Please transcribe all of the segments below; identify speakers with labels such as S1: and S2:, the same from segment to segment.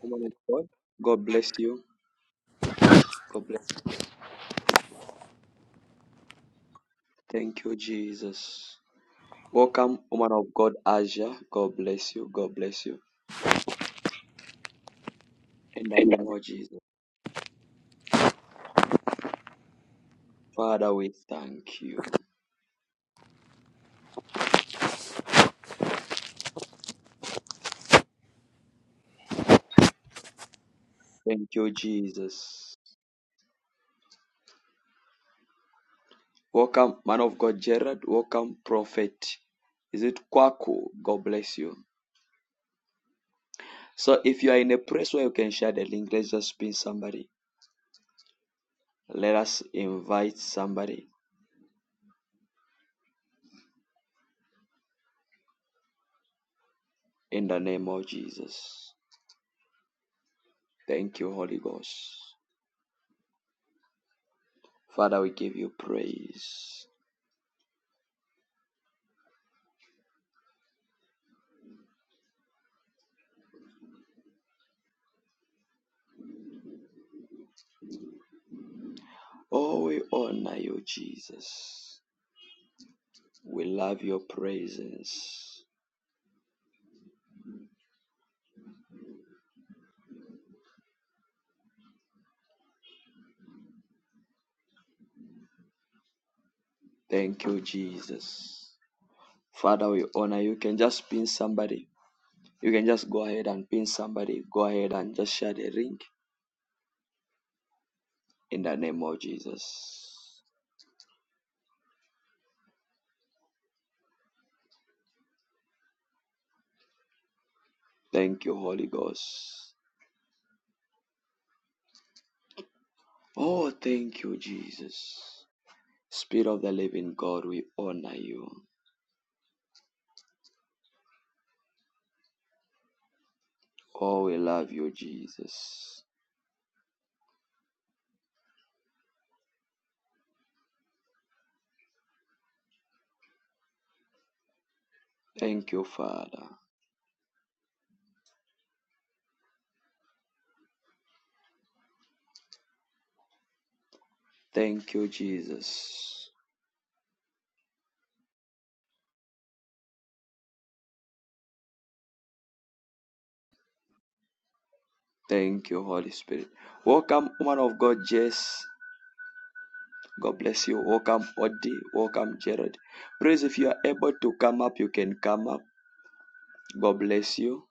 S1: Woman of God, God bless you. God bless. Thank you, Jesus. Welcome, woman of God, Asia. God bless you. God bless you. In the name of Jesus. Father, we thank you. Thank you, Jesus. Welcome, man of God, Gerard. Welcome, prophet. Is it Kwaku? God bless you. So, if you are in a place where you can share the link, let's just pin somebody. Let us invite somebody in the name of Jesus. Thank you, Holy Ghost. Father, we give you praise. Oh, we honor you, Jesus. We love your presence. Thank you, Jesus. Father, we honor you. You can just pin somebody. You can just go ahead and pin somebody. Go ahead and just share the link in the name of Jesus. Thank you, Holy Ghost. Oh, thank you, Jesus. Spirit of the living God, we honor you. Oh, we love you, Jesus. Thank you, Father. Thank you, Jesus. Thank you, Holy Spirit. Welcome, woman of God, Jess. God bless you. Welcome, Odi. Welcome, Jared. Please, if you are able to come up, you can come up. God bless you.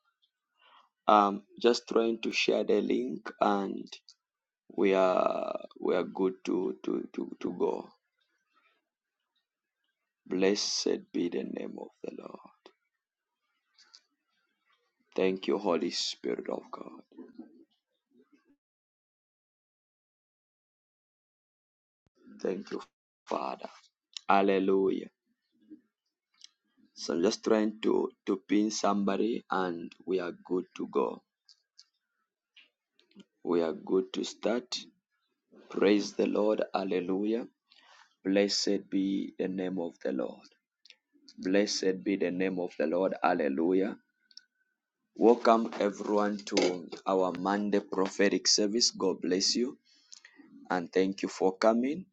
S1: Um, just trying to share the link, and we are we are good to to to to go. Blessed be the name of the Lord. Thank you, Holy Spirit of God. Thank you, Father. Hallelujah. So I'm just trying to, to pin somebody and we are good to go. We are good to start. Praise the Lord. Hallelujah. Blessed be the name of the Lord. Blessed be the name of the Lord. Hallelujah. Welcome everyone to our Monday prophetic service. God bless you and thank you for coming.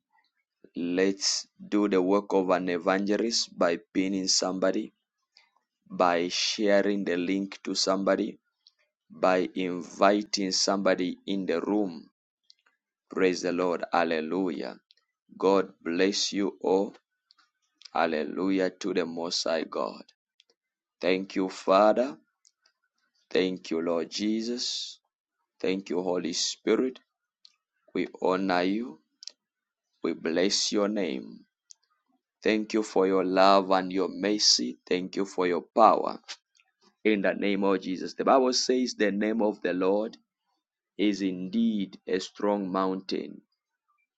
S1: Let's do the work of an evangelist by pinning somebody, by sharing the link to somebody by inviting somebody in the room. Praise the Lord. Hallelujah. God bless you all. Hallelujah to the Most High God. Thank you, Father. Thank you, Lord Jesus. Thank you, Holy Spirit. We honor you. We bless your name. Thank you for your love and your mercy. Thank you for your power. In the name of Jesus. The Bible says the name of the Lord is indeed a strong mountain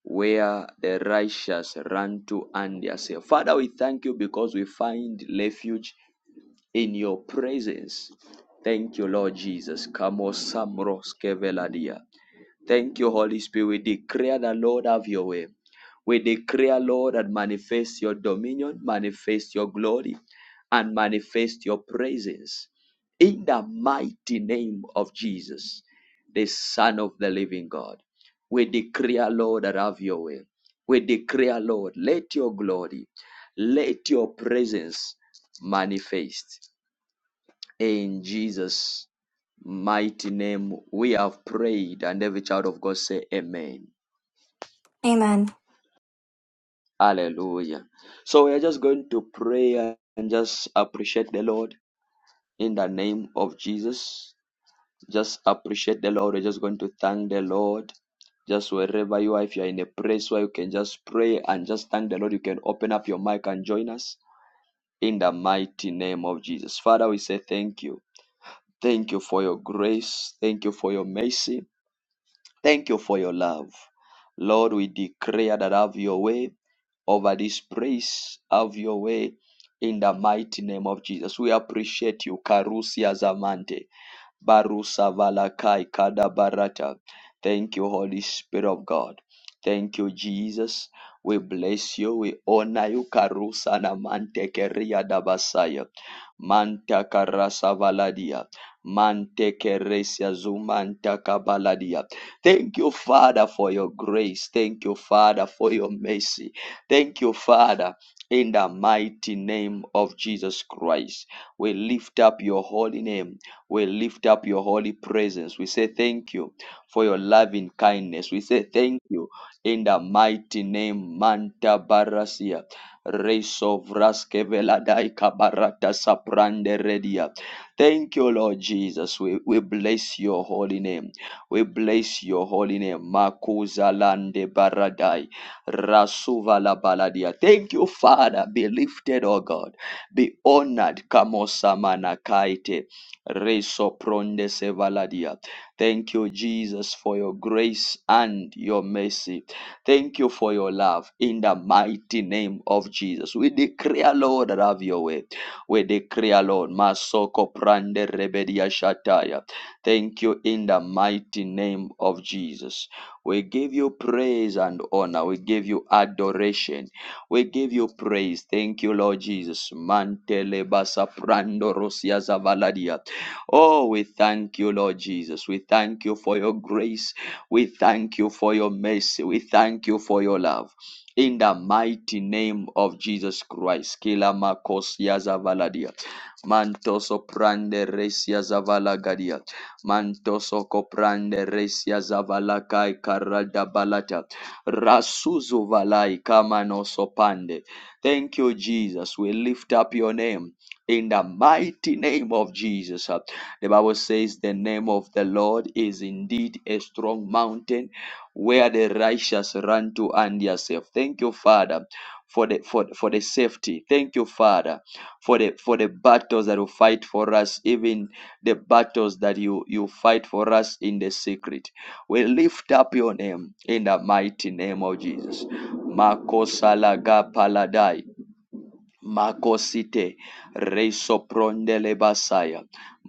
S1: where the righteous run to and they are safe. Father, we thank you because we find refuge in your presence. Thank you, Lord Jesus. Kamo samros keveladia. Thank you, Holy Spirit. We declare the Lord have your way. We declare, Lord, and manifest your dominion, manifest your glory, and manifest your praises. In the mighty name of Jesus, the Son of the living God, we declare, Lord, that have your way. We declare, Lord, let your glory, let your presence manifest. In Jesus' mighty name, we have prayed, and every child of God say, Amen.
S2: Amen.
S1: Hallelujah. So we are just going to pray and just appreciate the Lord in the name of Jesus. Just appreciate the Lord. We're just going to thank the Lord. Just wherever you are, if you're in a place where you can just pray and just thank the Lord, you can open up your mic and join us in the mighty name of Jesus. Father, we say thank you. Thank you for your grace. Thank you for your mercy. Thank you for your love. Lord, we declare that have your way over this praise, have your way in the mighty name of Jesus. We appreciate you, Karusi Azamante. Barusa valakai kada barata. Thank you, Holy Spirit of God. Thank you, Jesus. We bless you. We honor you. Karusa na mante keria dabasaya. Manta karasa valadia. Mante keresia zumanta kabaladia. Thank you, Father, for your grace. Thank you, Father, for your mercy. Thank you, Father, in the mighty name of Jesus Christ. We lift up your holy name. We lift up your holy presence. We say thank you for your loving kindness. We say thank you in the mighty name Manta Barasia. Reso vraske veladai kabarata saprande redia. Thank you, Lord Jesus. We, we bless your holy name. We bless your holy name. Makuza lande baradai. Rasuvala baladia. Thank you, Father. Be lifted, O God. Be honored. Kamosamana kaite. Resopronde sevaladia. Thank you, Jesus, for your grace and your mercy. Thank you for your love in the mighty name of Jesus. We declare, Lord, that have your way. We declare, Lord, Masoko Prande Rebedia Shataya. Thank you in the mighty name of Jesus. We give you praise and honor. We give you adoration. We give you praise. Thank you, Lord Jesus. Mantele basa prando rosia zavaladia. Oh, we thank you, Lord Jesus. We thank you for your grace. We thank you for your mercy. We thank you for your love. In the mighty name of Jesus Christ. Kila makosia zavaladia. Mantoso prande resia zavalagadia. Mantoso koprande resia zavalakai karada balata. Rasuzu valai kamano sopande. Thank you, Jesus. We lift up your name in the mighty name of Jesus. The Bible says the name of the Lord is indeed a strong mountain where the righteous run to and they are safe. Thank you, Father, for the for, for the safety. Thank you, Father, for the for the battles that you fight for us, even the battles that you you fight for us in the secret. We lift up your name in the mighty name of Jesus. Makosalaga paladai. Makosite reiso prondele basaya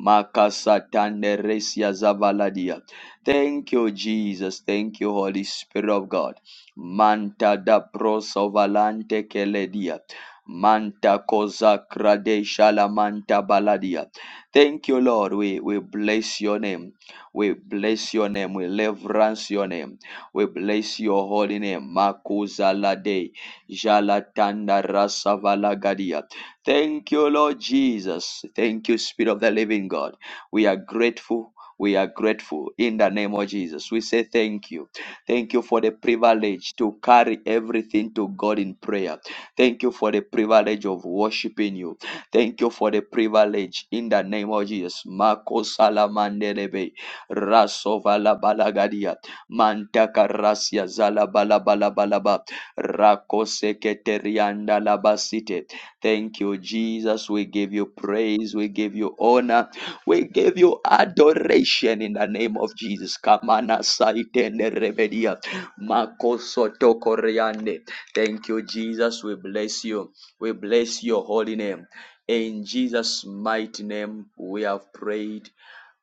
S1: makasatande resia zavaladia. Thank you, Jesus. Thank you, Holy Spirit of God. Manta da prosovalante keledia. Manta cosa cradesha la manta baladia. Thank you, Lord. We, we bless your name. We bless your name. We reverence your name. We bless your holy name. Makuza la Jalatanda Rasavalagadia. Thank you, Lord Jesus. Thank you, Spirit of the Living God. We are grateful. We are grateful in the name of Jesus. We say thank you. Thank you for the privilege to carry everything to God in prayer. Thank you for the privilege of worshiping you. Thank you for the privilege in the name of Jesus. Mako salamandelebe rasovala balagadia mantaka rasia zala bala bala bala ba. Rakoseketerianda labasite. Thank you, Jesus. We give you praise. We give you honor. We give you adoration in the name of Jesus. Kamana saitende rebedia. Makosoto koreande. Thank you, Jesus. We bless you. We bless your holy name. In Jesus' mighty name, we have prayed.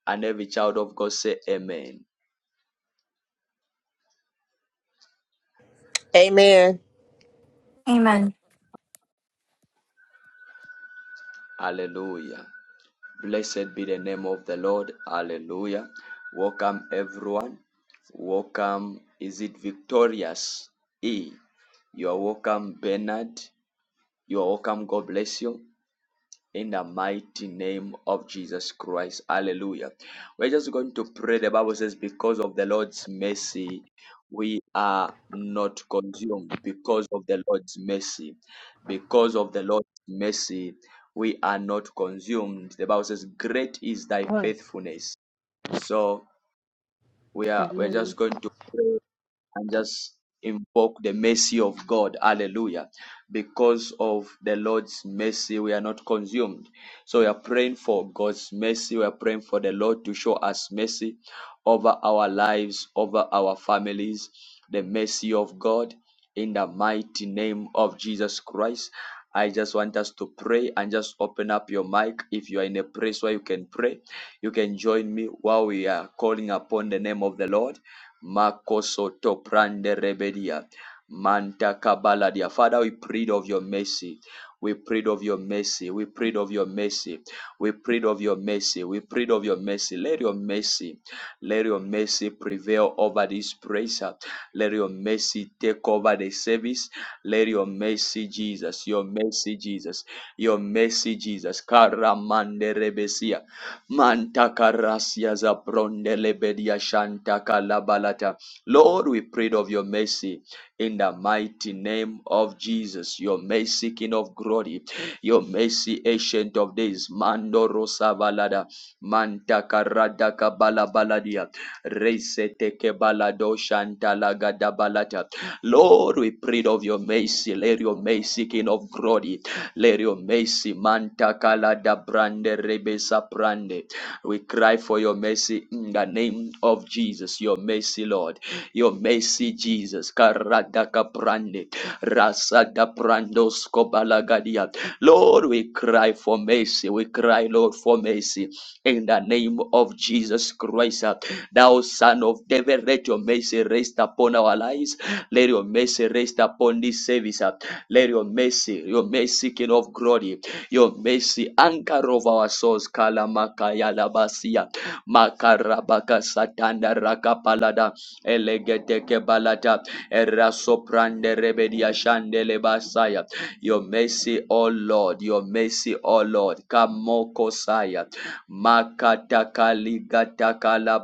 S1: And every child of God say, Amen.
S3: Amen. Amen.
S2: Amen.
S1: Hallelujah. Blessed be the name of the Lord. Hallelujah. Welcome, everyone. Welcome. Is it victorious? E. You are welcome, Bernard. You are welcome. God bless you in the mighty name of Jesus Christ. Hallelujah. We're just going to pray. The Bible says, because of the Lord's mercy, we are not consumed. Because of the Lord's mercy, because of the Lord's mercy, we are not consumed. The Bible says, great is thy
S4: Right.
S1: faithfulness. So we are we're
S4: Amen.
S1: just going to pray and just invoke the mercy of God. Hallelujah. Because of the Lord's mercy, we are not consumed. So we are praying for God's mercy. We are praying for the Lord to show us mercy over our lives, over our families, the mercy of God in the mighty name of Jesus Christ. I just want us to pray and just open up your mic. If you are in a place where you can pray, you can join me while we are calling upon the name of the Lord. Makosoto prande rebedia. Manta kabaladia. Father, we prayed of your mercy. We prayed of your mercy. We prayed of your mercy. We prayed of your mercy. We prayed of your mercy. Let your mercy, let your mercy prevail over this praise. Let your mercy take over the service. Let your mercy, Jesus, your mercy, Jesus, your mercy, Jesus. Karamande Manta karasia za bronde lebedia shanta kalabalata. Lord, we prayed of your mercy in the mighty name of Jesus, your mercy, King of glory, your mercy, ancient of days, Mando Rosa Valada, Manta Karada Kabala Baladia, Reseteke Balado Shanta Lagada Balata. Lord, we prayed of your mercy, let your mercy, King of glory. Lerio mercy manta kala da brande rebesa brande. We cry for your mercy in the name of Jesus. Your mercy, Lord. Your mercy, Jesus. Karada kaprande. Rasa da brando skobalagadia. Lord, we cry for mercy. We cry, Lord, for mercy. In the name of Jesus Christ, thou Son of David, let your mercy rest upon our lives. Let your mercy rest upon this service. Let your mercy, your mercy, King of glory, your mercy, anchor of our souls, Kalamakaya Labasia, Makarabaka Satanda Rakapalada, Elegeteke Balata, Erasoprande Rebedia Shandele Basaya. Your mercy, O Lord, your mercy, O Lord, Kamoko Saya, Makatakalikatakala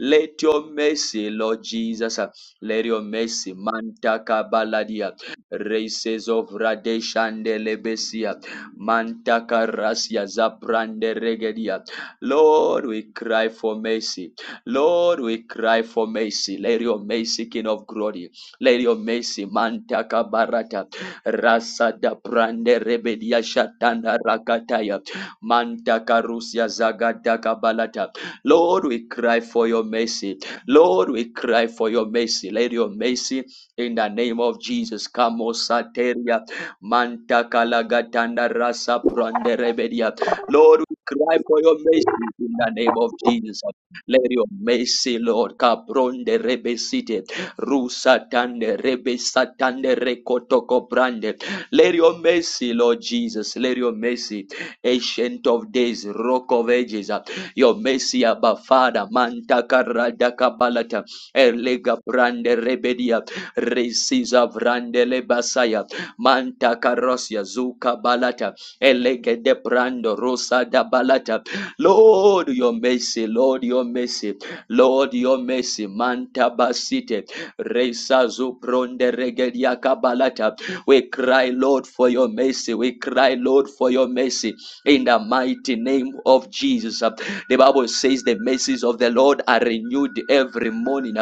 S1: Let your mercy, Lord Jesus, let your mercy, Mantaka baladia races of Radeshande Lebesia, Manta Karasia, Zaprande Regedia. Lord, we cry for mercy. Lord, we cry for mercy. Lady of mercy, King of glory. Lady of mercy, Manta Kabarata, Rasa da Prande Rebedia, Shatanda Rakataya, Manta Karusia, Zagada balata. Lord, we cry for your mercy. Lord, we cry for your mercy. Lady of mercy. In the name of Jesus, Kamo Sateria, Manta Kalagatanda Rasa Brande Rebedia. Lord, we cry for your mercy in the name of Jesus. Let your mercy, Lord, Kabronde Rebesite, Rusa Tande Rebesatande Rekotoko Brande. Let your mercy, Lord Jesus, let your mercy, Ancient of Days, Rock of Ages, your mercy, Abba Father, Manta Karadaka Balata, Erlega Brande Rebedia. Resiza vrandele basaya. Manta karosia zuka balata. Elege de brando rosa da balata. Lord, your mercy. Lord, your mercy. Lord, your mercy. Manta basite. Resa zupronde regedia kabalata. We cry, Lord, for your mercy. We cry, Lord, for your mercy. In the mighty name of Jesus. The Bible says the mercies of the Lord are renewed every morning.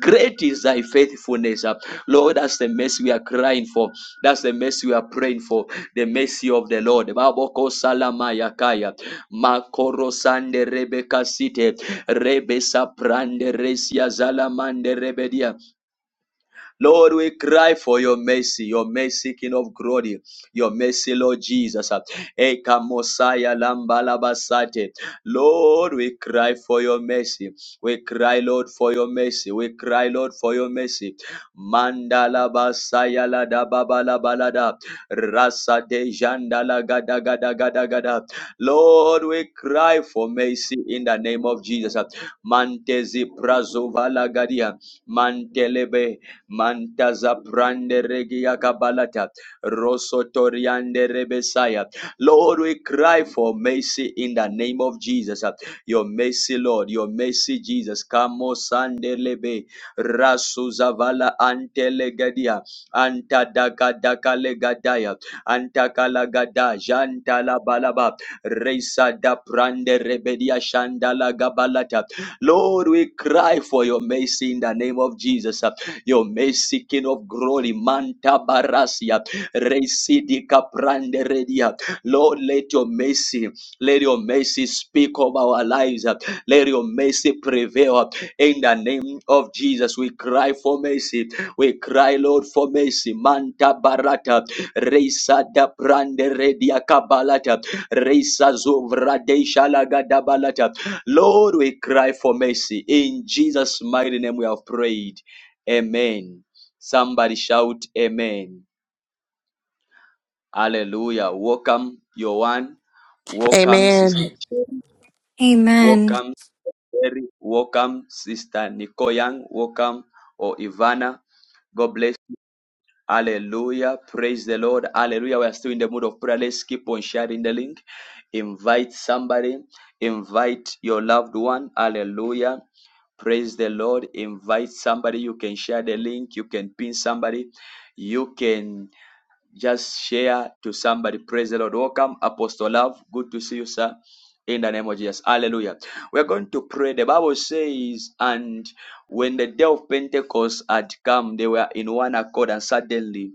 S1: Great is thy faithfulness. uh. Lord, that's the mercy we are crying for. That's the mercy we are praying for. The mercy of the Lord. Baboko salamayakaya. Makoro sande rebeka site. Rebe saprande resia zalamande rebedia. Lord, we cry for your mercy, your mercy, King of glory, your mercy, Lord Jesus. Eka mosaya Lambalabasate. Lord, we cry for your mercy. We cry, Lord, for your mercy. We cry, Lord, for your mercy. Mandala Basaya Lada Babala Balada. Rasa de Jandala Gada Gada Gada Gada. Lord, we cry for mercy in the name of Jesus. Mantezi Prazovala Gadia. Mantelebe Mantaza Prande Regia Kabalata, Rosotoriande Rebesaya. Lord, we cry for mercy in the name of Jesus. Your mercy, Lord, your mercy, Jesus. Kamo Sandelebe, Rasuzavala Antelegadia, Antadakadakalegadaya, Antakalagada, Jantalabalaba, Reisa da Prande Rebedia Shandala Gabalata. Lord, we cry for your mercy in the name of Jesus. Your mercy, King of glory, Manta Barasia, Residi Caprande Redia. Lord, let your mercy, let your mercy speak of our lives. Let your mercy prevail. In the name of Jesus, we cry for mercy. We cry, Lord, for mercy. Manta Barata, Reisa da Prande Redia Cabalata, Reisa Zovradesha Lagadabalata. Lord, we cry for mercy. In Jesus' mighty name, we have prayed. Amen. Somebody shout Amen. Hallelujah. Welcome, Yohan. Welcome,
S3: Amen.
S1: Sister Chen.
S2: Amen.
S1: Welcome, Terry. Welcome, Sister Nikoyang. Welcome, or Ivana. God bless. Hallelujah. Praise the Lord. Hallelujah. We are still in the mood of prayer. Let's keep on sharing the link. Invite somebody. Invite your loved one. Hallelujah. Praise the Lord. Invite somebody. You can share the link. You can pin somebody. You can Just share to somebody. Praise the Lord. Welcome, Apostle Love. Good to see you, sir. In the name of Jesus. Hallelujah. We're going to pray. The Bible says, and when the day of Pentecost had come, they were in one accord, and suddenly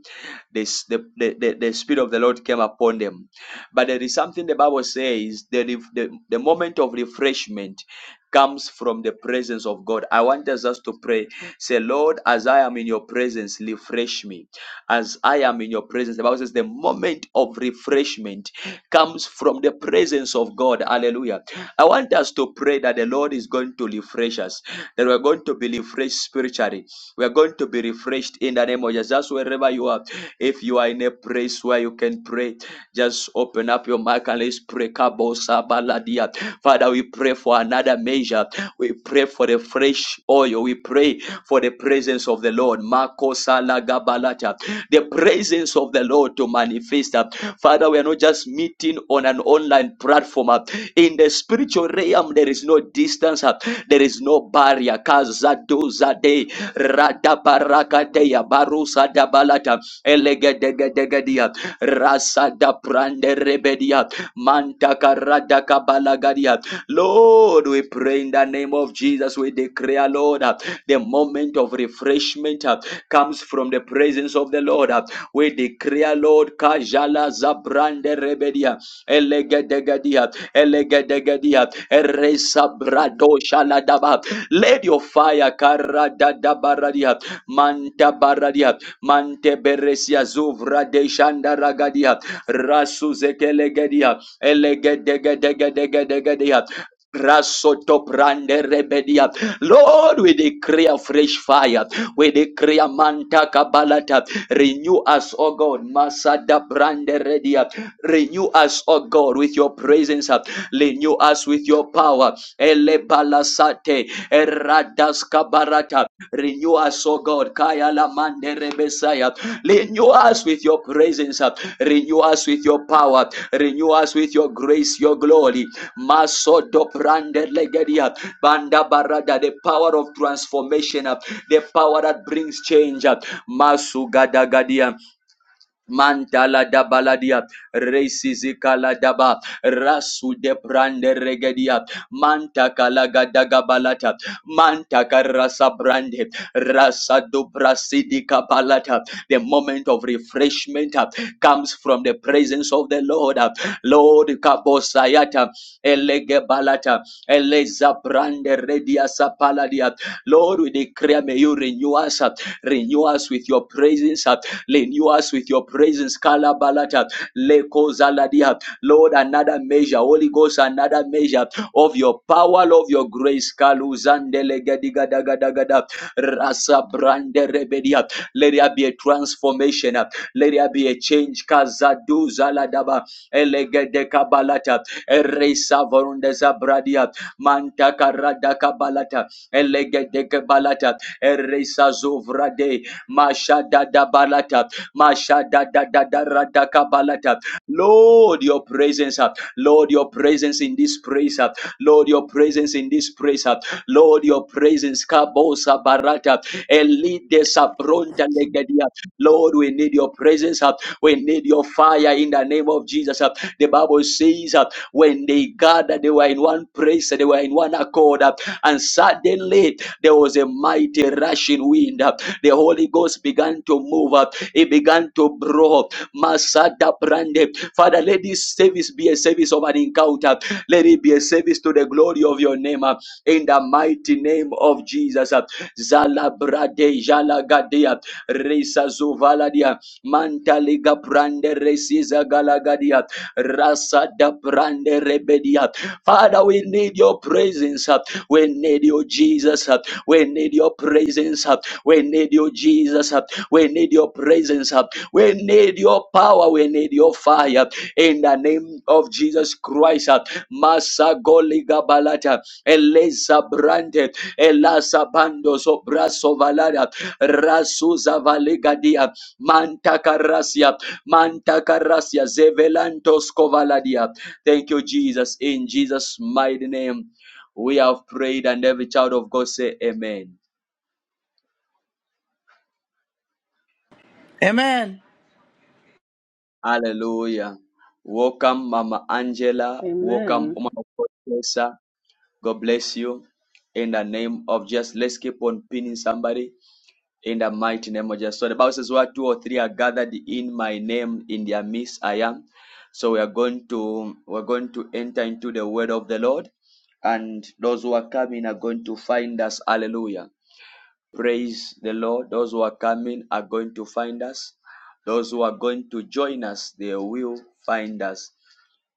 S1: this, the, the, the, the Spirit of the Lord came upon them. But there is something the Bible says that if the, the moment of refreshment comes from the presence of God. I want us just to pray Say, Lord, as I am in your presence, refresh me. As I am in your presence, the Bible says the moment of refreshment comes from the presence of God. Hallelujah. I want us to pray that the Lord is going to refresh us, that we're going to be refreshed spiritually. We are going to be refreshed in the name of Jesus. wherever you are, if you are in a place where you can pray, just open up your mic and let's pray. Kabo Father, we pray for another measure. We pray for the fresh oil. We pray for the presence of the Lord. Mako salagabalata. The presence of the Lord to manifest. Father, we are not just meeting on an online platform. In the spiritual realm, there is no distance. There is no barrier. Kazado zade. Radabarakateya Barusa Dabalata Elegedegedegedia Rasa da Prande Rebedia Mantaka Radaka Balagadia. Lord, we pray in the name of Jesus. We declare, Lord, uh, the moment of refreshment uh, comes from the presence of the Lord. uh. We declare, Lord, Kajala Zabrande Rebedia Elegedegedia Elegedegedia Eresa Brado shaladaba let your fire karadadabaradia, mantabaradia, manteberesia zuvra de shandaragadia, rasuzekelegedia, elegedegedegedegedegedia. Rasoto brande rebedia. Lord, we decree a fresh fire. We decree a manta kabalata. Renew us, O God. Masada brande redia. Renew us, O God, with your presence. Renew us with your power elebalasate eradaskabarata renew us O god kaya la manderebesaya renew us with your presence uh, renew us with your power renew us with your grace your glory maso doprande legedia banda barada the power of transformation uh, the power that brings change uh, masu gadagadia Mantala dabaladia, resizikala daba, rasu de brande regedia, Manta kalagadaga balata. Manta karasa brande. Rasa dubra sidika balata. The moment of refreshment uh, comes from the presence of the Lord. uh. Lord kabosayata. Elege balata. Eleza brande redia sapaladia. Lord, we declare may you renew us. uh, Renew us with your presence. uh, Renew us with your presence. Kalabalata. Leko zaladia. Lord, another measure, Holy Ghost, another measure of your power, of your grace. Kaluzandelegedigadagadagada, Rasa Let there be a transformation. Let there be a change. Kazadu zaladaba elegedekabalata eresavondezabradia mantakaradakabalata elegedekebalata eresazovrade mashadadabalata mashadadadaradakabalata Lord, your presence, uh, Lord, your presence in this place, uh, Lord, your presence in this place, uh, Lord, your presence, Kabosa Barata, Elide Sabronta Legadia. Lord, we need your presence, uh, we need your fire in the name of Jesus. uh. The Bible says uh, when they gathered, they were in one place, they were in one accord, uh, and suddenly there was a mighty rushing wind. uh. The Holy Ghost began to move, uh, it began to blow, Masada Brande. Father, let this service be a service of an encounter. Let it be a service to the glory of your name. uh, In the mighty name of Jesus. uh. Zala Brade Jala Gadea. Risa Zuvaladia. Mantaliga brande resiza galagadia. Rasa da brande rebedia. Father, we need your presence. uh, We need you, Jesus. uh, We need your presence. uh, We need you, Jesus. uh, We need your presence. uh, We need your power. We need your fire. In the name of Jesus Christ. uh, Masa goliga balata. Eleza brande. Elasa bando sobraso valada. Rasuza valigadia. Mantakarasia, Mantakarasia, Zevelantos Kovaladia. Thank you, Jesus. In Jesus' mighty name, we have prayed, and every child of God say, Amen.
S5: Amen.
S1: Hallelujah. Welcome, Mama Angela. Welcome,
S4: Amen.
S1: woman of God, Teresa. God bless you. In the name of Jesus, let's keep on pinning somebody. In the mighty name of Jesus. So the Bible says, Where two or three are gathered in my name, in their midst I am. So we are going to we're going to enter into the word of the Lord. And those who are coming are going to find us. Hallelujah. Praise the Lord. Those who are coming are going to find us. Those who are going to join us, they will find us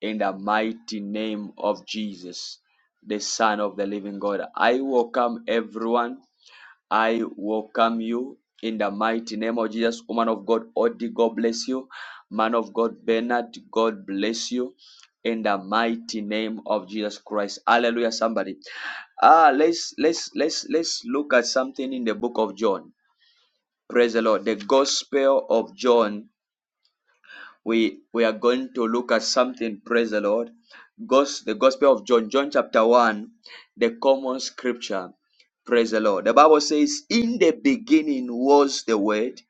S1: in the mighty name of Jesus, the Son of the Living God. I welcome everyone I welcome you in the mighty name of Jesus, woman of God, Odi, God bless you. Man of God, Bernard, God bless you. In the mighty name of Jesus Christ. Hallelujah, somebody. Ah, let's let's let's let's look at something in the book of John. Praise the Lord. The gospel of John we we are going to look at something praise the lord Gos- the gospel of john john chapter 1 the common scripture praise the lord the bible says in the beginning was the word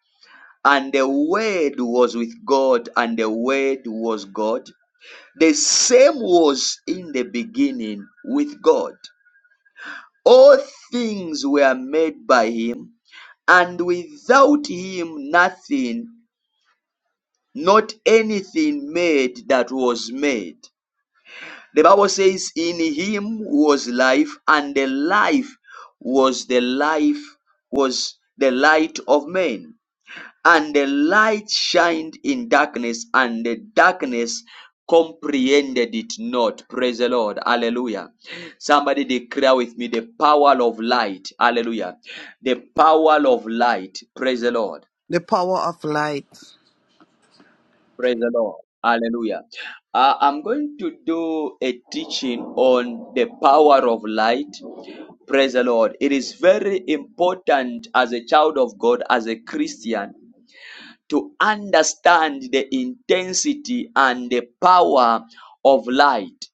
S1: and the word was with god and the word was god the same was in the beginning with god all things were made by him and without him nothing not anything made that was made The Bible says, In him was life, and the life was the life, was the light of men. And the light shined in darkness, and the darkness comprehended it not. Praise the Lord. Hallelujah. Somebody declare with me the power of light. Hallelujah. The power of light. Praise the Lord.
S5: The power of light.
S1: Praise the Lord. Hallelujah. Uh, I'm going to do a teaching on the power of light Praise the Lord. It is very important as a child of God, as a Christian, to understand the intensity and the power of light.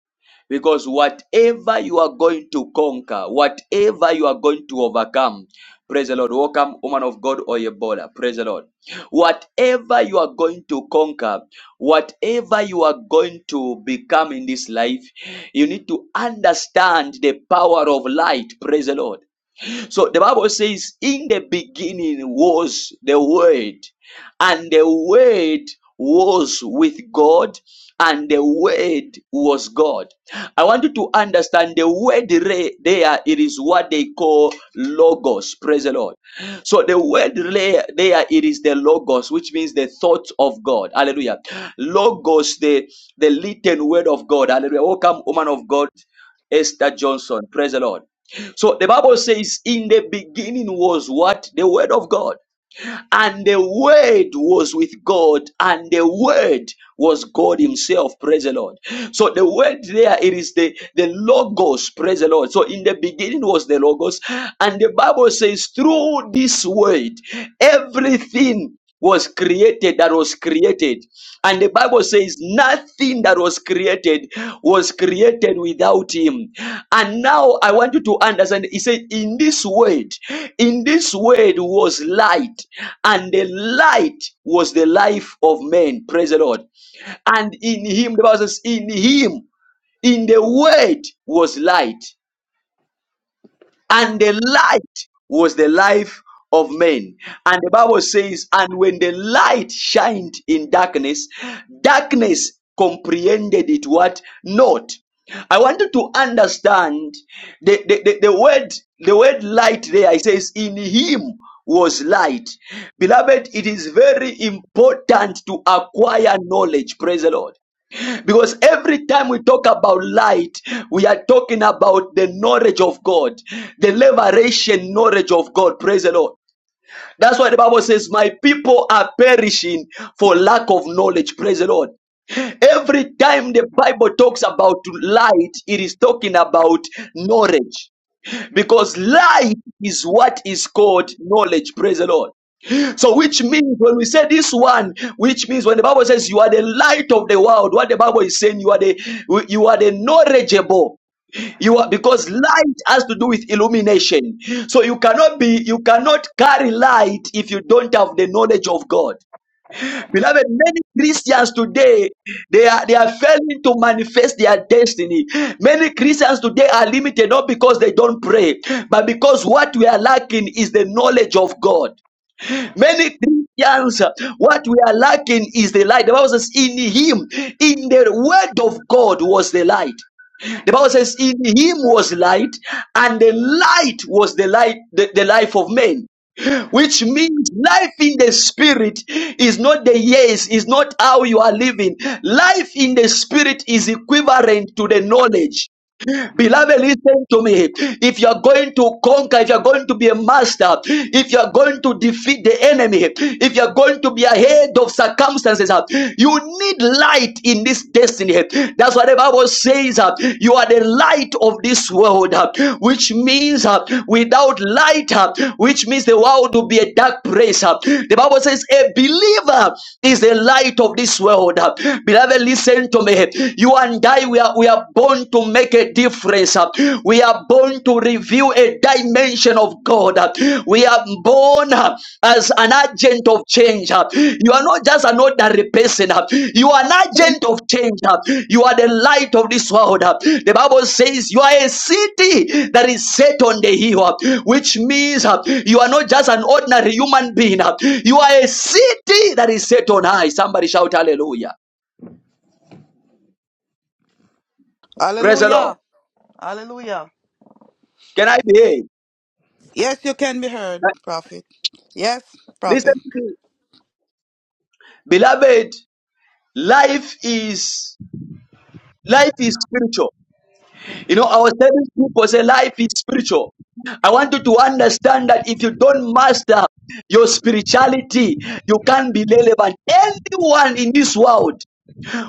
S1: Because whatever you are going to conquer, whatever you are going to overcome, praise the Lord. Welcome, woman of God or Ebola. Praise the Lord. Whatever you are going to conquer, whatever you are going to become in this life, you need to understand the power of light. Praise the Lord. So the Bible says, In the beginning was the Word, and the Word was with God, and the Word was God. I want you to understand the word re- there, it is what they call logos. Praise the Lord. So the word re- there, it is the logos, which means the thought of God. Hallelujah. Logos, the, the written word of God. Hallelujah. Welcome, woman of God, Esther Johnson. Praise the Lord. So the Bible says, In the beginning was what? The Word of God. And the Word was with God, and the Word was God Himself. Praise the Lord. So the Word there, it is the, the Logos. Praise the Lord. So in the beginning was the Logos. And the Bible says, Through this Word, everything was created that was created and the bible says nothing that was created was created without him and now i want you to understand he said in this word in this word was light and the light was the life of men praise the lord and in him the bible says in him in the word was light and the light was the life of men. And the Bible says, and when the light shined in darkness, darkness comprehended it what not. I want you to understand the, the, the, the word the word light there it says in him was light. Beloved, it is very important to acquire knowledge. Praise the Lord. Because every time we talk about light, we are talking about the knowledge of God, the liberation knowledge of God. Praise the Lord. That's why the Bible says, My people are perishing for lack of knowledge. Praise the Lord. Every time the Bible talks about light, it is talking about knowledge. Because light is what is called knowledge. Praise the Lord. So, which means when we say this one, which means when the Bible says you are the light of the world, what the Bible is saying, you are the you are the knowledgeable. You are because light has to do with illumination. So you cannot be you cannot carry light if you don't have the knowledge of God. Beloved, many Christians today they are they are failing to manifest their destiny. Many Christians today are limited not because they don't pray, but because what we are lacking is the knowledge of God. Many Christians, what we are lacking is the light. The Bible says, "In Him, in the Word of God was the light." The Bible says, In him was light, and the light was the light, the, the life of men. Which means life in the spirit is not the yes, is not how you are living. Life in the spirit is equivalent to the knowledge. Beloved, listen to me. If you're going to conquer, if you're going to be a master, if you're going to defeat the enemy, if you're going to be ahead of circumstances, uh, you need light in this destiny. That's what the Bible says. uh, You are the light of this world, uh, which means uh, without light, uh, which means the world will be a dark place. uh. The Bible says a believer is the light of this world. uh. Beloved, listen to me. You are die, we are, we are born to make a difference. uh. We are born to reveal a dimension of God. uh. We are born uh, as an agent of change. uh. You are not just an ordinary person. uh. You are an agent of change. uh. You are the light of this world. uh. The Bible says you are a city that is set on the hill, uh, which means uh, you are not just an ordinary human being. uh. You are a city that is set on high. Somebody shout hallelujah. Praise the Lord.
S5: Hallelujah. Hallelujah.
S1: Can I be heard?
S5: Yes, you can be heard, prophet. Yes,
S1: Listen
S5: prophet.
S1: to me. Beloved, life is life is spiritual. You know, I was telling people say life is spiritual. I want you to understand that if you don't master your spirituality, you can't be relevant. Anyone in this world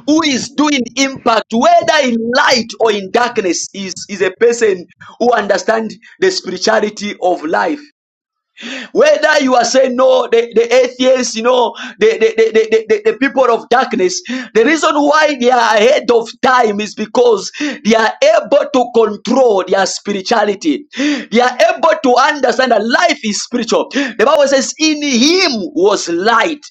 S1: who is doing impact, whether in light or in darkness, is, is a person who understands the spirituality of life. Whether you are saying no, the, the atheists, you know, the, the, the, the, the, the people of darkness, the reason why they are ahead of time is because they are able to control their spirituality. They are able to understand that life is spiritual. The Bible says, In him was light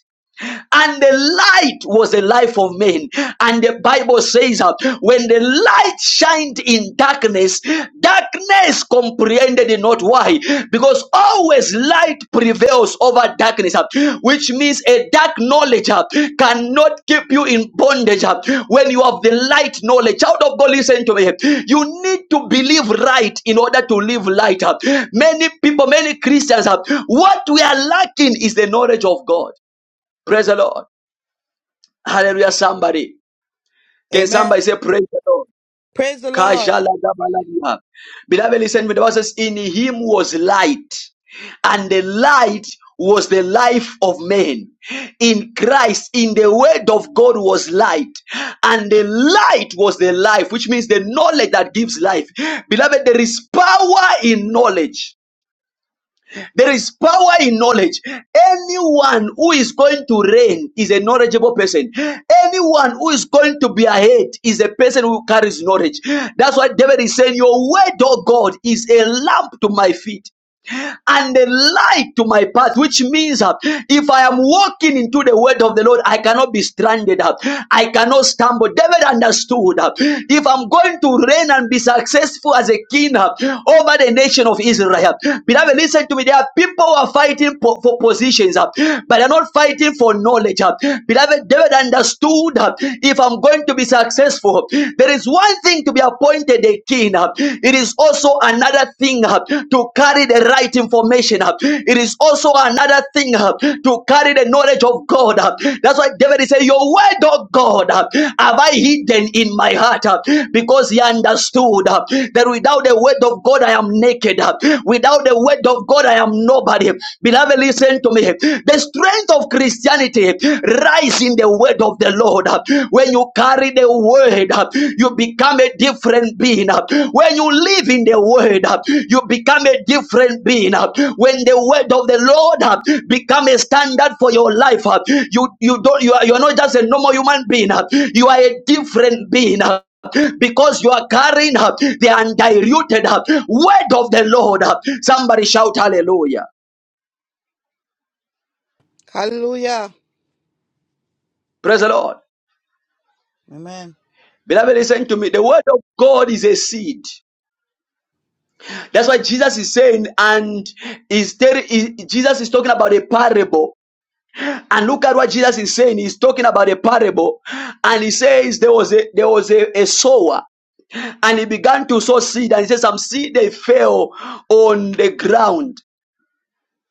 S1: and the light was the life of men. And the Bible says that when the light shined in darkness, darkness comprehended it not. Why? Because always light prevails over darkness, uh, which means a dark knowledge uh, cannot keep you in bondage uh, when you have the light knowledge. Child of God, listen to me. You need to believe right in order to live light. uh. Many people, many Christians, uh, what we are lacking is the knowledge of God. Praise the Lord. Hallelujah, somebody. Can
S5: Amen.
S1: somebody say, Praise the Lord?
S5: Praise the Lord.
S1: Kajalagabalabia. Beloved, listen, the Bible says, In him was light, and the light was the life of men. In Christ, in the word of God was light, and the light was the life, which means the knowledge that gives life. Beloved, there is power in knowledge. There is power in knowledge. Anyone who is going to reign is a knowledgeable person. Anyone who is going to be ahead is a person who carries knowledge. That's why David is saying, Your word, oh God, is a lamp to my feet and a light to my path, which means uh, if I am walking into the word of the Lord, I cannot be stranded. uh, I cannot stumble. David understood uh, if I'm going to reign and be successful as a king uh, over the nation of Israel, beloved, listen to me. There are people who are fighting po- for positions, uh, but they're not fighting for knowledge. uh. Beloved, David understood uh, if I'm going to be successful, there is one thing to be appointed a king. uh, It is also another thing uh, to carry the right information. uh, It is also another thing uh, to carry the knowledge of God. uh. That's why David is saying, Your word, oh God, uh, have I hidden in my heart uh, because he understood uh, that without the word of God, I am naked. uh, Without the word of God, I am nobody. Beloved, listen to me. The strength of Christianity rises the word of the Lord. When you carry the word, you become a different being. When you live in the word, you become a different being. When the word of the Lord become a standard for your life, you you don't you are you are not just a normal human being. You are a different being because you are carrying up the undiluted uh, word of the Lord. uh. Somebody shout hallelujah.
S5: Hallelujah.
S1: Praise the Lord.
S5: Amen.
S1: Beloved, listen to me. The word of God is a seed. That's why Jesus is saying, and is telling he- Jesus is talking about a parable. And look at what Jesus is saying. He's talking about a parable, and he says there was a there was a, a sower, and he began to sow seed, and he says some seed they fell on the ground,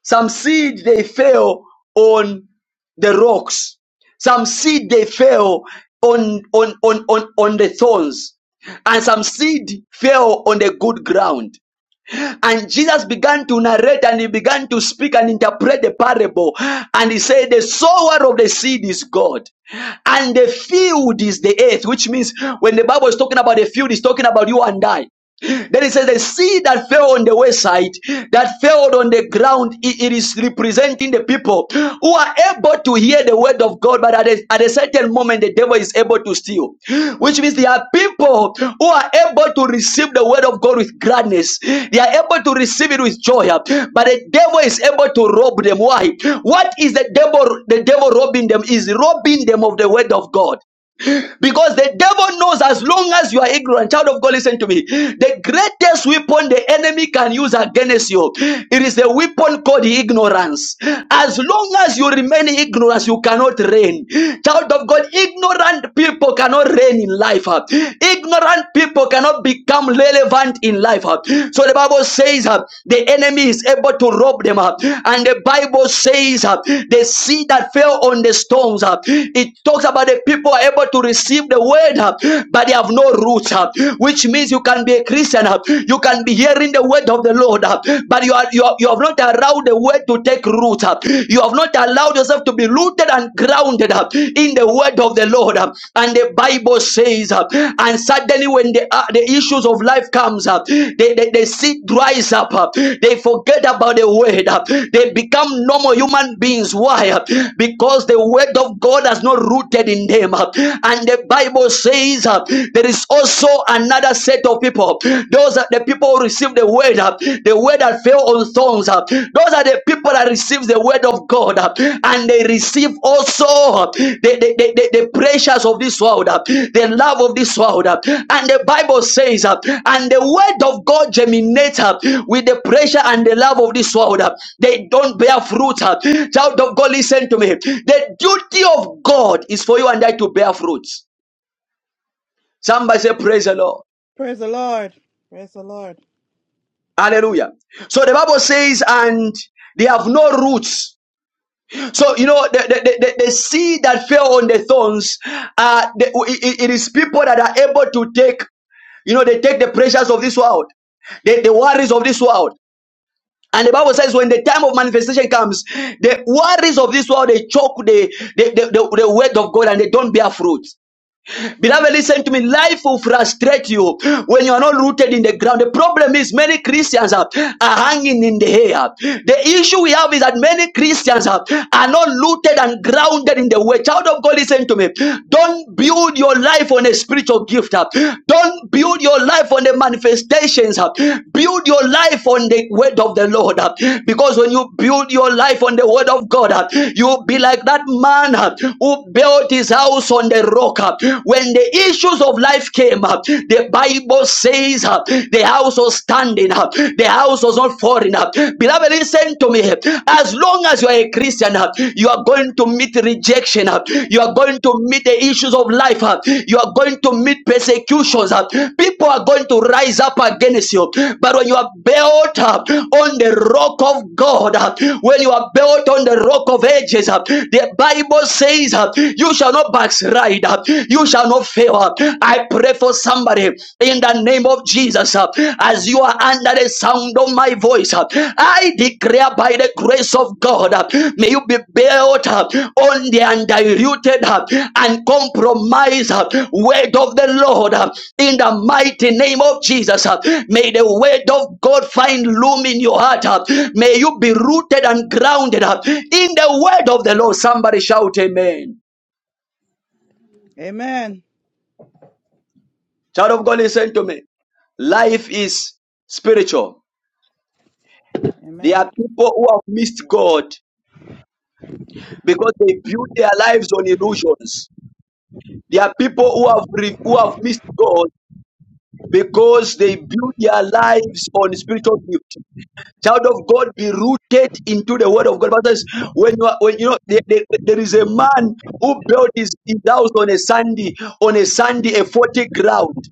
S1: some seed they fell on the rocks, some seed they fell on on on on, on the thorns, and some seed fell on the good ground. And Jesus began to narrate and he began to speak and interpret the parable. And he said, The sower of the seed is God. And the field is the earth, which means when the Bible is talking about the field, it's talking about you and I. Then it says, The seed that fell on the wayside, that fell on the ground, it it is representing the people people who are able to hear the word of God, but at a, at a certain moment, the devil is able to steal. Which means there are people who are able to receive the word of God with gladness. They are able to receive it with joy, but the devil is able to rob them. Why? What is the devil? The devil robbing them is robbing them of the word of God. Because the devil knows as long as you are ignorant, child of God, listen to me. The greatest weapon the enemy can use against you, it is a weapon called ignorance. As long as you remain ignorant, you cannot reign. Child of God, ignorant people cannot reign in life. huh? Ignorant people cannot become relevant in life. huh? So the Bible says huh, the enemy is able to rob them. huh? And the Bible says huh, the seed that fell on the stones, huh, it talks about the people are able to receive received the word, uh, but they have no roots, uh, which means you can be a Christian, uh, you can be hearing the word of the Lord, uh, but you are you, are- you have not allowed the word to take root, uh, you have not allowed yourself to be rooted and grounded uh, in the word of the Lord, uh, and the Bible says, uh, and suddenly when the uh, the issues of life comes up, they they, they see dries up, uh, they forget about the word, uh, they become normal human beings. Why? Huh, Because the word of God has not rooted in them, uh, and they the Bible says uh, there is also another set of people. Those are the people who receive the word, uh, the word that fell on thorns. uh, Those are the people that receive the word of God, uh, and they receive also uh, the, the, the, the- the pressures of this world, uh, the love of this world. uh, And the Bible says, uh, and the word of God germinates uh, with the pressure and the love of this world. uh, They don't bear fruit. uh, Child of God, listen to me. The duty of God is for you and I to bear fruits. Somebody say, Praise the Lord.
S5: Praise the Lord. Praise the Lord.
S1: Hallelujah. So the Bible says, and they have no roots. So, you know, the, the, the, the seed that fell on the thorns, uh, the, it- it is people that are able to take, you know, they take the pressures of this world the, the worries of this world. And the Bible says when the time of manifestation comes, the worries of this world, they choke the, the, the, the, the word of God and they don't bear fruit. Beloved, listen to me. Life will frustrate you when you are not rooted in the ground. The problem is many Christians are, are hanging in the air. The issue we have is that many Christians are, are not rooted and grounded in the way. Child of God, listen to me. Don't build your life on a spiritual gift. uh. Don't build your life on the manifestations. uh. Build your life on the word of the Lord. uh. Because when you build your life on the word of God, uh, you'll be like that man uh, who built his house on the rock broke up. When the issues of life came up, the Bible says uh, the house was standing up, the house was not falling up. Beloved, listen to me. As long as you are a Christian, uh, you are going to meet rejection, uh, you are going to meet the issues of life, uh, you are going to meet persecutions. uh, People are going to rise up against you. But when you are built up on the rock of God, uh, when you are built on the rock of ages, uh, the Bible says, uh, You shall not not backslide. You shall not fail. I pray for somebody in the name of Jesus. As you are under the sound of my voice, I declare by the grace of God, may you be built on the undiluted and compromised word of the Lord. In the mighty name of Jesus, may the word of God find room in your heart. May you be rooted and grounded in the word of the Lord. Somebody shout, Amen.
S5: Amen.
S1: Child of God, listen to me. Life is spiritual. There
S5: Amen.
S1: are people who have missed God because they built their lives on illusions. There are people who have re- who have missed God because they build their lives on spiritual gift. Child of God, be rooted into the Word of God. But that's- when you are, when you know there there- there is a man who built his, his house on a sandy on a sandy a forty ground.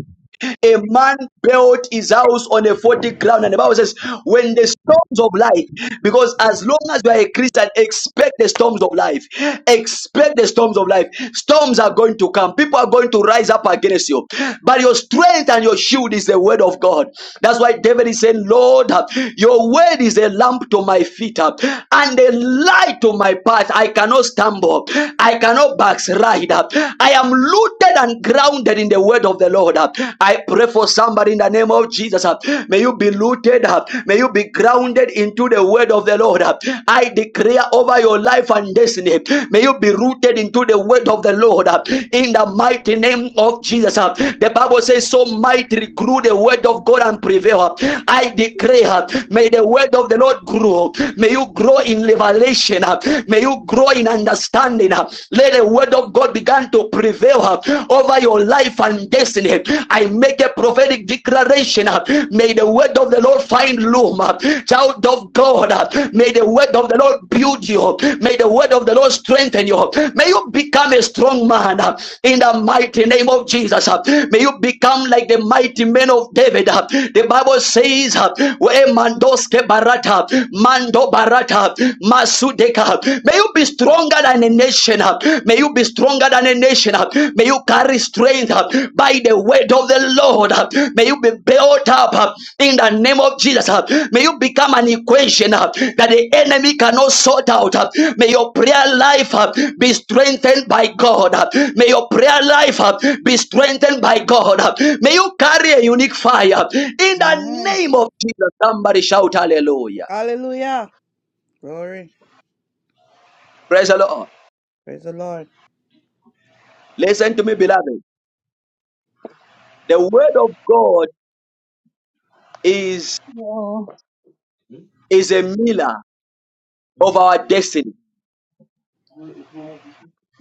S1: A man built his house on a forty ground, and the Bible says, when the storms of life, because as long as you are a Christian, expect the storms of life. Expect the storms of life. Storms are going to come. People are going to rise up against you. But your strength and your shield is the word of God. That's why David is saying, Lord, your word is a lamp to my feet uh, and a light to my path. I cannot stumble. I cannot backslide. I am rooted rooted and grounded in the word of the Lord. I pray for somebody in the name of Jesus. May you be rooted. May you be grounded into the word of the Lord. I declare over your life and destiny. May you be rooted into the word of the Lord in the mighty name of Jesus. The Bible says, So mightily grew the word of God and prevail. I declare, may the word of the Lord grow. May you grow in revelation. May you grow in understanding. Let the word of God begin to prevail uh, over your life and destiny. I make a prophetic declaration. uh, May the word of the Lord find room. uh, Child of God, uh, may the word of the Lord build you. May the word of the Lord strengthen you. May you become a strong man uh, in the mighty name of Jesus. uh. May you become like the mighty men of David. uh. The Bible says, uh, "Where Mandoske Barata, Mando Barata, Masude May you be stronger than a nation. May you be stronger than a nation. May you carry strength by the word of the Lord. May you be built up in the name of Jesus. May you become an equation that the enemy cannot sort out. May your prayer life be strengthened by God. May your prayer life be strengthened by God. May you carry a unique fire in the
S5: Amen.
S1: name of Jesus. Somebody shout hallelujah.
S5: Hallelujah. Glory.
S1: Praise the Lord.
S5: Praise the Lord.
S1: Listen to me, beloved. The word of God is
S6: Wow.
S1: is a mirror of our destiny.
S6: you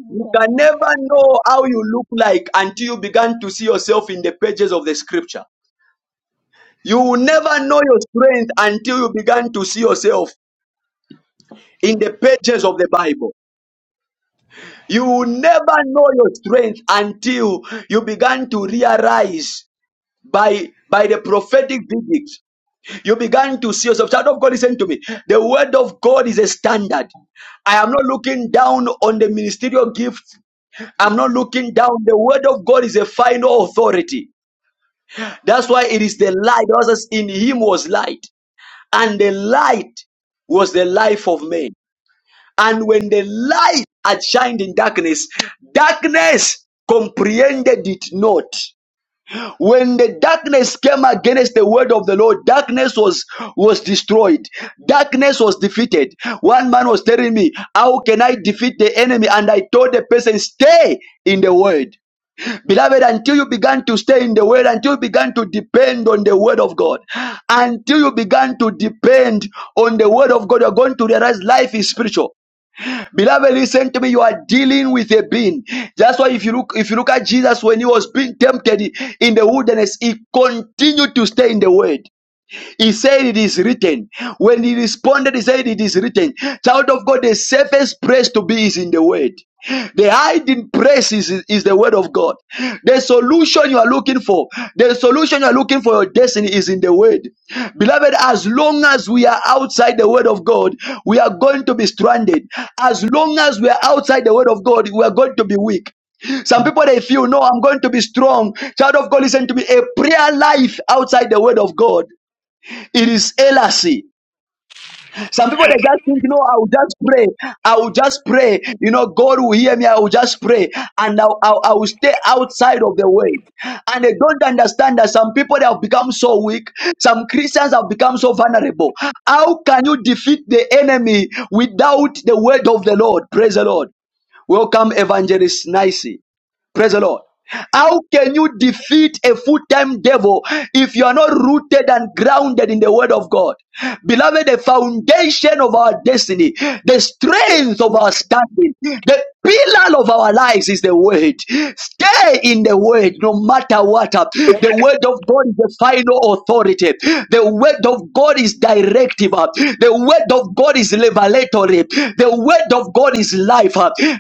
S1: You
S6: can
S1: can
S6: go.
S1: never know how you look like until you begin to see yourself in the pages of the scripture. You will never know your strength until you begin to see yourself in the pages of the Bible. You will never know your strength until you begin to realize by by the prophetic verdict You began to see yourself. Child of God, listen to me. The word of God is a standard. I am not looking down on the ministerial gift. I'm not looking down. The word of God is a final authority. That's why it is the light. That was in him was light. And the light was the life of men. And when the light had shined in darkness, darkness comprehended it not when the darkness came against the word of the lord darkness was was destroyed darkness was defeated one man was telling me how can i defeat the enemy and i told the person stay in the word Beloved, until you began to stay in the word, until you began to depend on the word of God, until you began to depend on the word of God, you're going to realize life is spiritual. Beloved, listen to me. You are dealing with a being. That's why if you look, if you look at Jesus when he was being tempted in the wilderness, he continued to stay in the word. He said, It is written. When he responded, he said, It is written. Child of God, the safest place to be is in the word. The hiding place is, is the word of God. The solution you are looking for, the solution you are looking for your destiny is in the word. Beloved, as long as we are outside the word of God, we are going to be stranded. As long as we are outside the word of God, we are going to be weak. Some people they feel no, I'm going to be strong. Child of God, listen to me. A prayer life outside the word of God. It is heresy. Some people they just think, you know, I will just pray. I will just pray. You know, God will hear me. I will just pray, and I, I, I will stay outside of the way. And they don't understand that some people they have become so weak. Some Christians have become so vulnerable. How can you defeat the enemy without the word of the Lord? Praise the Lord. Welcome, Evangelist Nicey. Praise the Lord. How can you defeat a full time devil if you are not rooted and grounded in the word of God? Beloved, the foundation of our destiny, the strength of our standing, the pillar of our lives is the word. Stay in the word no matter what. The word of God is the final authority. The word of God is directive. The word of of God is revelatory. The word of God is life.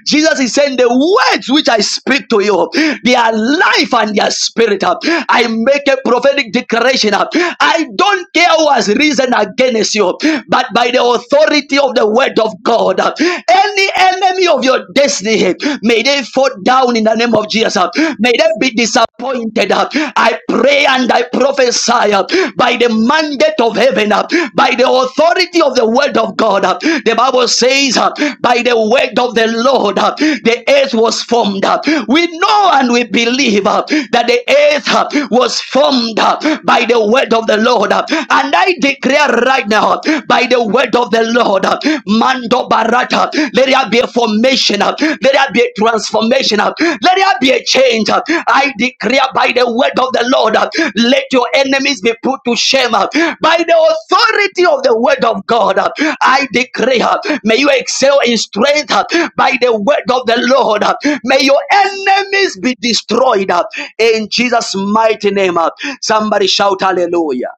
S1: Jesus is saying, The words which I speak to you, they are life and their spirit. I make a prophetic declaration. I don't care who has risen against you, but by the authority of the word of God, any enemy of your destiny, may they fall down in the name of Jesus. May they be disappointed. I pray and I prophesy uh, by the mandate of heaven, uh, by the authority of the word of God. uh, The Bible says, uh, by the word of the Lord, uh, the earth was formed. uh. We know and we believe uh, that the earth uh, was formed uh, by the word of the Lord. uh. And I declare right now, uh, by the word of the Lord, uh, Mando Barata, let there be a formation. uh, Let there be a transformation. uh, Let there be a change. uh. I declare by the word of the Lord, uh, let your enemies be put to shame. uh. By the authority of the word of God, uh, I declare, uh, may you excel in strength uh, by the word of the Lord. uh. May your enemies be destroyed uh, in Jesus' mighty name. uh. Somebody shout hallelujah.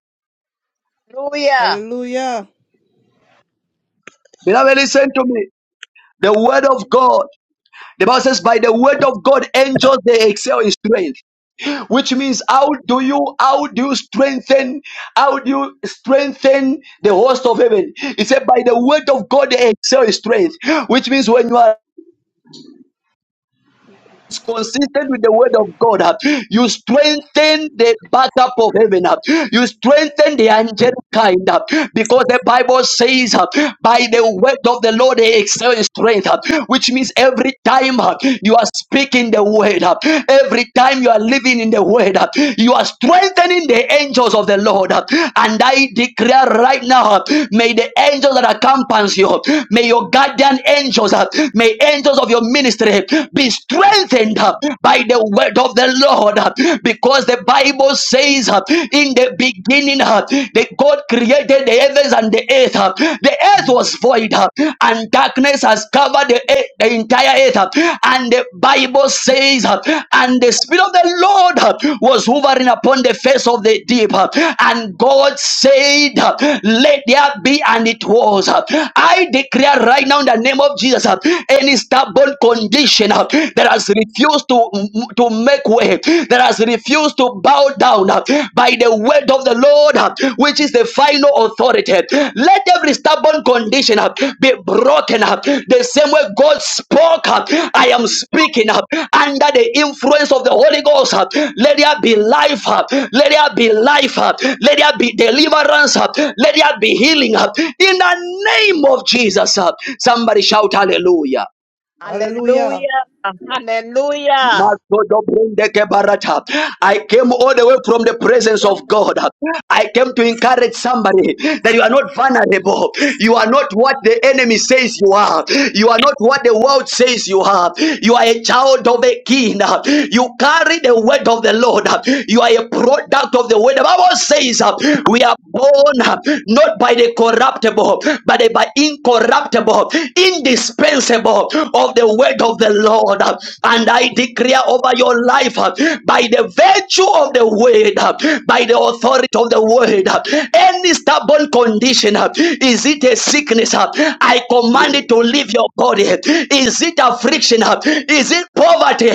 S7: Hallelujah.
S5: Hallelujah.
S1: Beloved, listen to me. The word of God. The Bible says, by the word of God, angels they excel in strength. which means how do you how do you strengthen how do you strengthen the host of heaven? He said, by the word of God they excel in strength, which means when you are is consistent with the word of God, uh, you strengthen the backup of heaven. uh, You strengthen the angelic kind uh, because the Bible says, uh, by the word of the Lord, they excel in strength, uh, which means every time uh, you are speaking the word, uh, every time you are living in the word, uh, you are strengthening the angels of the Lord. uh, And I declare right now, uh, may the angels that accompany you, may your guardian angels, uh, may angels of your ministry be strengthened uh, by the word of the Lord uh, because the Bible says uh, in the beginning uh, that God created the heavens and the earth. uh, The earth was void uh, and darkness has covered the, earth- the entire earth. uh, And the Bible says, uh, and the Spirit of the Lord uh, was hovering upon the face of the deep. uh, And God said, uh, Let there be, and it was. uh. I declare right now in the name of Jesus, uh, any stubborn condition uh, that has refused to, to make way, that has refused to bow down uh, by the word of the Lord, uh, which is the final authority. Let every stubborn condition uh, be broken up. The same way God spoke up, I am speaking up under the influence of the Holy Ghost. uh, Let there be life up. Let there be life up. Let there be deliverance up. Let there be healing up. In the name of Jesus up. Somebody shout hallelujah.
S5: Hallelujah.
S7: Hallelujah. Hallelujah.
S1: Masodobrundekebarata. I came all the way from the presence
S8: Amen.
S1: of God. I came to encourage somebody that you are not vulnerable. You are not what the enemy says you are. You are not what the world says you are. You are a child of a king. You carry the word of the Lord. You are a product of the word. The Bible says uh, we are born uh, not by the corruptible, but by the incorruptible indispensable, indispensable of the word of the Lord. And I declare over your life uh, by the virtue of the word, uh, by the authority of the word, uh, any stubborn condition, uh, is it a sickness? uh, I command it to leave your body. Is it affliction? uh, Is it poverty?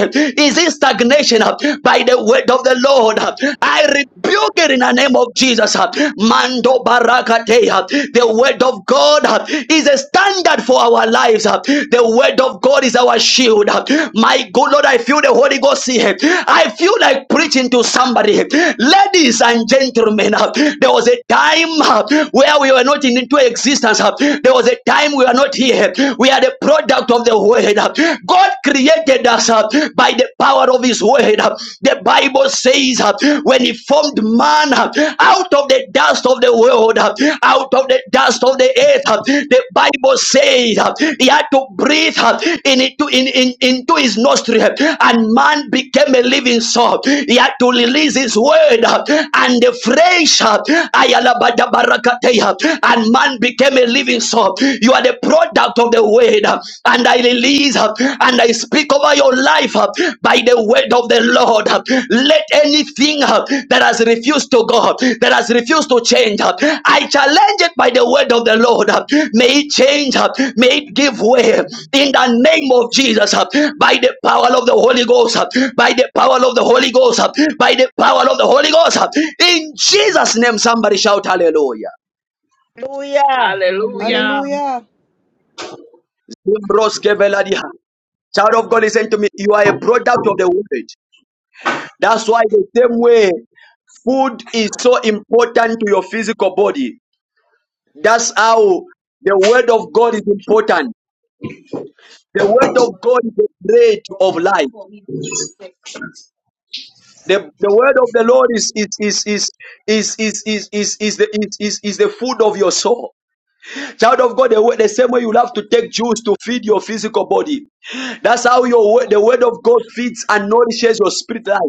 S1: Is it stagnation? uh, By the word of the Lord, uh, I rebuke it in the name of Jesus. Mando barakateya. The word of God uh, is a standard for our lives. uh. The word of God is our shield. uh. My good Lord, I feel the Holy Ghost here. I feel like preaching to somebody. Ladies and gentlemen, uh, there was a time uh, where we were not into existence. uh. There was a time we were not here. We are the product of the word. uh. God created us uh, by the power of his word word. The Bible says, uh, when he formed man uh, out of the dust of the world, uh, out of the dust of the earth, uh, the Bible says uh, he had to breathe uh, in into, in, in, into his nostril, uh, and man became a living soul. He had to release his word, uh, and the fresh, uh, ayalabadabarakateya, and man became a living soul. You are the product of the word. uh, and I release uh, and I speak over your life uh, by the word of the Lord. uh, Let anything uh, that has refused to go, uh, that has refused to change, uh, I challenge it by the word of the Lord. uh, May it change, uh, may it give way in the name of Jesus, uh, by the power of the Holy Ghost, uh, by the power of the Holy Ghost, uh, by the power of the Holy Ghost. uh, In Jesus' name, somebody shout hallelujah.
S7: Hallelujah.
S9: Hallelujah.
S5: Hallelujah.
S1: Child of God, listen to me. You are a product of the word. That's why the same way food is so important to your physical body. That's how the word of God is important. The word of God is the bread of life. The, the word of the Lord is is is is is is is is, is the is, is, is the food of your soul. Child of God, the, way- the same way you have to take juice to feed your physical body. That's how your word- the word of God feeds and nourishes your spirit life.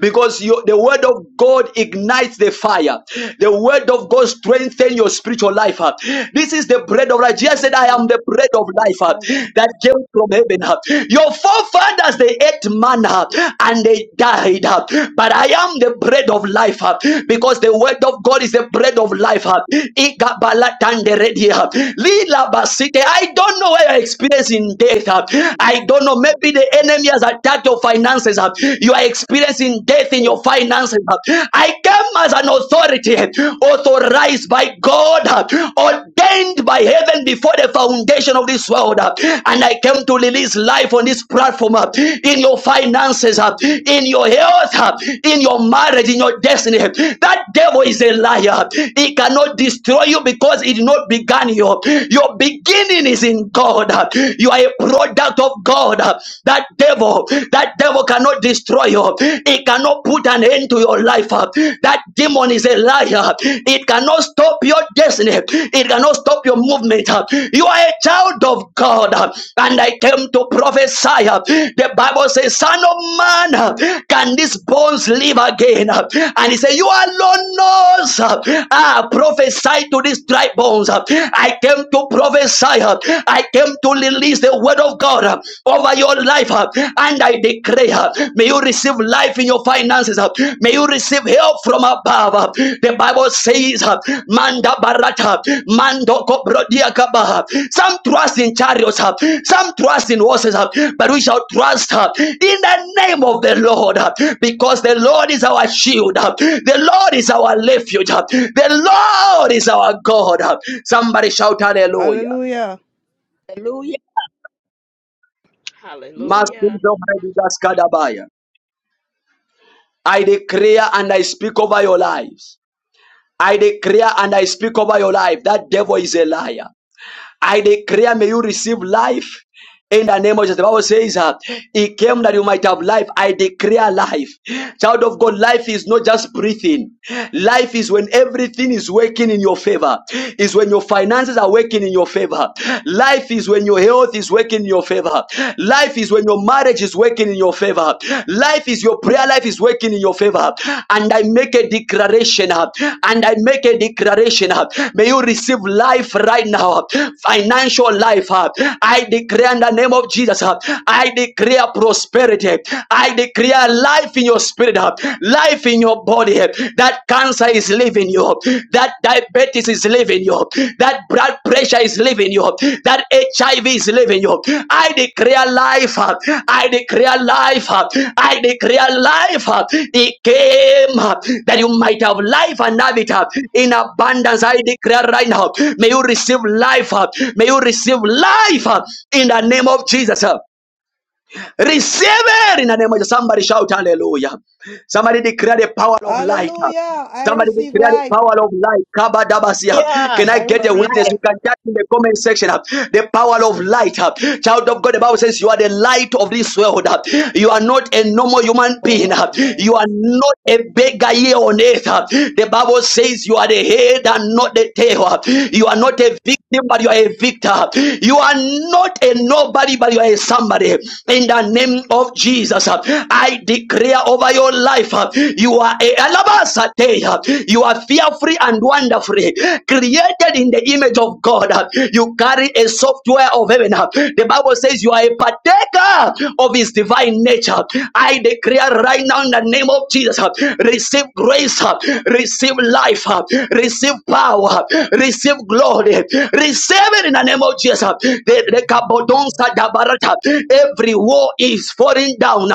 S1: because you, the word of God ignites the fire. The word of God strengthens your spiritual life. huh? This is the bread of life. Jesus said, I am the bread of life huh, that came from heaven. huh. Your forefathers, they ate manna huh, and they died. huh. But I am the bread of life huh, because the word of God is the bread of life. huh. Igabala tanderedi, huh. Lila basite. I don't know where you're experiencing death. huh. I don't know. Maybe the enemy has attacked your finances finances. uh, You are experiencing death in your finances. uh, I come as an authority uh, authorized by God, uh, ordained by heaven before the foundation of this world. uh, And I came to release life on this platform uh, in your finances, uh, in your health, uh, in your marriage, in your destiny. That devil is a liar. He cannot destroy you because it did not began you. Your beginning is in God. You are a product of God. That devil, that devil cannot destroy you. It cannot put an end to your life. That demon is a liar. It cannot stop your destiny. It cannot stop your movement. You are a child of God. And I came to prophesy. The Bible says, Son of man, can these bones live again? And he said, You alone knows. I prophesy to these dry bones. I came to prophesy. I came to release release the word of God uh, over your life. uh, And I declare, uh, may you receive life in your finances. uh, May you receive help from above. uh. The Bible says, uh, Manda barata, mando koprodia kabaha. Some trust in chariots, uh, some trust in horses, uh, but we shall trust uh, in the name of the Lord uh, because the Lord is our shield. uh, The Lord is our refuge. uh, The Lord is our God. uh. Somebody shout hallelujah.
S5: Hallelujah.
S7: Hallelujah.
S9: Hallelujah.
S1: Masunzo Maidigaskadabaya. I declare and I speak over your lives. I declare and I speak over your life. That devil is a liar. I declare may you receive life in the name of Jesus. The Bible says uh, he came that you might have life. I declare life. Child of God, life is not just breathing. Life is when everything is working in your favor. Is when your finances are working in your favor. Life is when your health is working in your favor. Life is when your marriage is working in your favor. Life is your prayer life is working in your favor. And I make a declaration. uh, And I make a declaration. uh, May you receive life right now. uh, Financial life. uh, I declare in the name of Jesus. uh, I declare prosperity. I declare life in your spirit. uh, Life in your body. uh, That cancer is leaving you. That diabetes diabetes is leaving you. That blood pressure is leaving you. That HIV is leaving you. I declare life. uh, I declare life. uh, I declare life. uh, came uh, that you might have life and have it uh, in abundance. I declare right now. May you receive life. uh, May you receive life uh, in the name of Jesus. uh. Receive it in the name of Jesus. Somebody shout hallelujah. Somebody declare the power of light.
S5: Hallelujah. I
S1: Somebody
S5: receive
S1: declare the
S5: life.
S1: power of light. Kabadabasia. Can I
S5: I
S1: get
S7: Of
S1: a
S5: receive
S7: life.
S1: witness? You
S5: life.
S1: can chat in the comment section. uh, The power of light. uh. Child of God, the Bible says you are the light of this world. uh. You are not a normal human
S5: Power
S1: being.
S5: of
S1: uh.
S5: light.
S1: You are not a beggar here on earth. uh. The Bible says you are the head and not the tail. uh. You are
S5: Amen.
S1: not a victim, but you are a victor. You are not a nobody, but you are a somebody. In the name of Jesus, uh, I declare over your life. uh, you are a alabasatea. You are fearfully and wonderfully created in the image of God. You carry a software of heaven. The Bible says you are a partaker of His divine nature. I declare right now in the name of Jesus, receive grace, receive life, receive power, receive glory, receive it in the name of Jesus. The- the kabodonsa dabarata. Every war is falling down.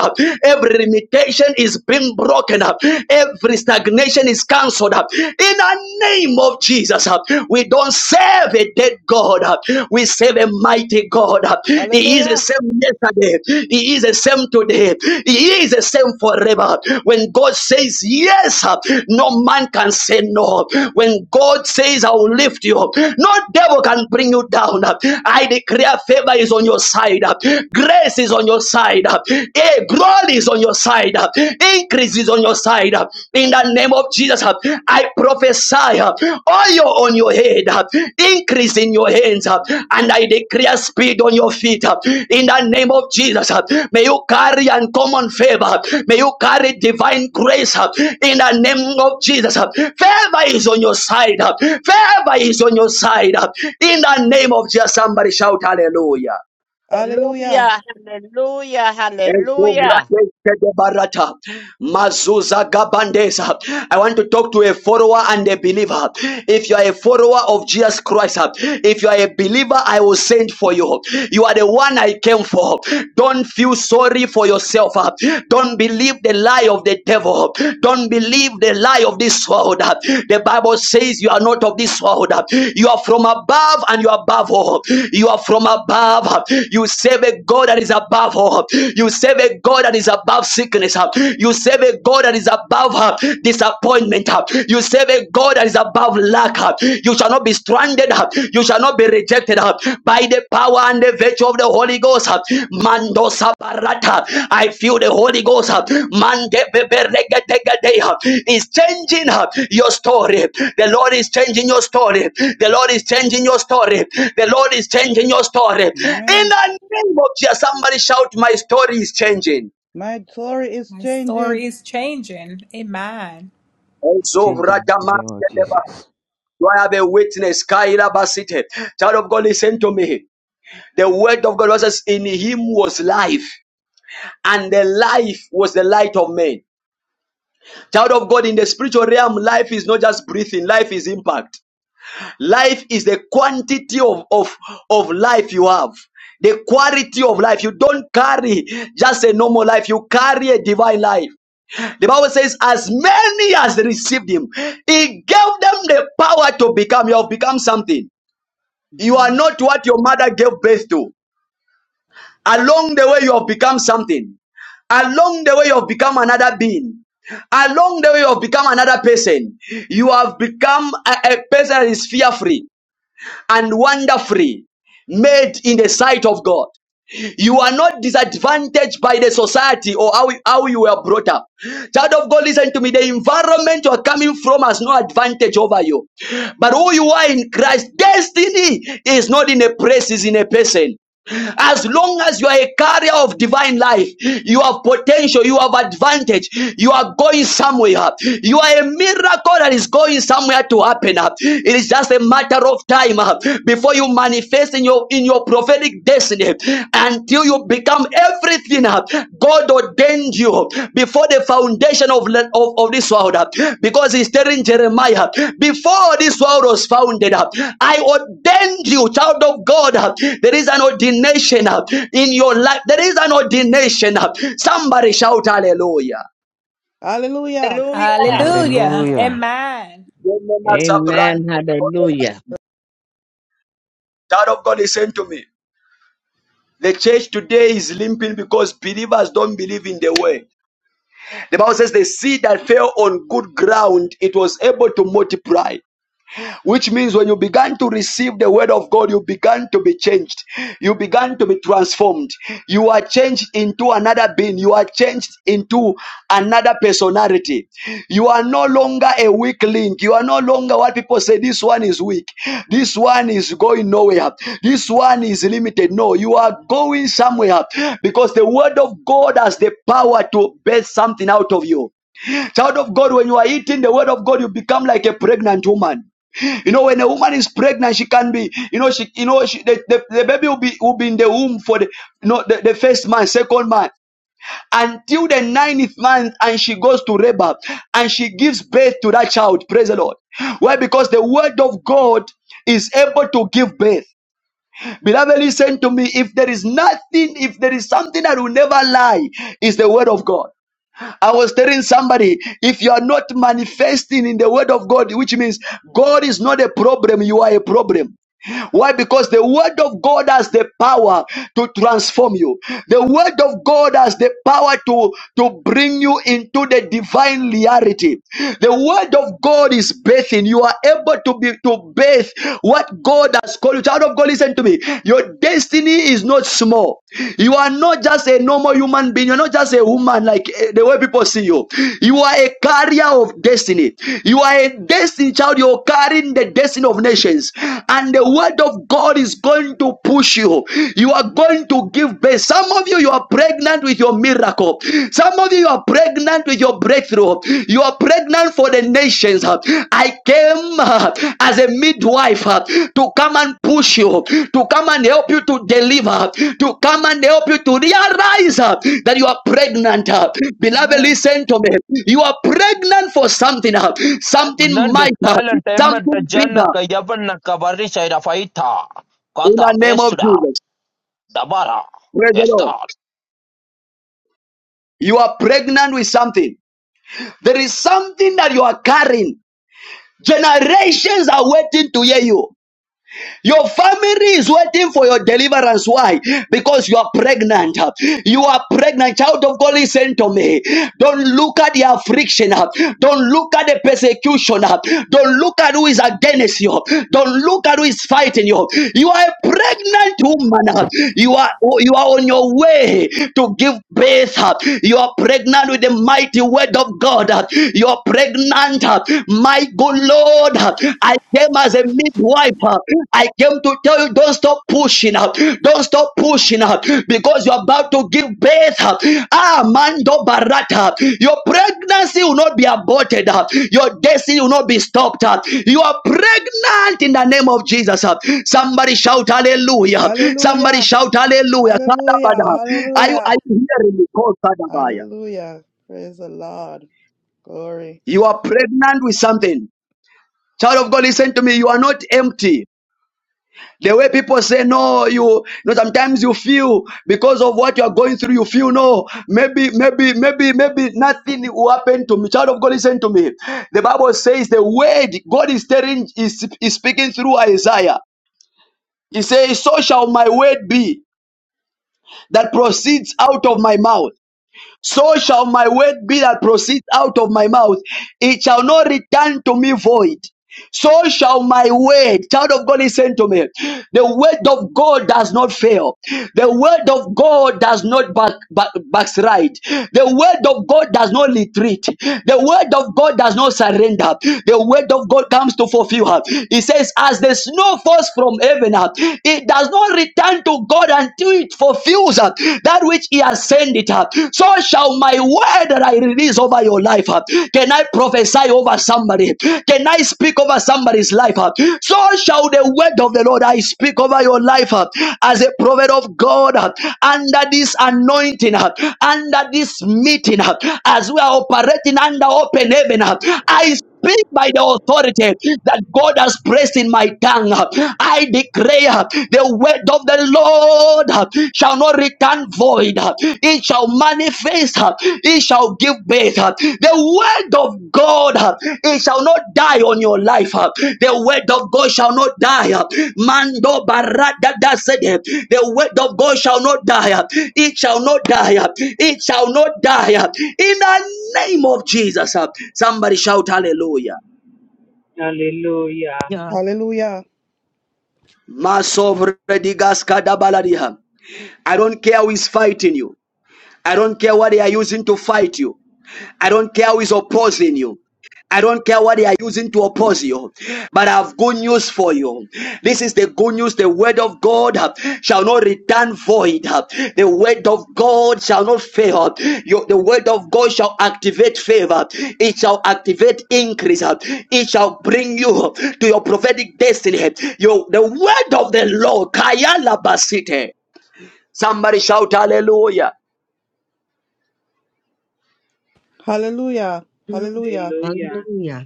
S1: Every limitation is being broken up. Every stagnation is cancelled up. In the name of Jesus, uh, we don't serve a dead God. uh, We serve a mighty God. uh. He is the
S5: Hallelujah.
S1: same yesterday. He is the same today. He is the same forever. When God says yes, uh, no man can say no. When God says I will lift you, up, no devil can bring you down. uh. I declare favor is on your side. uh. Grace is on your on your side. Hey, glory is on your side. Increase is on your side. In the name of Jesus, I prophesy oil on your head, increase in your hands, and I declare speed on your feet. In the name of Jesus, may you carry uncommon favor. May you carry divine grace. In the name of Jesus, favor is on your side. Favor is on your side. In the name of Jesus, somebody shout hallelujah.
S5: Hallelujah.
S7: Hallelujah. Hallelujah. Hallelujah.
S1: Mazuza Gabandesa. I want to talk to a follower and a believer. If you are a follower of Jesus Christ, if you are a believer, I will send for you. You are the one I came for. Don't feel sorry for yourself. Don't believe the lie of the devil. Don't believe the lie of this this world. The Bible says you are not of this world. You are from above and you are above all. You are from above. You serve a God that is above all. You serve a God that is above sickness. You serve a God that is above uh, disappointment. You serve a God that is above lack. You shall not be stranded. You shall not be rejected uh, by the power and the virtue of the Holy Ghost. uh, Mando sabarata. I feel the Holy Ghost. uh, Mande beberegetegede, uh, Is changing uh, your story. The Lord is changing your story. The Lord is changing your story. The Lord is changing your story. In
S5: Amen.
S1: the name of Jesus, somebody shout, My story is changing.
S5: My story is
S10: My
S5: changing.
S10: story is changing. Amen.
S11: is
S1: Also,
S11: changing in the name of
S1: Vradamaskedeba.
S11: Jesus.
S1: Do I have a witness? Kaila Basite. Child of God, listen to me. The word of God says, In him was life. and the life was the light of men. Child of God, in the spiritual realm, life is not just breathing, life is impact. Life is the quantity of, of, of life you have, the quality of life. You don't carry just a normal life, you carry a divine life. The Bible says, as many as received him, he gave them the power to become. You have become something. You are
S5: Mhm.
S1: not what your mother gave birth to. Along the way, you have become something. Along the way, you have become another being. Along the way, you have become another person. You have become a, a person that is fear free and wonder free, made in the sight of God. You are not disadvantaged by the society or how, how you were brought up. Child of God, listen to me. The environment you are coming from has no advantage over you. But who you are in Christ, destiny is not in a place, is in a person. As long as you are a carrier of divine life, you have potential, you have advantage, you are going somewhere. You are a miracle that is going somewhere to happen. It is it's just a matter of time uh, before you manifest in your in your prophetic destiny until you become everything uh, God ordained you before the foundation of, le- of, of this world. uh, Because he's telling Jeremiah, before this world was founded, uh, I ordained you, child of God. uh, There is an ordination uh, in your life. There is an ordination. uh, Somebody shout hallelujah.
S5: Hallelujah.
S7: Hallelujah.
S10: Hallelujah.
S11: Hallelujah.
S10: Amen.
S7: Amen. Hallelujah.
S1: Child of God, listen to me. The church today is limping because believers don't believe in the word. The Bible says the seed that fell on good ground, it was able to multiply which means when you began to receive the word of God, you began to be changed. You began to be transformed. You are changed into another being. You are changed into another personality. You are no longer a weak link. You are no longer what people say, this one is weak. This one is going nowhere. This one is limited. No, you are going somewhere because the word of God has the power to birth something out of you. Child of God, when you are eating the word of God, you become like a pregnant woman. You know, when a woman is pregnant, she can be, you know, she, you know, she, the, the, the baby will be will be in the womb for the, you know, the, the first month, second month, until the ninth month, and she goes to labor, and she gives birth to that child. Praise the Lord. Why? Because the word of God is able to give birth. Beloved, listen to me. If there is nothing, if there is something that will never lie, is the word of God. I was telling somebody, if you are not manifesting in the word of God, which means God is not a problem, you are a problem. Why? Because the word of God has the power to transform you. The word of God has the power to, to bring you into the divine reality. The word of God is bathing. You are able to be to bathe what God has called you. Child of God, listen to me. Your destiny is not small. You are not just a normal human being. You're not just a woman like eh, the way people see you you. You are a carrier of destiny. You are a destiny child. You're carrying the destiny of nations. And the word of God is going to push you. You are going to give birth. Some of you, you are pregnant with your miracle. Some of you, you are pregnant with your breakthrough. You are pregnant for the nations. I came uh, as a midwife uh, to come and push you to come and help you to deliver, to come and help you to realize uh, that you are pregnant. uh. Beloved,
S5: Amen.
S1: listen to me. You are pregnant for something, uh, something
S12: Pregnant,
S1: mightier,
S12: silent, emmett,
S1: something bigger
S12: janaka, yavanaka, varisha, rafaita,
S1: in
S12: kata,
S1: the name of
S12: pesra,
S1: Jesus.
S12: dabara,
S1: Praise the Lord.
S12: esta.
S1: You are pregnant with something. There is something that you are carrying. Generations are waiting to hear you. Your family is waiting for your deliverance. Why? Because you are pregnant. You are pregnant. Child of God, listen to me. Don't look at the affliction. Don't look at the persecution. Don't look at who is against you. Don't look at who is fighting you. You are a pregnant woman. You are you are on your way to give birth. You are pregnant with the mighty word of God. You are pregnant my good Lord, I came as a midwife. I came to tell you, don't stop pushing up. Don't stop pushing up because you're about to give birth. Ah, Mando Barata. Your pregnancy will not be aborted. Your destiny will not be stopped. You are pregnant in the name of Jesus. Somebody shout hallelujah. Somebody
S5: Hallelujah.
S1: shout hallelujah.
S5: Hallelujah.
S1: Kadabada. Are you, are
S5: Hallelujah.
S1: you hearing me? Call Kadabaya.
S5: Hallelujah. Praise the Lord. Glory.
S1: You are pregnant with something. Child of God, listen to me. You are not empty. The way people say no, you, you know, sometimes you feel because of what you are going through, you feel no, maybe, maybe, maybe, maybe nothing will happen to me. Child of God, listen to me. The Bible says the word God is telling is, is speaking through Isaiah. He says, So shall my word be that proceeds out of my mouth. So shall my word be that proceeds out of my mouth. It shall not return to me void So shall my word, child of God, listen to me. The word of God does not fail. The word of God does not back, back, backslide. The word of God does not retreat. The word of God does not surrender. The word of God comes to fulfill her. He says, as the snow falls from heaven, uh, it does not return to God until it fulfills uh, that which he has sent it. uh. So shall my my word that I release over your life, uh, can I prophesy over somebody? Can I speak over somebody's life? uh? So shall the word of the Lord I speak over your life uh, as a prophet of God uh, under this anointing, uh, under this meeting, uh, as we are operating under open heaven. uh, I speak by the authority that God has placed in my tongue. I declare the word of the Lord shall not return void. It shall manifest. It shall give birth. The word of God, it shall not die on your life. The word of God shall not die. Mando barada da sede. The word of God shall not die. It shall not die. It shall not die. In the name of Jesus. uh, Somebody shout hallelujah.
S13: Hallelujah.
S14: Yeah.
S5: Hallelujah.
S1: Masovredigaskadabaladiha. I don't care who is fighting you. I don't care what they are using to fight you. I don't care who is opposing you. I don't care what they are using to oppose you, but I have good news for you. This is the good news. The word of God uh, shall not return void. uh. The word of God shall not fail. Your- The word of God shall activate favor. It shall activate increase. uh. It shall bring you to your prophetic destiny. Your, the word of the Lord. Kayala Basite. Somebody shout hallelujah.
S5: Hallelujah.
S15: Hallelujah.
S5: Hallelujah.
S13: Hallelujah.
S15: Hallelujah.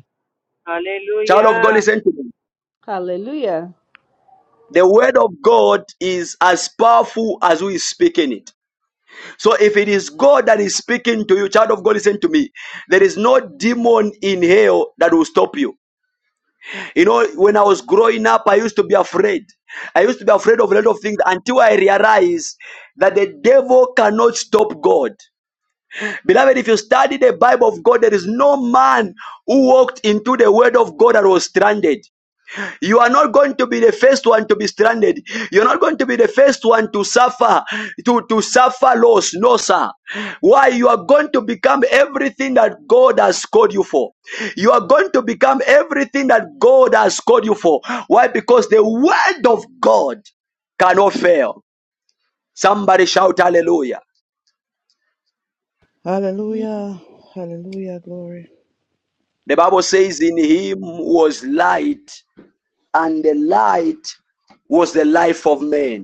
S1: Child of God,
S13: Hallelujah.
S1: listen to me.
S4: Hallelujah.
S1: The word of God is as powerful as who is speaking it. So if it is God that is speaking to you, child of God, listen to me. There is no demon in hell that will stop you. You know, when I was growing up, I used to be afraid. I used to be afraid of a lot of things until I realized that the devil cannot stop God. Beloved, if you study the Bible of God, there is no man who walked into the word of God that was stranded. You are not going to be the first one to be stranded. You're not going to be the first one to suffer, to, to suffer loss. No, sir. Why? You are going to become everything that God has called you for. You are going to become everything that God has called you for. Why? Because the word of God cannot fail. Somebody shout hallelujah.
S16: Hmm.
S5: Hallelujah. Hallelujah. Glory.
S1: The Bible says, In him was light, and the light was the life of men."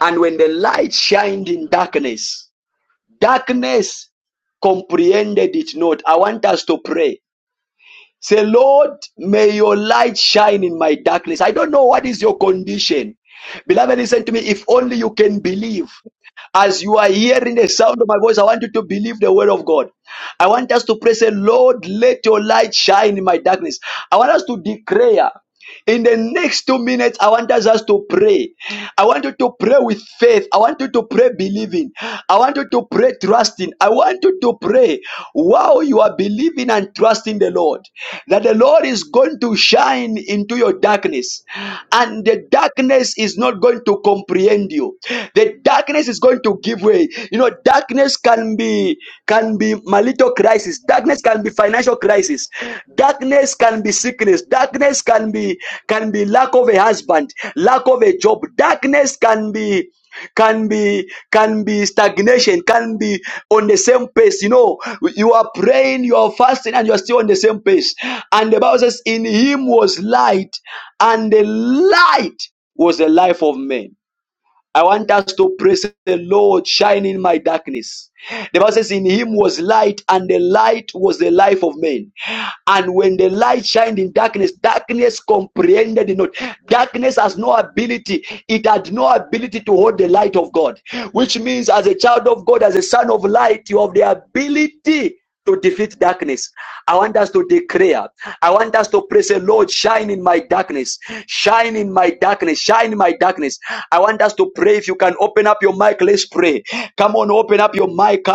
S1: And when the light shined in darkness, darkness comprehended it not. I want us to pray. Say, Lord, may your light shine in my darkness. I don't know what is your condition. Beloved, listen to me. If only you can believe. As you are hearing the sound of my voice, I want you to believe the word of God. I want us to pray, say, Lord, let your light shine in my darkness. I want us to declare. In the next two minutes, I want us us to pray. I want you to pray with faith. I want you to pray believing. I want you to pray trusting. I want you to pray while you are believing and trusting the Lord that the Lord is going to shine into your darkness and the darkness is not going to comprehend you the darkness is going to give way you know darkness can be can be marital crisis darkness can be financial crisis darkness can be sickness darkness can be can be lack of a husband lack of a job darkness can be can be can be stagnation can be on the same pace you know you are praying you are fasting and you are still on the same pace and the bible says in him was light and the light was the life of men I want us to praise the Lord, shine in my darkness. The Bible says, In him was light, and the light was the life of men. And when the light shined in darkness, darkness comprehended it not. Darkness has no ability, it had no ability to hold the light of God. Which means, as a child of God, as a son of light, you have the ability to defeat darkness. I want us to declare. I want us to pray, say, Lord, shine in my darkness. Shine in my darkness. Shine in my darkness. I want us to pray. If you can open up your mic, let's pray. Come on, open up your mic.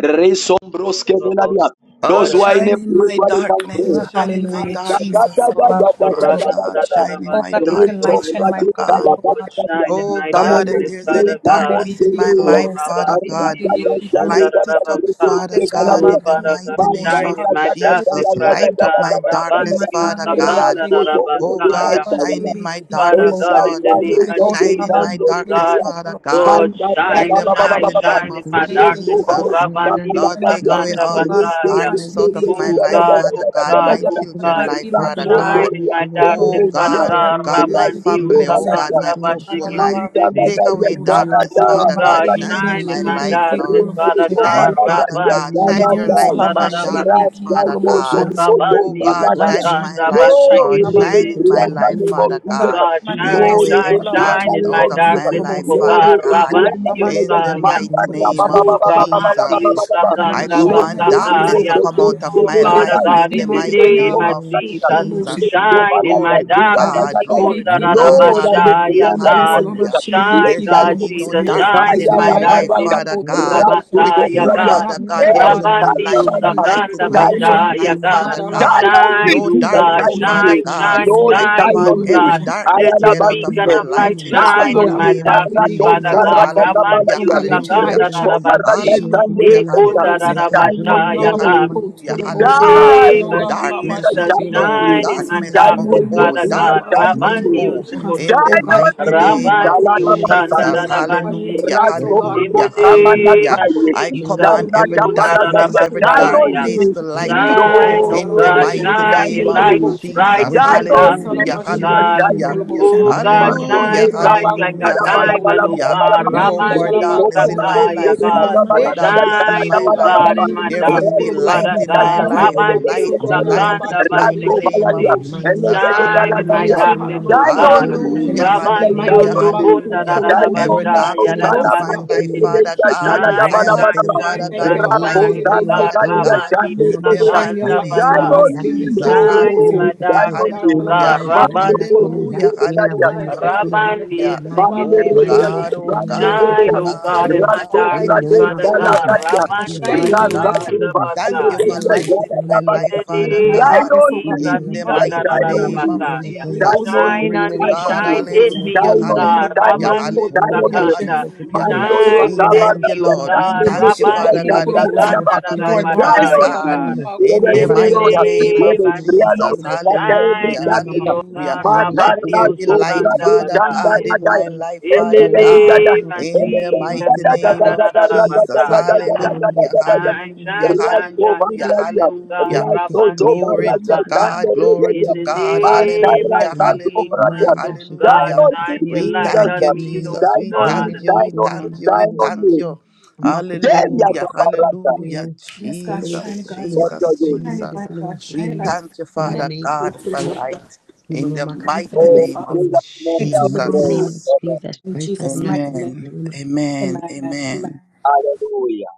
S1: Resombros Kevelaria.
S13: Sorobos.
S1: Those
S5: God,
S1: who
S13: Barab-
S1: are in a
S5: shine in
S1: place
S5: my
S1: where they can
S5: darkness.
S1: pray.
S10: Lord,
S5: Shine in my
S10: Hallelujah.
S5: darkness,
S10: Jesus.
S5: Lord. Father God, shine in
S10: Oh
S5: my
S10: God, let your
S13: Rabandarabashukutu.
S10: light
S5: darkness,
S10: shine my
S5: Father
S10: darkness,
S5: God.
S10: oh God.
S13: Shine in
S5: Oh
S13: my
S1: Come
S5: God,
S1: on,
S5: if
S1: let's
S13: darkness,
S10: Kulobos.
S5: there's
S1: pray.
S5: any
S13: Father
S1: Come on,
S13: God.
S5: darkness in
S10: Ribiki
S5: my
S13: Oh,
S5: life,
S10: Kolobosa.
S5: Father God,
S13: Rabandidio
S10: Halabashilibiki
S5: light it
S10: Kolobosa.
S5: up,
S10: Oh
S13: Shandarabasa.
S10: God,
S5: Father
S10: Let your
S5: God,
S13: Oh,
S5: in the
S10: Labakutu
S13: Father God,
S5: mighty name
S10: Kolobosha.
S5: of
S13: shine in my darkness,
S5: Jesus.
S10: Halabashilibiki
S13: Father
S5: Light up
S13: God.
S5: my
S10: in my
S5: darkness,
S13: Rabandio
S5: Father God.
S10: Daharebeke
S5: Oh
S10: Kolobosha.
S5: God,
S13: Sakandarabasaya.
S5: shine
S1: Dedeya.
S5: in my
S10: Halabashilibiki
S13: Father
S5: darkness,
S1: Esta
S13: God,
S10: Kolobosa.
S13: in
S5: Lord.
S13: the
S1: calle
S13: name
S5: Fi-
S10: Holy
S13: of
S1: que
S10: Ghost,
S1: te
S5: Shine in
S13: Jesus,
S1: dan
S5: my
S1: de
S13: oh
S5: darkness,
S13: God,
S1: iglesia,
S10: Halabashilibiki
S5: Father God,
S10: Kolobosha.
S13: Lord,
S1: manda a ba
S10: Let
S5: in
S13: shine,
S1: ba
S5: the
S10: your
S1: ba
S10: light shine,
S1: ba ba
S13: shine,
S5: mighty
S1: ba ba.
S5: name
S13: shine in
S5: of
S13: my
S10: Beke
S13: darkness,
S1: Rusto
S13: oh
S1: vale
S10: Kolobosha.
S5: Jesus.
S1: está
S13: Rabandi,
S1: con la
S5: Lord,
S10: And my
S5: take
S1: calle.
S5: away
S15: Glory
S10: darkness,
S13: Usakanda,
S10: oh
S5: all
S10: God,
S5: these
S1: Rusto
S10: allow my
S13: Basaya.
S1: se
S5: darkness
S1: me
S5: out
S10: shitty be
S1: de
S5: of my
S10: key,
S13: Oh
S1: vida la
S5: life,
S1: la
S10: Kolobo.
S13: God,
S1: la
S13: oh
S5: Father
S1: la la
S5: God,
S1: la
S10: Oh
S13: God,
S5: my
S1: la
S10: God,
S1: la.
S13: oh
S10: let the
S5: children'
S13: God,
S10: light
S5: life,
S10: be
S1: La
S15: Let
S10: my
S15: the
S5: Father
S10: glaba,
S15: brilliant
S5: God.
S13: shine in
S15: light
S1: cotorra
S13: my
S1: que te
S15: overflow
S5: Oh
S13: darkness,
S10: Kolobo,
S15: in
S13: Father
S1: decía,
S5: God,
S10: Shahala,
S15: darkness
S10: my
S5: oh
S13: God,
S15: in my
S10: shitty
S5: God,
S10: be
S1: la
S5: my
S15: life.
S10: key,
S13: Rabandi,
S1: rusto
S15: And
S5: family,
S15: Lord,
S10: Kolobo,
S5: oh
S1: vale
S10: say,
S5: God,
S1: ya.
S15: overflow
S5: my
S13: Usakanda,
S10: God,
S5: household
S10: allow
S15: in my
S5: life.
S10: my
S1: Manda la
S13: Bashikiti,
S10: God,
S15: life.
S5: Take
S10: alabashili
S1: calle,
S5: away
S15: Gracias,
S10: Kolobo,
S1: está
S10: Shah.
S15: Mayor,
S5: darkness,
S15: que
S13: Oh
S15: quiero
S10: And
S5: Father
S10: my
S15: más que
S5: God.
S13: God,
S1: la
S15: quiero,
S1: ya,
S10: daily
S5: Shine
S10: be
S15: grande
S5: in
S13: shine
S15: me
S5: my
S13: in
S10: shitty
S13: my
S15: separa
S10: be
S5: light,
S15: mi
S10: key,
S13: darkness,
S5: Lord.
S15: alma.
S10: Kolobo,
S13: Father
S10: Shah.
S13: God,
S5: Shine,
S15: Gracias, que
S5: Father
S15: yo me
S13: Rabandi,
S5: God.
S15: miro,
S10: Holy
S5: Shine your
S15: que
S10: Ghost,
S15: quiero
S5: light
S15: más
S10: allow
S5: in
S15: que
S10: my
S5: my
S13: Usakanda,
S15: quiero,
S13: Basaya.
S10: shitty be
S5: darkness,
S10: key,
S5: Father
S10: Kolobo,
S15: y
S5: God.
S15: yo
S10: Shah.
S5: Oh
S13: Ukabandi
S10: Let
S5: God,
S10: your light
S5: shine in
S10: shine,
S5: my
S10: God.
S13: usakanda
S10: Let it
S5: life,
S10: shine
S13: bashiki
S5: Lord.
S10: on our
S5: Shine
S13: tibi
S10: cool
S5: in
S10: to
S5: my
S10: the
S5: life,
S10: bush.
S5: Father
S10: Oh God, let
S5: God.
S10: it
S13: God,
S10: shine my
S5: Take
S13: shine,
S10: darkness.
S5: away
S10: Oh
S13: shine,
S5: every
S10: God, our boss
S13: shine
S5: darkness
S13: in
S10: should
S5: out
S13: my
S10: be
S5: of
S10: key
S5: my
S10: cool
S13: darkness,
S10: about
S5: life,
S13: oh
S10: it.
S5: Father
S13: God.
S10: We
S5: God.
S10: go to
S13: Rabbandi
S10: our boss
S5: In
S10: should
S5: the
S10: be
S15: Thank
S13: Yosaya.
S10: key
S5: mighty
S10: cool about
S5: name
S10: it.
S5: of
S10: Oh God, let your
S13: Rabandi
S5: Jesus.
S10: light shine. God, let
S5: I
S10: it
S13: Usakanda
S10: shine in my
S5: command
S10: darkness.
S5: darkness
S10: Oh
S5: to
S13: Basakaya.
S5: come
S10: God.
S5: out of
S13: Oh,
S10: Oh
S5: my
S10: God, let
S13: Father
S5: life
S10: your light
S13: God,
S5: in
S10: be
S5: the
S13: in
S10: my
S13: the
S5: mighty
S10: delight.
S13: name
S5: name
S10: Our
S13: of
S5: of
S10: cool to the
S13: Jesus,
S10: bush.
S5: Jesus.
S13: shine in my
S5: Glory to
S13: darkness.
S5: God, glory
S13: Ikunda
S5: to
S10: Alabashilibiki
S5: God,
S1: Lord, I
S10: kulobosha.
S1: decree
S13: Rarabashaya,
S5: hallelujah,
S1: and
S10: Holy
S1: I
S10: Ghost,
S1: know
S13: God.
S5: hallelujah.
S1: Jesus. Let
S5: There
S13: Shine,
S10: alabashilibiki
S1: that
S5: shall
S13: God,
S1: be
S15: you.
S5: be no
S13: Jesus,
S10: kulobosha.
S1: great. I
S13: shine
S5: darkness
S10: Let
S5: in
S13: in
S10: your
S13: my
S5: my
S10: light
S1: am
S5: life,
S1: a
S13: darkness.
S10: about
S5: Father God.
S1: Ratu
S10: kulobosha.
S5: With
S13: Basaya,
S10: In
S5: you,
S10: my
S1: Dobrania.
S13: God.
S5: Father
S10: darkness,
S5: God,
S10: oh
S5: there
S1: Hey,
S10: God,
S5: should be
S1: shine
S13: Rabandi
S5: life,
S1: on us.
S5: light
S10: alabashilibiki
S5: in
S13: Usakanda
S5: my
S1: Shine on
S10: kulobosha.
S13: Bashaya,
S1: me.
S5: life,
S10: Oh
S13: God.
S10: God,
S5: Father God.
S1: time on me,
S13: Shine,
S5: No
S13: oh
S10: alabashilibiki
S1: Jesus.
S13: God,
S5: darkness,
S1: Shine on
S10: kulobosha.
S5: Father
S1: me.
S13: shine,
S10: As
S5: God.
S10: I
S13: shine,
S1: Lord,
S5: I
S13: shine,
S10: slibiki
S1: time
S5: command
S13: oh
S1: on me.
S5: every
S10: kulobosha
S13: God.
S1: I
S5: darkness
S13: Let
S1: am
S5: to
S13: your
S5: get
S1: about
S15: Many
S5: out
S15: of them
S1: to
S15: Mende
S5: of
S15: yana
S13: beacon
S10: from
S5: my
S13: of
S10: our
S1: take.
S13: light
S5: life
S15: masikini.
S5: in the
S10: intimates, oh
S1: Time
S13: shine
S10: God.
S1: on
S15: Oh
S5: mighty
S13: in
S15: God,
S10: Alaba
S1: me.
S13: my
S15: I
S5: name of
S15: make
S13: darkness,
S15: in the
S1: Parados,
S10: shilibiki
S15: name
S13: Father
S15: of
S5: Jesus.
S13: God.
S1: parados,
S15: Jesus
S10: kulobose.
S15: Christ.
S5: Hallelujah,
S10: Oh
S13: Ramandio
S1: parados.
S10: God, let
S15: Oh
S10: your
S15: Father
S5: hallelujah.
S10: light
S15: God,
S13: Sakanda
S1: Recto,
S10: shine,
S15: every
S10: God.
S15: dark
S13: Narabase,
S15: area
S10: Ishalaba
S15: in my
S5: Hallelujah,
S1: parados,
S15: life,
S13: Ekunda
S15: let
S10: kulobose.
S5: hallelujah,
S15: the
S1: shine
S10: In my
S1: on
S15: brilliant
S5: hallelujah,
S13: Narabashaya
S15: light
S10: dalaba
S1: me.
S13: God.
S5: hallelujah,
S15: overshadow
S13: In
S15: of
S13: the
S15: my
S10: kulobose, oh
S15: life.
S10: God,
S5: hallelujah.
S1: Die
S10: right
S13: name
S15: Father
S10: now,
S1: for
S13: of
S15: God,
S10: God.
S1: me,
S15: you
S1: Jesus,
S10: Alaba
S15: have
S5: Darkness
S15: to
S1: die
S13: Jesus,
S5: must
S15: kill
S1: on
S15: us.
S10: shilibiki
S5: go,
S15: You
S1: me.
S13: shine
S15: make
S13: in
S15: it
S13: my
S10: kulobose.
S1: Die
S15: you
S5: darkness
S15: make it
S13: darkness,
S1: on
S5: must
S10: Holy
S1: me,
S5: go,
S15: reject
S13: Father
S10: Ghost,
S15: any
S1: Jesus,
S13: God.
S1: die
S10: alaba
S15: of
S5: darkness
S1: on
S5: must
S15: Mende
S1: me.
S15: yana
S13: Rabandio
S5: go.
S15: masikini.
S10: kulobose.
S1: Die
S5: In
S13: Koto,
S5: the
S10: Oh God,
S15: Bless
S10: shine
S5: mighty
S15: me,
S1: on
S15: Father,
S1: me,
S10: alaba
S5: name
S15: bless
S5: of
S15: me, Father,
S13: Rabandio
S15: no
S13: Sanda
S10: kulobose.
S15: masikini
S5: Jesus,
S15: na
S1: Shalalabasalete.
S10: Upon me
S15: masikini.
S13: Narabashi.
S5: hallelujah,
S10: tonight,
S15: Yes,
S10: oh
S1: Rasto
S10: God.
S15: Lord,
S13: In
S15: i
S5: hallelujah,
S13: the
S10: Alaba
S15: you, Jesus
S13: name
S10: shilibiki
S5: hallelujah.
S15: Christ.
S13: of
S1: Rosamanataye.
S5: I
S10: kulobose.
S15: Mende yana
S13: Jesus,
S5: command
S15: masikini,
S10: Holy
S5: every
S15: no
S10: Ghost,
S13: Kunda
S10: alaba
S5: darkness,
S1: Daradabalagadaya.
S5: every
S15: masikini,
S1: Die
S5: dark
S15: masikini,
S1: on
S13: Narabashaya.
S10: kulobose.
S5: place
S1: me.
S5: to
S15: let
S10: We
S5: light
S15: the bright
S10: need
S5: up.
S10: the light,
S13: Shine,
S1: Lord,
S13: oh
S5: In the
S10: alaba
S13: God,
S1: die
S5: mighty
S13: shine
S10: shilibiki
S13: your
S5: name
S1: on
S5: of
S13: light
S1: me.
S10: kulobose.
S13: bright
S5: Jesus,
S13: in my
S10: Holy
S1: Die on
S10: Ghost,
S13: darkness,
S1: me,
S5: hallelujah,
S13: oh
S10: Salabashili,
S1: Jesus,
S13: God.
S10: Biki,
S1: die
S5: hallelujah.
S1: on me.
S10: Toloboshan.
S13: Oh God,
S10: Oh God,
S1: Mando,
S10: we
S5: Hallelujah,
S10: need
S13: shine
S10: the
S13: bright
S1: Raman,
S13: like a
S10: Labaku,
S5: hallelujah,
S1: Bala, Bala, Bala,
S13: diamond,
S10: Toloboshan.
S13: oh
S1: Bala,
S5: hallelujah.
S10: Oh
S13: God.
S1: Bala,
S10: God,
S5: No
S10: Lady
S1: Shine
S5: more
S13: Rabandi
S5: darkness in
S10: Shalabaku,
S5: my
S13: Ustakaya,
S5: life.
S10: Toloboshan.
S13: God.
S5: No more
S10: Let your
S5: darkness
S10: light
S5: in
S13: Shine,
S5: my
S10: shine,
S13: oh
S5: life.
S13: God, in
S10: Alabashili,
S13: my
S5: There
S10: Biki,
S5: must be
S13: darkness,
S5: light
S13: Father
S5: in
S10: Koloboshan.
S5: my
S13: God.
S10: Into my
S5: life.
S13: Rabandi
S10: darkness,
S5: Light,
S10: oh God,
S5: light in
S13: Ustakanda
S5: the
S10: Alabashili,
S5: mighty
S10: Biki,
S5: name of
S13: Bashikiti.
S10: Koloboshan.
S5: Jesus.
S13: Shine in my
S10: Vale
S5: Hallelujah.
S10: tu
S13: darkness,
S10: halaba
S13: oh
S10: ku
S1: on
S13: God.
S1: me,
S10: toloboshe.
S5: Hallelujah,
S10: We
S1: shine
S13: Rabandi
S10: might
S5: hallelujah,
S1: on me.
S10: dilaba ku
S13: Usukunda, da
S5: hallelujah.
S13: da da
S1: Shine on
S5: Every
S10: toloboshe.
S1: my
S5: dark
S13: Bashaya,
S10: Holy
S13: da
S5: spot
S1: Osana,
S5: in
S10: Ghost
S5: my
S10: alaba
S5: life,
S10: shilibi
S5: Father
S10: ki
S5: God,
S1: Shana,
S13: Shine,
S5: I
S1: Dabana,
S10: koloboshe.
S15: light
S5: ask
S13: shine,
S15: of
S10: Oh
S5: you,
S1: Banaba,
S15: the
S10: God, I
S13: shine,
S5: Father
S15: sun
S10: thank
S5: God,
S10: you
S15: over
S5: to
S13: shine,
S10: alaba
S1: Rapo,
S15: who
S5: light
S15: over
S13: shine.
S5: it
S13: Oh
S5: up,
S10: shilibi
S1: Sala,
S10: ki
S15: right
S13: God,
S5: Father
S15: over
S1: Gadia,
S10: koloboshe.
S5: God,
S13: rabandi
S1: Shana,
S15: Lima
S5: in
S10: And
S5: the
S15: mama
S10: shine your
S5: mighty
S13: Saganda
S15: kataya
S10: light
S5: name
S15: manda
S1: Shine
S5: of
S10: alaba
S15: ini
S1: on
S13: Bazaya.
S15: dan
S1: me,
S10: shilibi ki
S5: Jesus.
S15: nani
S13: Shine
S15: kekuru
S13: in
S1: Lord,
S10: koloboshe.
S13: my
S5: Hallelujah,
S1: shine
S15: mukutubu.
S10: My
S1: on
S13: darkness,
S10: God,
S1: me.
S13: oh
S15: In our
S10: alaba
S13: God.
S5: hallelujah,
S15: life,
S10: shilibi
S15: mandi
S1: Mando,
S10: ki
S15: na
S13: Rabandi
S15: ini
S10: koloboshe.
S5: hallelujah,
S15: dan ina
S10: Oh God, I
S15: mandi
S5: hallelujah,
S10: thank you,
S15: kekuru
S10: God, I
S15: bakaka
S13: Rabandi,
S10: thank
S5: hallelujah.
S10: you
S15: na
S10: alaba
S1: Mande
S10: ku
S5: Oh
S1: Rebia,
S15: mandi
S13: Sikisibishi.
S5: God,
S10: koloboshe.
S15: moshita
S5: oh
S15: mandi
S1: Mande
S15: ne
S5: God,
S10: Holy
S1: Rebia,
S5: oh
S13: Shine,
S15: kekuru
S10: Ghost,
S13: O
S10: I
S5: God,
S15: bakaka
S13: God,
S10: thank you
S13: in
S5: oh
S15: na.
S13: my
S10: alaba
S5: God.
S1: Raso
S15: In
S5: I
S15: the
S13: darkness,
S10: shilibi ki
S1: Brade
S15: name
S5: thank
S15: of
S13: Father
S5: you, Lord.
S13: God.
S15: Jesus,
S5: I
S10: koloboshe.
S1: Salatatia,
S5: thank
S10: And
S15: in
S5: you,
S15: the
S13: Rabandi
S10: shine
S15: mighty
S5: Father
S10: your
S15: name
S1: Rasa
S10: light
S15: of
S5: God.
S13: Usukunda
S10: alaba
S1: Deva,
S15: Jesus,
S5: Thank
S10: shilibi
S5: you
S10: ki
S5: for
S13: Bazaya.
S15: mandi
S1: Rebia,
S5: lighting
S1: Yara
S10: koloboshe
S5: my
S13: In
S5: life,
S1: Tabata,
S13: the
S15: bakaka
S10: into
S5: Father
S10: my
S15: mandi
S13: name of
S1: Shine
S5: God.
S10: darkness, oh
S1: on
S15: Thank you
S10: God.
S1: me,
S13: Jesus,
S5: In the
S10: About
S1: Jesus,
S10: cool
S5: mighty
S1: shine
S10: full of
S1: on
S5: name of
S1: me,
S10: motion.
S13: Ikandarararabasaya.
S10: Holy
S5: Jesus,
S1: shine
S10: Ghost, all
S1: on
S10: about
S13: shine
S5: glory
S1: me,
S13: on
S5: to
S10: you, be
S13: me,
S1: shine
S10: keep
S1: on
S5: God.
S1: me,
S13: shine
S10: full of
S13: in
S10: motion.
S13: me,
S5: Hallelujah,
S13: O
S1: shine
S10: Oh
S1: on me,
S10: God,
S13: God,
S10: all
S1: shine
S5: hallelujah,
S10: about
S1: on me,
S10: cool
S1: shine
S10: full of
S1: on
S5: hallelujah,
S1: me.
S10: motion.
S13: Rabandiyusakanda.
S5: hallelujah.
S10: Your
S1: Mando
S10: light, oh God,
S13: Shine
S5: We
S1: Rosa
S10: all about
S13: within
S5: thank you,
S13: me,
S1: Barata,
S13: O
S5: Lord. We
S13: God,
S1: Shande
S10: you, be
S5: thank you,
S10: chill
S1: Rebia,
S10: about
S5: Father
S10: cool
S5: God.
S10: full
S1: Shaka
S10: of
S5: We
S10: motion.
S5: thank
S13: Rabandiyusakanda,
S1: Radaba,
S5: you for
S10: Into our
S5: light,
S1: Shine
S5: Father
S10: darkness, oh
S1: on
S13: Rarabashaya,
S10: God,
S5: God.
S10: all
S1: me,
S13: God.
S10: about cool
S5: In the
S10: full
S13: In
S10: of
S13: the
S5: mighty name
S1: Rebia,
S5: of
S13: name of
S1: Rebia,
S5: Jesus,
S13: Jesus, shine
S5: hallelujah,
S13: on me, Lord
S5: hallelujah.
S13: God,
S5: Let there be light,
S13: Rabandiyusakanda,
S5: Father
S13: Basaya.
S5: God, in my life,
S13: In the
S5: Father God.
S13: name of
S5: In the
S13: Jesus,
S5: mighty name of Jesus,
S13: Ikandararabasaya.
S5: hallelujah,
S13: Shine,
S5: hallelujah,
S13: shine, shine, shine,
S5: hallelujah,
S13: shine, O
S15: the
S13: God,
S5: hallelujah.
S15: la of the va a
S13: Rabandi
S15: futuro
S5: Glory
S15: vuestro
S5: to
S15: Señor,
S13: Usakanda.
S5: God,
S15: y
S5: glory
S15: le
S13: In
S5: to
S15: dan a
S13: the
S15: la
S5: God.
S15: tierra que of the
S13: name
S15: hace
S13: of
S5: Hallelujah,
S15: con no.
S5: hallelujah,
S13: Jesus,
S15: Mande la
S13: O
S15: gente de
S13: God,
S5: hallelujah.
S15: la que se
S13: shine your
S15: le
S5: We
S15: hace of the
S13: light
S15: le
S5: thank
S15: hace
S5: you,
S13: on me,
S15: con no.
S13: O
S5: Jesus. We
S13: God.
S5: thank you,
S15: Rode
S5: we
S15: of the que se le
S5: thank
S15: hace
S5: you,
S15: que se
S5: we
S15: le hace
S5: thank
S15: con
S1: Hallelujah.
S5: you.
S15: no. Amba kutundu na
S5: Hallelujah,
S15: basa kutundu
S5: hallelujah.
S15: kutundu.
S10: Yes,
S15: Rode
S10: God,
S15: de la
S10: shine it,
S5: Jesus,
S15: que se
S10: God.
S15: le hace
S5: Jesus,
S10: Shine it,
S15: que
S5: Jesus.
S15: se
S10: light,
S15: le hace
S10: God.
S15: que se le hace
S10: Shine
S5: We
S10: it,
S15: con no.
S10: light.
S5: thank you,
S10: God,
S15: In
S10: all
S15: the
S10: about
S5: Father
S15: name of
S10: cool
S5: God,
S10: full
S5: for
S15: Jesus,
S5: light
S15: we
S5: in
S15: mama
S5: the
S15: maka
S10: We
S15: the na
S5: mighty
S10: Thank you,
S5: name
S10: Father.
S5: of
S15: soro. In the
S10: Thank you, but
S15: mighty
S10: don't
S15: name
S10: God.
S15: of
S5: Jesus.
S15: Jesus
S10: In
S15: Christ of
S10: Jesus' mighty
S15: Nazareth.
S10: name.
S5: Amen,
S15: Amen.
S5: amen,
S10: Amen. Amen.
S5: amen.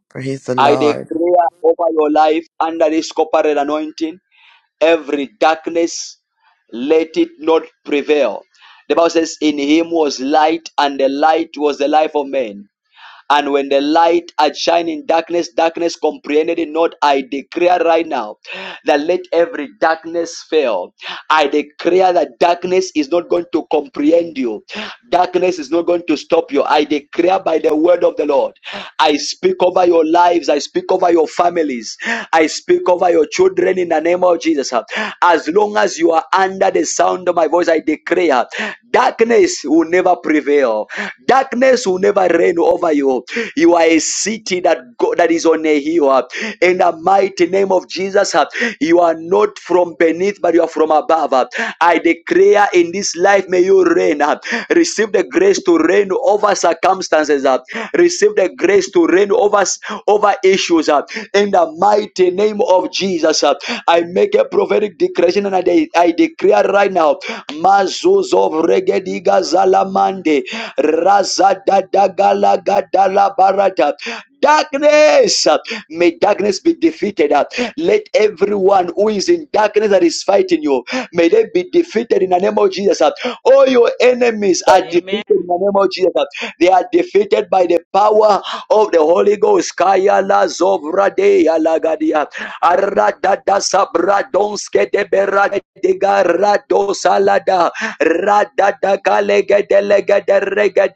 S5: Praise the
S1: I
S5: Lord.
S1: declare over your life under this corporate anointing, every darkness, let it not prevail. The Bible says, In him was light, and the light was the life of men. And when the light had shined in darkness, darkness comprehended it not. I declare right now that let every darkness fail. I declare that darkness is not going to comprehend you. Darkness is not going to stop you. I declare by the word of the Lord. I speak over your lives. I speak over your families. I speak over your children in the name of Jesus. As long as you are under the sound of my voice, I declare darkness will never prevail. Darkness will never reign over you. You are a city that go, that is on a hill. In the mighty name of Jesus, you are not not from beneath, but you are from above. I declare in this life, may you reign. Receive the grace to reign over circumstances. Receive the grace to reign over, over issues. In the mighty name of Jesus, I make a prophetic declaration and I, I declare right now, Mazuz of Regediga Zalamande, razadadagala Gadala Barata. Darkness, may darkness be defeated. Let everyone who is in darkness that is fighting you, may they be defeated in the name of Jesus. All your enemies are defeated
S13: Amen.
S1: in the name of Jesus. They are defeated by the power of the Holy Ghost. Kaya la zovra de ya la sabra donske de bera de salada. Ra da da de lege de rege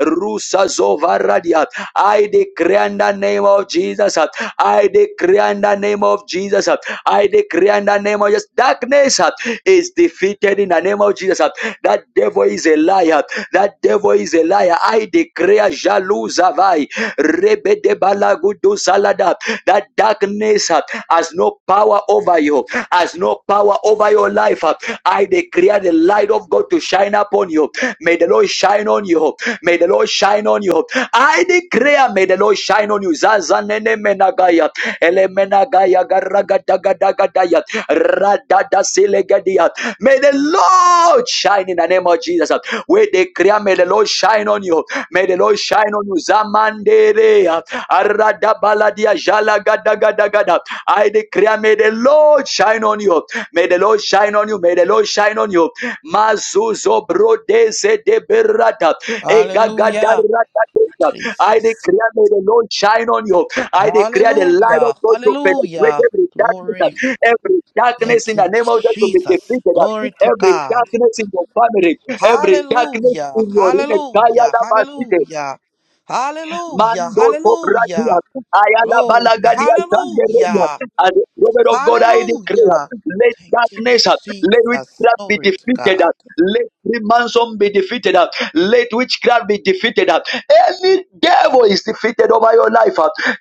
S1: Rusa Zovaradia. I declare in the name of Jesus. uh, I declare in the name of Jesus. uh, I declare in the name of Jesus. Darkness uh, is defeated in the name of Jesus. uh, That devil is a liar. That devil is a liar. I declare Jaluzavai. Rebedebalagudu Salada. That darkness uh, has no power over you, has no power over your life. uh, I declare the light of God to shine upon you. May the Lord shine on you. May the Lord shine on you. I declare, may the Lord shine on you. Zazanene menagaya. ele Elemenagaya garagadagadaya. Radadasilegadia. May the Lord shine in the name of Jesus. We declare, may the Lord shine on you. May the Lord shine on you. Zamanderea. Aradabaladia jalagadagadagadab. I declare, may the Lord shine on you. May the Lord shine on you. May the Lord shine on you. Mazuzo brodeze de berata. Eh, ga- ga- da-
S5: Hallelujah,
S1: ra- da- da- da. I
S5: Jesus.
S1: declare may the Lord shine on you. I declare the light of
S5: Hallelujah.
S1: God to penetrate
S5: Hallelujah.
S1: every darkness,
S5: Glory.
S1: every darkness
S5: Thank
S1: in
S5: you,
S1: the name of God to be
S5: Jesus.
S1: defeated.
S5: Glory to
S1: Every
S5: God.
S1: darkness in your family, every darkness
S5: Hallelujah.
S1: in your
S5: Hallelujah.
S1: in
S5: Hallelujah. Hallelujah.
S1: Mando
S5: Hallelujah.
S1: Kobradia, Ayala
S5: Glory.
S1: Balagadia,
S5: Hallelujah.
S1: and woman of God, I declare,
S5: Hallelujah.
S1: let
S5: Thank you,
S1: darkness, let
S5: Jesus.
S1: witchcraft be
S5: Glory to
S1: defeated,
S5: God.
S1: let Freemason be defeated, let witchcraft be defeated. Any devil is defeated over your life.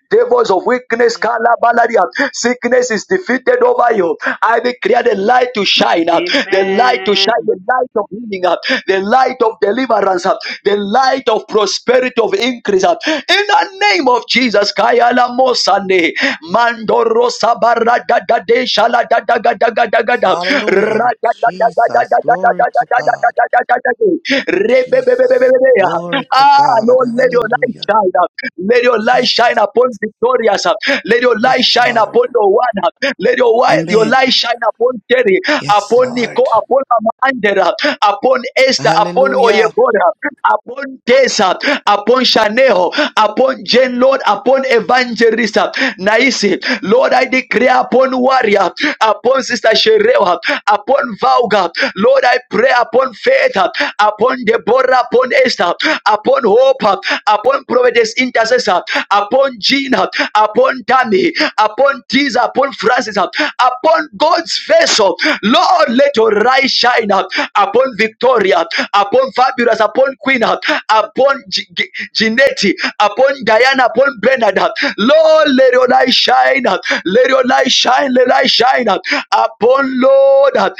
S1: Devils of weakness, calabalaria, sickness is defeated over you. I declare the light to shine, up the light to
S13: Amen.
S1: shine, the light of healing, up the light of deliverance, up, the light of prosperity, of increase, up. in the name of Jesus. Jesus kaya Kayala Mosande Mandoro Sabara da da de shala da da ga da ga da ga da ra
S5: Hallelujah.
S1: da da da da da
S5: Jesus.
S1: da da
S5: Glory
S1: da
S5: to
S1: da
S5: God.
S1: da da da da da da da da re be be be be be be
S5: Jesus.
S1: be ya.
S5: Glory to
S1: Ah
S5: God.
S1: Lord let your light
S5: Hallelujah.
S1: shine up. Let your light
S5: Jesus.
S1: shine upon victorious up. Let your light
S5: Yes,
S1: shine
S5: Lord.
S1: upon the one up. Let your wi- your
S5: Amen.
S1: light shine upon Terry,
S5: Yes,
S1: upon Nico,
S5: Lord.
S1: upon Amanda, upon Esther, upon
S5: Hallelujah.
S1: Oyebora, upon Naisa, upon Shaneho, upon Jen, Lord, upon Evangelist uh, Naisi. Lord, I declare upon Warrior, upon Sister Sherewa, upon Vauga. Lord, I pray upon Faith, uh, upon Deborah, upon Esther, upon Hope, uh, upon Providence Intercessor, upon Gina, upon Tammy, upon Tisa, upon Francis, uh, upon God's vessel. Lord, let your light shine uh, upon Victoria. Victoria, upon Fabulous, upon Queen, upon G- Jeanette, upon Diana, upon Bernard. Lord, let your light shine. Let your light shine. Let light shine upon Lord. I,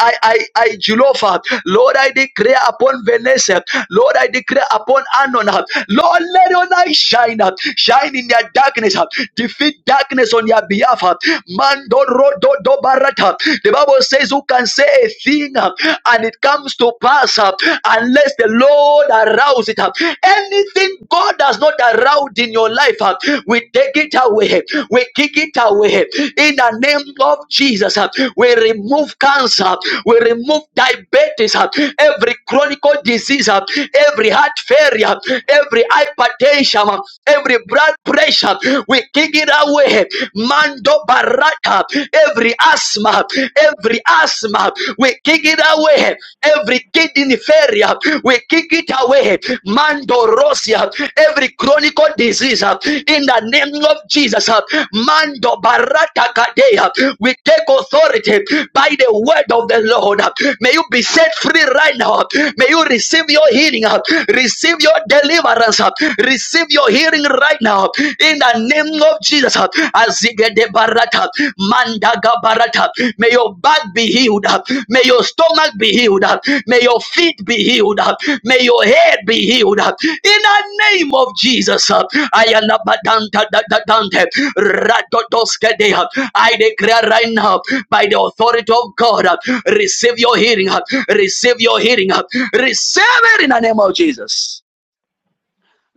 S1: I, I, I Julofa. Lord, I declare upon Vanessa. Lord, I declare upon Anon. Lord, let your light shine. Shine in their darkness. Defeat darkness on your behalf. Mando rodo do barata. The Bible says, Who can say a thing uh, and it comes to pass uh, unless the Lord arouse it? uh? Anything God has not aroused in your life, uh, we take it away, we kick it away in the name of Jesus. uh, We remove cancer, we remove diabetes, uh, every chronic disease, uh, every heart failure, every hypertension, uh, every blood pressure. We kick it away. man. Mando Baraka. Every asthma, every asthma, we kick it away. Every kidney failure, we kick it away. Mando Rosia, every chronic disease uh, in the name of Jesus. uh, Mando Barata Kadea, we take authority by the word of the Lord. uh. May you be set free right now. uh. May you receive your healing, uh. receive your deliverance, uh. receive your healing right now now in the name of Jesus. uh, Azigede barata, mandaga barata. May your back be healed. uh, May your stomach be healed. uh, May your feet be healed. uh, May your head be healed. uh, In the name of Jesus. uh, Ayana badanta da da dante, radodoskede, uh, I declare right now by the authority of God. uh, Receive your healing. uh, Receive your healing. uh, Receive it in the name of Jesus.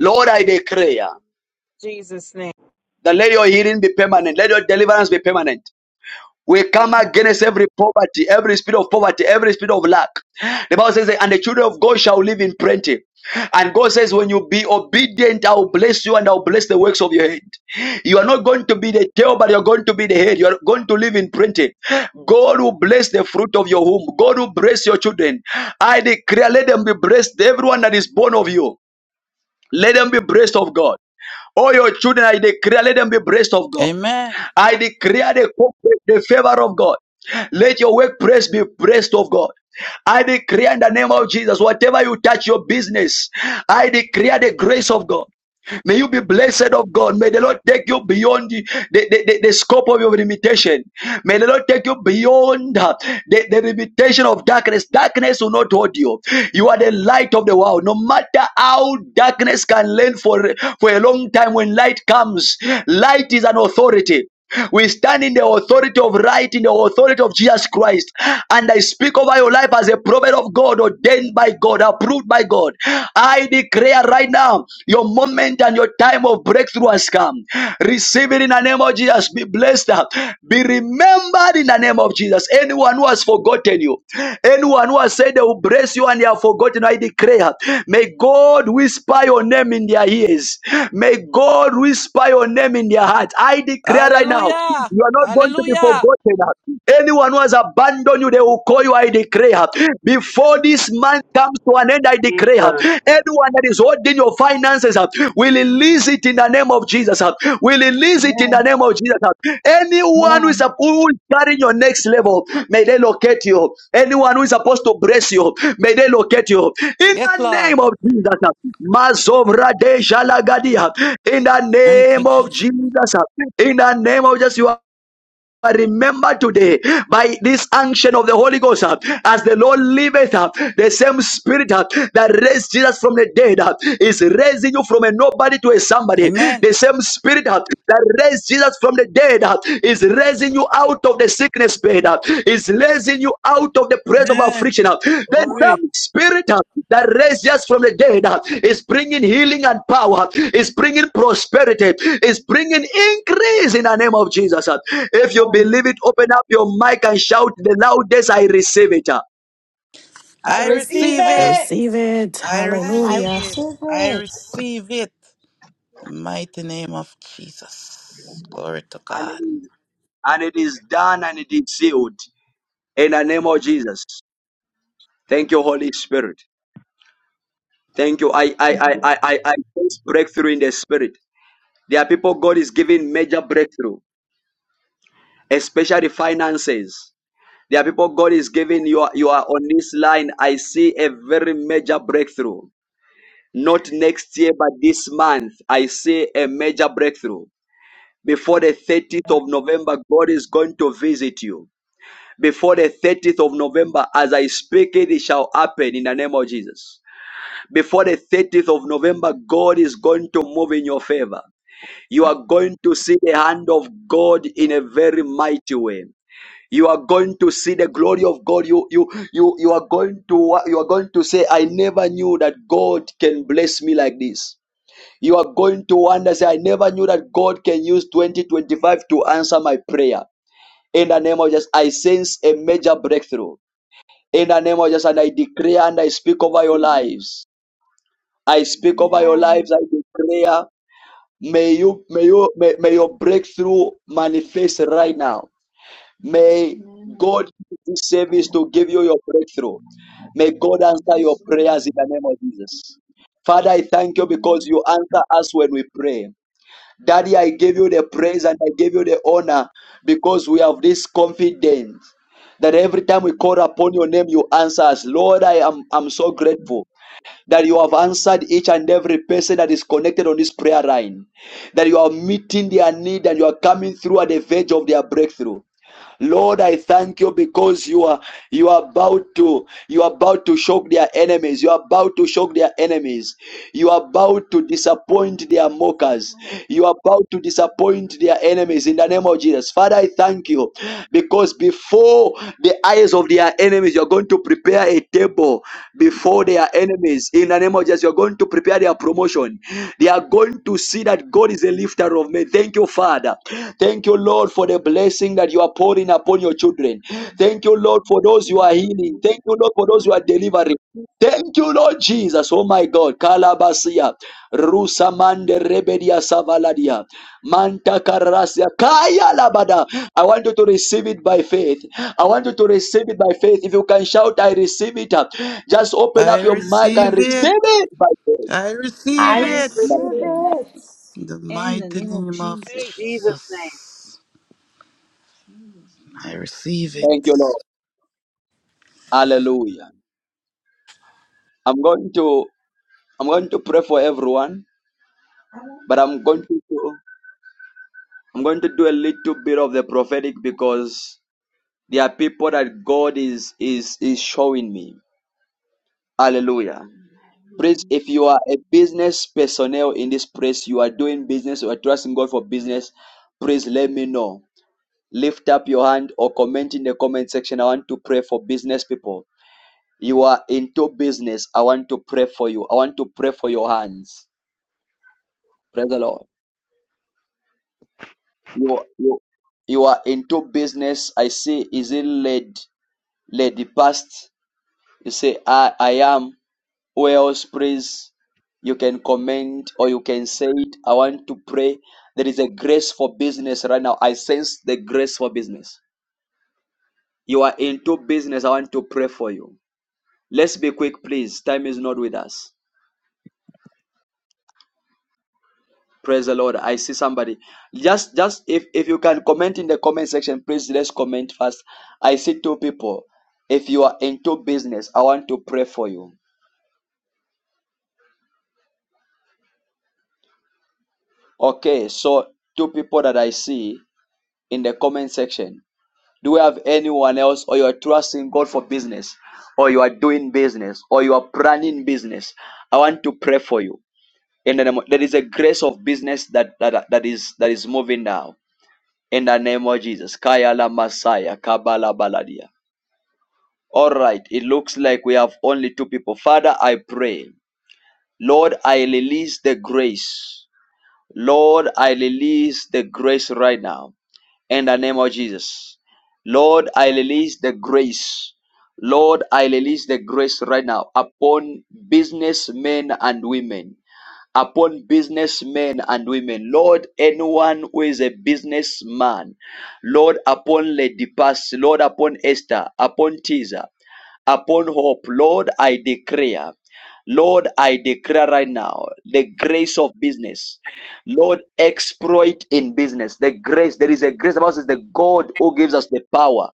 S1: Lord, I declare. That let your healing be permanent. Let your deliverance be permanent. We come against every poverty, every spirit of poverty, every spirit of lack. The Bible says, that, and the children of God shall live in plenty. And God says, when you be obedient, I will bless you and I will bless the works of your hand. You are not going to be the tail, but you're going to be the head. You're going to live in plenty. God will bless the fruit of your womb. God will bless your children. I declare, let them be blessed, everyone that is born of you. Let them be blessed of God. All your children, I declare, let them be blessed of God.
S5: Amen.
S1: I declare the, the favor of God. Let your workplace be blessed of God. I declare in the name of Jesus, whatever you touch your business, I declare the grace of God. May you be blessed of God. May the Lord take you beyond the, the, the, the- scope of your limitation. May the Lord take you beyond uh, the, the limitation of darkness. Darkness will not hold you. You are the light of the world. No matter how darkness can learn for, for a long time, when light comes, light is an authority. We stand in the authority of right, in the authority of Jesus Christ. And I speak over your life as a prophet of God, ordained by God, approved by God. I declare right now, your moment and your time of breakthrough has come. Receive it in the name of Jesus. Be blessed. Be remembered in the name of Jesus. Anyone who has forgotten you, Anyone who has said they will bless you and they have forgotten, I declare, may God whisper your name in their ears. May God whisper your name in their heart. I declare right now,
S5: Hallelujah.
S1: you are not going to be
S5: Hallelujah.
S1: forgotten. Anyone who has abandoned you, they will call you, I declare. Before this month comes to an end, I declare.
S13: Jesus.
S1: Anyone that is holding your finances, finances. uh, We release it in the name of Jesus. uh, We release
S14: Amen.
S1: it in the name of Jesus. uh. Anyone who is,
S14: Amen.
S1: who is carrying your next level, may they locate you. Anyone who is supposed to bless you, may they locate you. In the
S5: Yes,
S1: name
S5: Lord.
S1: of Jesus. uh, Mazovrade Jalagadia. In the
S5: Thank you,
S1: name of
S5: Jesus.
S1: Jesus. uh, In the name of Jesus. You are I remember today by this action of the Holy Ghost uh, as the Lord liveth up the same spirit uh, that raised Jesus from the dead uh, is raising you from a nobody to a somebody
S5: Amen.
S1: the same spirit uh, that raised Jesus from the dead uh, is raising you out of the sickness bed uh, is raising you out of the presence of
S5: Amen.
S1: affliction. There's
S5: Glory.
S1: some spirit uh, that raised us from the dead uh, is bringing healing and power, is bringing prosperity, is bringing increase in the name of Jesus. uh. If you
S14: Amen.
S1: believe it, open up your mic and shout the loudest, I receive it. uh.
S14: I
S10: I
S5: I
S14: receive
S10: receive
S5: receive
S9: I
S14: that.
S5: it.
S10: it.
S9: receive it.
S5: I
S17: I
S10: Amen.
S5: receive it.
S17: receive
S5: I
S17: it.
S5: receive it. The mighty name of Jesus. Glory to
S1: And it
S5: God.
S1: is and it is done and it is sealed in the name of Jesus. Thank you, Holy Spirit. Thank you. I I I I I, I sense breakthrough in the spirit. There are people God is giving major breakthrough. especially finances. There are people God is giving you. You are on this line. I see a very major breakthrough. Not next year, but this month, I see a major breakthrough. Before the 30th of November, God is going to visit you. Before the 30th of November, as I speak it, it shall happen in the name of Jesus. Before the 30th of November, God is going to move in your favor. You are going to see the hand of God in a very mighty way. You are going to see the glory of God. You, you, you, you are going to, you are going to say, I never knew that God can bless me like this. You are going to wonder, say, I never knew that God can use 2025 to answer my prayer. In the name of Jesus, I sense a major breakthrough. In the name of Jesus, and I declare and I speak over your lives. I speak over your lives. I declare, may you, may you, may, may your breakthrough manifest right now May
S8: Amen.
S1: God use this service to give you your breakthrough. May God answer your
S8: Yes, Lord.
S1: prayers in the name of Jesus. Father, I
S8: Yes,
S1: thank you because
S8: Lord.
S1: you answer us when we pray. Daddy, I give you the praise and I give you the honor because we have this confidence that every time we
S18: Mhm.
S1: call upon your name, you answer us. Lord, I am I'm so grateful that you have answered each and every person that is connected on this prayer line, that you are meeting their need and you are coming through at the verge of their breakthrough. Lord, I thank you because you are you are about to you are about to shock their enemies. You are about to shock their enemies. You are about to disappoint their
S8: Yes,
S1: mockers.
S8: Lord.
S1: You are about to disappoint their enemies in the name of Jesus. Father, I thank you because before the eyes of their enemies, you're going to prepare a table before their enemies. In the name of Jesus, you're going to prepare their promotion. They are going to see that God is a lifter of men. Thank you, Father. Thank you, Lord, for the blessing that you are pouring upon your children. Thank you, Lord, for those you are healing.
S8: Hallelujah.
S1: Thank you, Lord, for those you are
S8: I
S1: delivering. Thank you, Lord Jesus. Oh my God. Kalabasia. Rusamande rebedia savaladia. Manta karasia. Kaya labada. I want you to receive it by faith. I want you to receive it by faith. If you can shout, I receive it. Just open
S5: I
S1: up your mic
S8: receive
S1: and
S5: receive
S8: it.
S5: it.
S1: receive it by faith.
S5: I
S14: See
S8: I
S17: I
S5: receive
S14: that.
S5: it.
S17: receive
S8: receive it.
S17: it.
S5: The
S8: In the
S5: mighty
S8: name of
S5: name of
S8: Jesus.
S13: Hey. Jesus' name.
S5: Jesus.
S8: Jesus.
S5: I
S8: name.
S5: receive
S8: Amen.
S1: Thank
S5: it.
S1: you, Lord. Hallelujah. I'm going to I'm going to pray for everyone,
S14: Amen.
S1: but I'm going to do, I'm going to do a little bit of the prophetic because there are people that God is is is showing me. Hallelujah. Please, if you are a business personnel in this place, you are doing business, you are trusting God for business, please let me know. Lift up your hand or comment in the comment section. I want to pray for business people. You are into business. I want to pray for you. I want to pray for your hands. Praise the Lord. You, you, you are into business. I say, is it led, led the past? You say, I, I am. Who else prays? You can comment or you can say it. I want to pray. There is a grace for business right now. I sense the grace for business. You are into business. I want to pray for you. Let's be quick, please. Time is not with us. Praise the Lord. I see somebody. Just just if if you can comment in the comment section, please let's comment first. I see two people. If you are into business, I want to pray for you. Okay, so two people that I see in the comment section. Do we have anyone else or you are trusting God for business or you are doing business or you are planning business? I want to pray for you. And then there is a grace of business that, that that is that is moving now in the name of Jesus. Kaya la Messiah, Kabala Baladia. All right, it looks like we have only two people. Father, I pray. Lord, I release the grace. Lord, I release the grace right now in the name of Jesus. Lord, I release the grace. Lord, I release the grace right now upon businessmen and women upon businessmen and women. Lord, anyone who is a businessman. Lord, upon Lady Pass. Lord, upon Esther. Upon Tisa, Upon Hope. Lord, I declare. Lord, I declare right now the grace of business. Lord, exploit in business. The grace, there is a grace. The Bible says, the God who gives us the power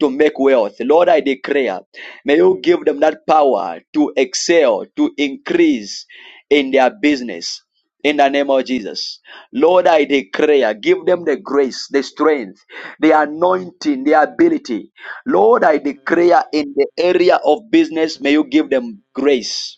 S1: to make wealth. Lord, I declare, may you give them that power to excel, to increase in their business. In the name of Jesus. Lord, I declare, give them the grace, the strength, the anointing, the ability. Lord, I declare in the area of business, may you give them grace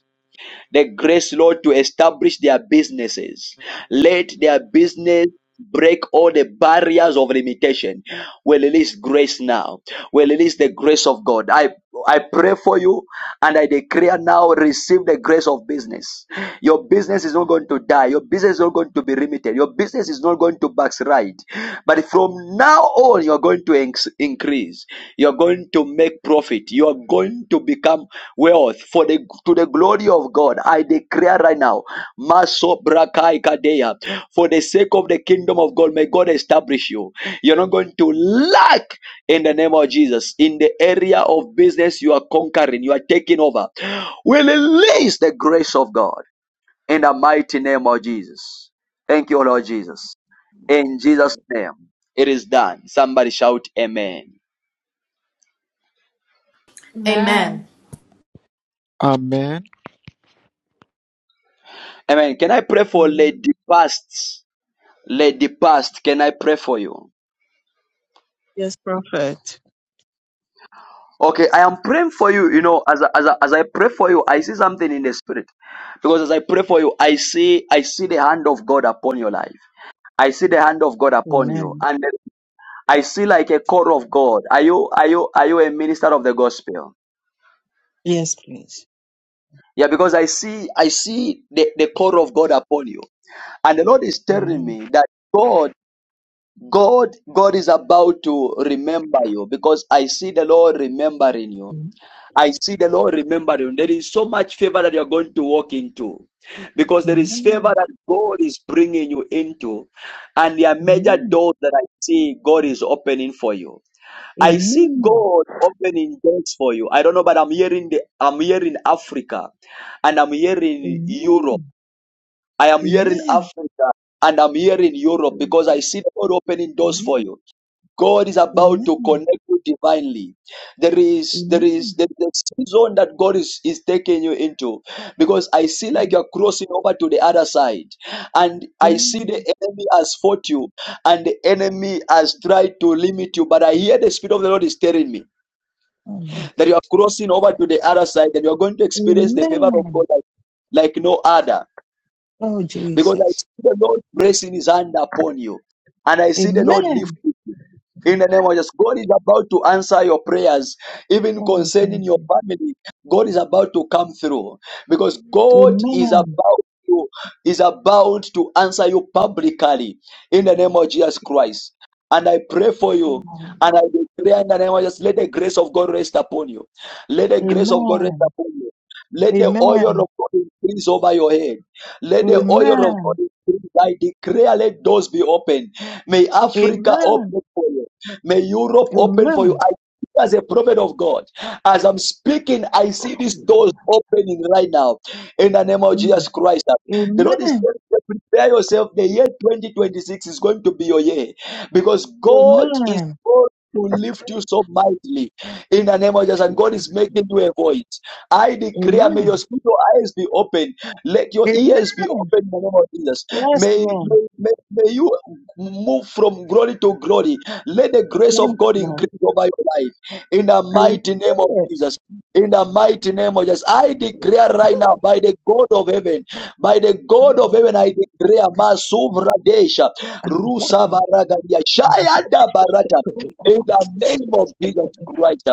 S1: the grace, Lord, to establish their businesses. Let their business break all the barriers of limitation. We release grace now. We release the grace of God. I I pray for you. And I declare now, receive the grace of business. Your business is not going to die. Your business is not going to be limited. Your business is not going to backslide. But from now on, you're going to increase. You're going to make profit. You're going to become wealth for the to the glory of God. I declare right now. Masobrakai Kadea. For the sake of the kingdom of God, may God establish you. You're not going to lack in the name of Jesus. In the area of business, you are conquering, you are taking over. We release the grace of God in the mighty name of Jesus. Thank you, Lord Jesus. In Jesus' name, it is done. Somebody shout, Amen.
S10: Amen.
S19: Amen.
S20: Amen.
S1: Amen. Can I pray for Lady Past? Lady Past, can I pray for you?
S21: Yes, Prophet.
S1: Okay, I am praying for you. You know, as I- as I- as I pray for you, I see something in the spirit. Because as I pray for you, I see I see the hand of God upon your life. I see the hand of God upon you,
S21: Amen.
S1: and I see like a core of God. Are you are you are you a minister of the gospel?
S21: Yes, please.
S1: Yeah, because I see I see the, the core of God upon you, and the Lord is telling
S21: Amen.
S1: me that God God God is about to remember you because I see the Lord remembering you. I see the Lord remembering. There is so much favor that you're going to walk into because there is favor
S21: Amen.
S1: that God is bringing you into, and there are major
S21: Amen.
S1: doors that I see God is opening for you. I see
S21: Amen.
S1: God opening doors for you. I don't know, but I'm hearing the I'm hearing Africa, and I'm hearing Europe.
S21: Amen.
S1: I am hearing
S21: Amen.
S1: Africa, and I'm hearing Europe because I see the Lord opening doors for
S21: Amen.
S1: you. God is about to
S21: Amen.
S1: connect you divinely. There is there is
S21: Amen.
S1: there is a season that God is, is taking you into because I see like
S21: Amen.
S1: you're crossing over to the other side and I see the
S21: Amen.
S1: enemy has fought you and the enemy has tried to limit you. But I hear the Spirit of the Lord is telling me
S21: Oh, my God.
S1: that you are crossing over to the other side and you're going to experience the favor of
S21: Amen.
S1: God like, like no other
S21: Oh,
S1: because I
S21: Jesus.
S1: see the Lord placing his hand upon you and I see the Lord lifting
S21: Amen.
S1: you. In the name of Jesus, God is about to answer your prayers, even
S21: Oh,
S1: concerning
S21: thank
S1: your
S21: you.
S1: family. God is about to come through because God is
S21: Amen.
S1: about to is about to answer you publicly in the name of Jesus Christ. And I pray for you,
S21: Oh,
S1: and I declare in the name of Jesus, let the grace of God rest upon you. Let the grace of God rest
S21: Amen.
S1: upon you. Let the oil
S21: Amen.
S1: of God increase over your head. Let the oil of God
S21: Amen.
S1: increase. I declare, let doors be open. May Africa open
S21: Amen.
S1: for you. May Europe open for you.
S21: Amen.
S1: I as a prophet of God, as I'm speaking, I see these doors opening right now in the name of
S21: Mm.
S1: Jesus Christ. The Lord is
S21: Amen.
S1: telling you, prepare yourself. The year 2026 is going to be your year because God is
S21: Amen.
S1: going to lift you so mightily in the name of Jesus, and God is making you a voice. I declare, may your
S21: Amen.
S1: spiritual eyes be open, let your ears be
S21: Amen.
S1: open in the name of Jesus.
S21: Yes,
S1: May,
S21: Lord.
S1: may, may, may you move from glory to glory let the grace of
S21: Yes,
S1: God
S21: Lord.
S1: increase over your life in the
S21: I receive
S1: mighty name of
S21: it.
S1: Jesus. In the mighty name of Jesus, I declare right now
S21: Ooh,
S1: by the God of heaven, by the
S21: I
S1: God of
S21: receive it.
S1: heaven, I declare Masuvradesha
S21: I get it.
S1: Rusa Varagadia Shayada Barata in the name of Jesus Christ,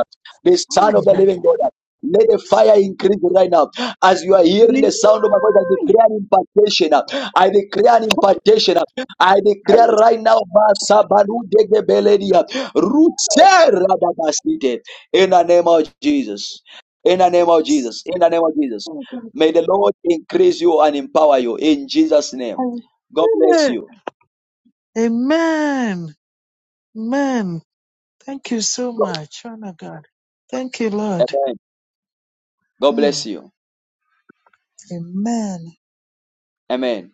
S1: the
S21: I
S1: Son of the
S21: like
S1: Living
S21: it.
S1: God. Let the fire increase right now. As you are hearing the sound of my voice, I
S21: Amen.
S1: declare an impartation. I declare an impartation. I
S21: I
S1: declare
S21: receive
S1: right now,
S21: it.
S1: Masabaludegebeledia, Rutserababasite, in the name of Jesus. In the name of Jesus. In the name of Jesus.
S21: Oh, God.
S1: May the Lord increase you and empower you in Jesus'
S21: I
S1: name. God bless
S21: receive it.
S1: you.
S21: Amen. Amen. Thank you so
S1: Go-
S21: much, Father God. Thank you, Lord.
S1: Amen. God
S21: Mm.
S1: bless you.
S21: Amen.
S1: Amen.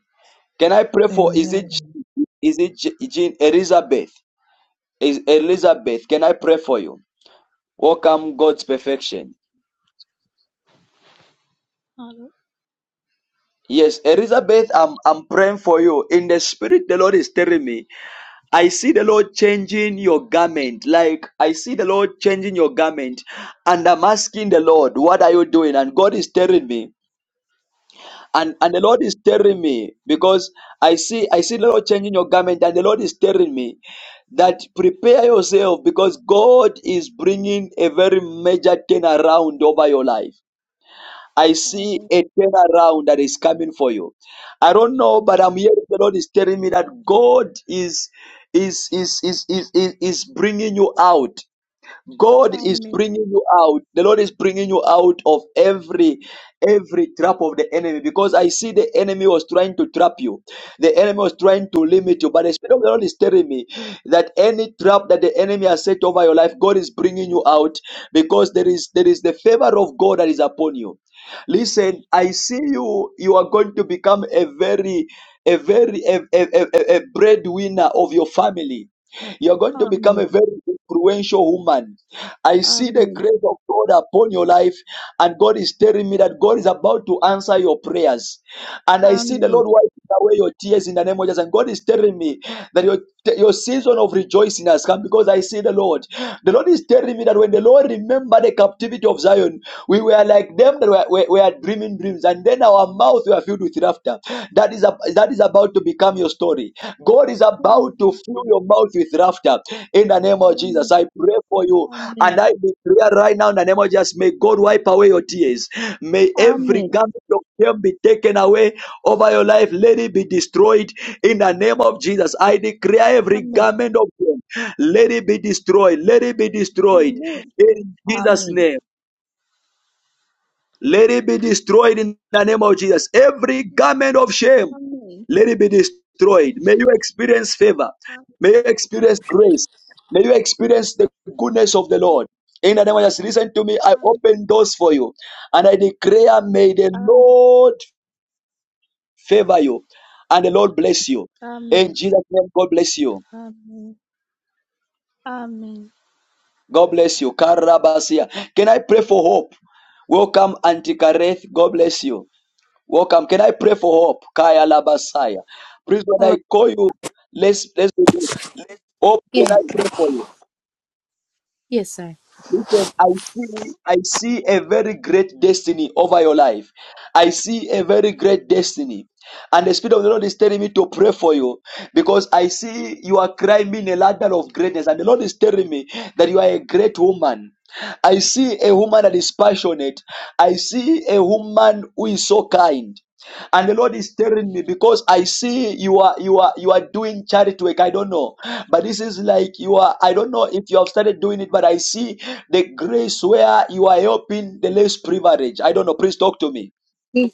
S1: Can I pray for is it
S21: Amen.
S1: is it Je- Jean Elizabeth? Is Elizabeth? Can I pray for you? Welcome God's perfection.
S22: Hello.
S1: Yes, Elizabeth, I'm I'm praying for you. In the spirit, the Lord is telling me. I see the Lord changing your garment. Like, I see the Lord changing your garment. And I'm asking the Lord, what are you doing? And God is telling me. And, and the Lord is telling me because I see, I see the Lord changing your garment. And the Lord is telling me that prepare yourself because God is bringing a very major turnaround over your life. I see
S22: Amen.
S1: a turnaround that is coming for you. I don't know, but
S22: Amen.
S1: I'm here. The Lord is telling me that God is is is is is, is, is bringing you out. God is
S22: Amen.
S1: bringing you out. The Lord is bringing you out of every every trap of the enemy because I see the enemy was trying to trap you. The enemy was trying to limit you, but the Spirit of the Lord is telling me that any trap that the enemy has set over your life, God is bringing you out because there is there is the favor of God that is upon you. Listen, I see you. You are going to become a very a very a, a, a, a breadwinner of your family you're going to become a
S22: Amen.
S1: very influential woman. I see the
S22: Amen.
S1: grace of God upon your life, and God is telling me that God is about to answer your prayers. And I see the
S22: Amen.
S1: Lord wiping away your tears in the name of Jesus. And God is telling me that your, your season of rejoicing has come because I see the Lord. The Lord is telling me that when the Lord remembered the captivity of Zion, we were like them that were, were, were dreaming dreaming dreams, and then our mouth were filled with laughter. That is, a, that is about to become your story. God is about to
S22: Amen.
S1: fill your mouth with laughter. In the name of Jesus,
S22: Amen.
S1: I pray for you, and
S22: Amen.
S1: I declare right now in the name of Jesus, may God wipe away your tears. May every
S22: Amen.
S1: garment of shame be taken away over your life. Let it be destroyed in the name of Jesus. I declare every garment of shame, let it be destroyed. Let it be destroyed
S22: Amen.
S1: in Jesus' name.
S22: Amen.
S1: Let it be destroyed in the name of Jesus. Every garment of shame,
S22: Amen. Amen.
S1: let it be destroyed. May you experience favor. May you experience grace. May you experience the goodness of the Lord.
S22: Amen.
S1: In the name of Jesus, listen to me. I
S22: Amen.
S1: open doors for you. And I declare, may the
S22: Amen.
S1: Lord favor you. And the Lord bless you. In
S22: Amen.
S1: Jesus' name, God bless you.
S22: Amen. Amen.
S1: God bless you. Karabasia. Can I pray for hope? Welcome, Auntie Kareth. God bless you. Welcome. Can I pray for hope? Kaya Labasaya. Please, when
S19: Hold
S1: I
S19: on.
S1: call you, let's let's do this. hope. Can
S19: Yeah.
S1: I pray for you?
S19: Yes, sir.
S1: Listen, I see I see a very great destiny over your life. I see a very great destiny. And the Spirit of the Lord is telling me to pray for you because I see you are climbing a ladder of greatness. And the Lord is telling me that you are a great woman. I see a woman that is passionate. I see a woman who is so kind and the lord is telling me because i see you are you are you are doing charity work i don't know but this is like you are i don't know if you have started doing it but i see the grace where you are helping the less privileged i don't know please talk to me
S19: Yes.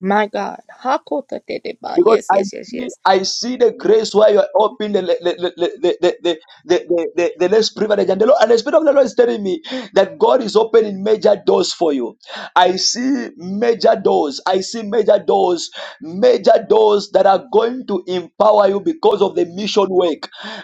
S19: My God. Hakota Tedeba.
S1: Because
S19: Yes,
S1: I
S19: yes, yes,
S1: see,
S19: yes.
S1: I see the grace where you are open the, the, the, the, the, the, the, the, the less privilege. And the, Lord, and the Spirit of the Lord is telling me that God is opening major doors for you. I see major doors. I see major doors, major doors that are going to empower you because of the mission work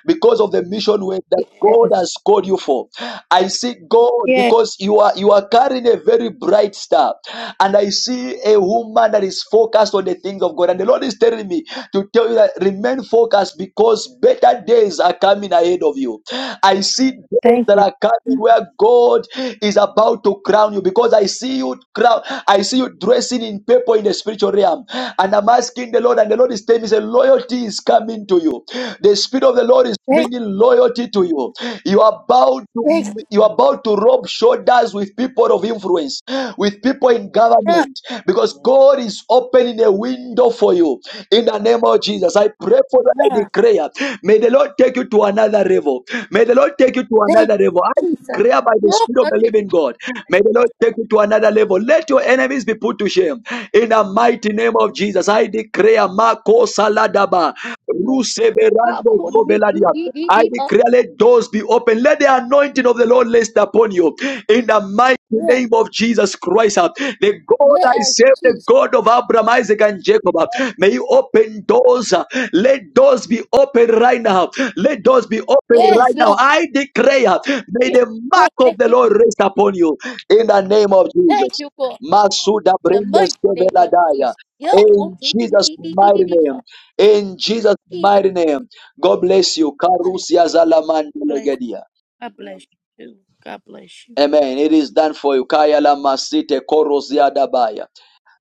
S1: because of the mission where that God
S19: Yes.
S1: has called you for. I see God
S19: Yes.
S1: because you are you are carrying a very bright star, and I see a woman that is focused on the things of God. And the Lord is telling me to tell you that remain focused because better days are coming ahead of you. I see days
S19: Thank
S1: that
S19: you.
S1: are coming where God is about to crown you because I see you crown. I see you dressing in purple in the spiritual realm, and I'm asking the Lord, and the Lord is there is a loyalty is coming to you. The Spirit of the Lord is
S19: Thank,
S1: bringing loyalty to you. You are about to,
S19: thank you.
S1: you are about to rub shoulders with people of influence, with people in
S19: God,
S1: government, because God is opening a window for you. In the name of Jesus, I pray for that. I
S19: God.
S1: declare, may the Lord take you to another level. May the Lord take you to
S19: Thank
S1: another level. I
S19: you, Jesus.
S1: declare by the Spirit of
S19: Yoka
S1: the
S19: Tedeba.
S1: living God. May the Lord take you to another level. Let your enemies be put to shame. In the mighty name of Jesus, I declare, Marco Saladaba,
S19: Yes.
S1: Ruseverando
S19: Hakoti
S1: Coveladia. I
S19: Tedeba.
S1: declare, let doors be open. Let the anointing of the Lord rest upon you you in the mighty
S19: Yes.
S1: name of Jesus Christ. uh, The God I
S19: Yes,
S1: serve, the
S19: Jesus.
S1: God of Abraham, Isaac, and Jacob. uh, May you open doors. uh, Let doors be open right now. Let doors be open
S19: Yes,
S1: right now.
S19: Lord.
S1: I declare, uh, may
S19: Yes,
S1: the
S19: Lord.
S1: mark of
S19: Thank
S1: the
S19: you.
S1: Lord rest upon you in the name of
S19: Thank
S1: Jesus.
S19: you, God.
S1: Masuda
S19: In the
S1: brendes
S19: mighty name of
S1: keveladaya.
S19: Jesus. Yoka
S1: In Jesus' mighty
S19: Tedeba.
S1: name. In Jesus'
S19: Jesus.
S1: mighty name. God bless you. Karusia
S19: Hallelujah.
S1: zalamandelegedia.
S19: God bless you. God bless you.
S1: Amen. It is done for you. Kaya la masite korozia dabaya.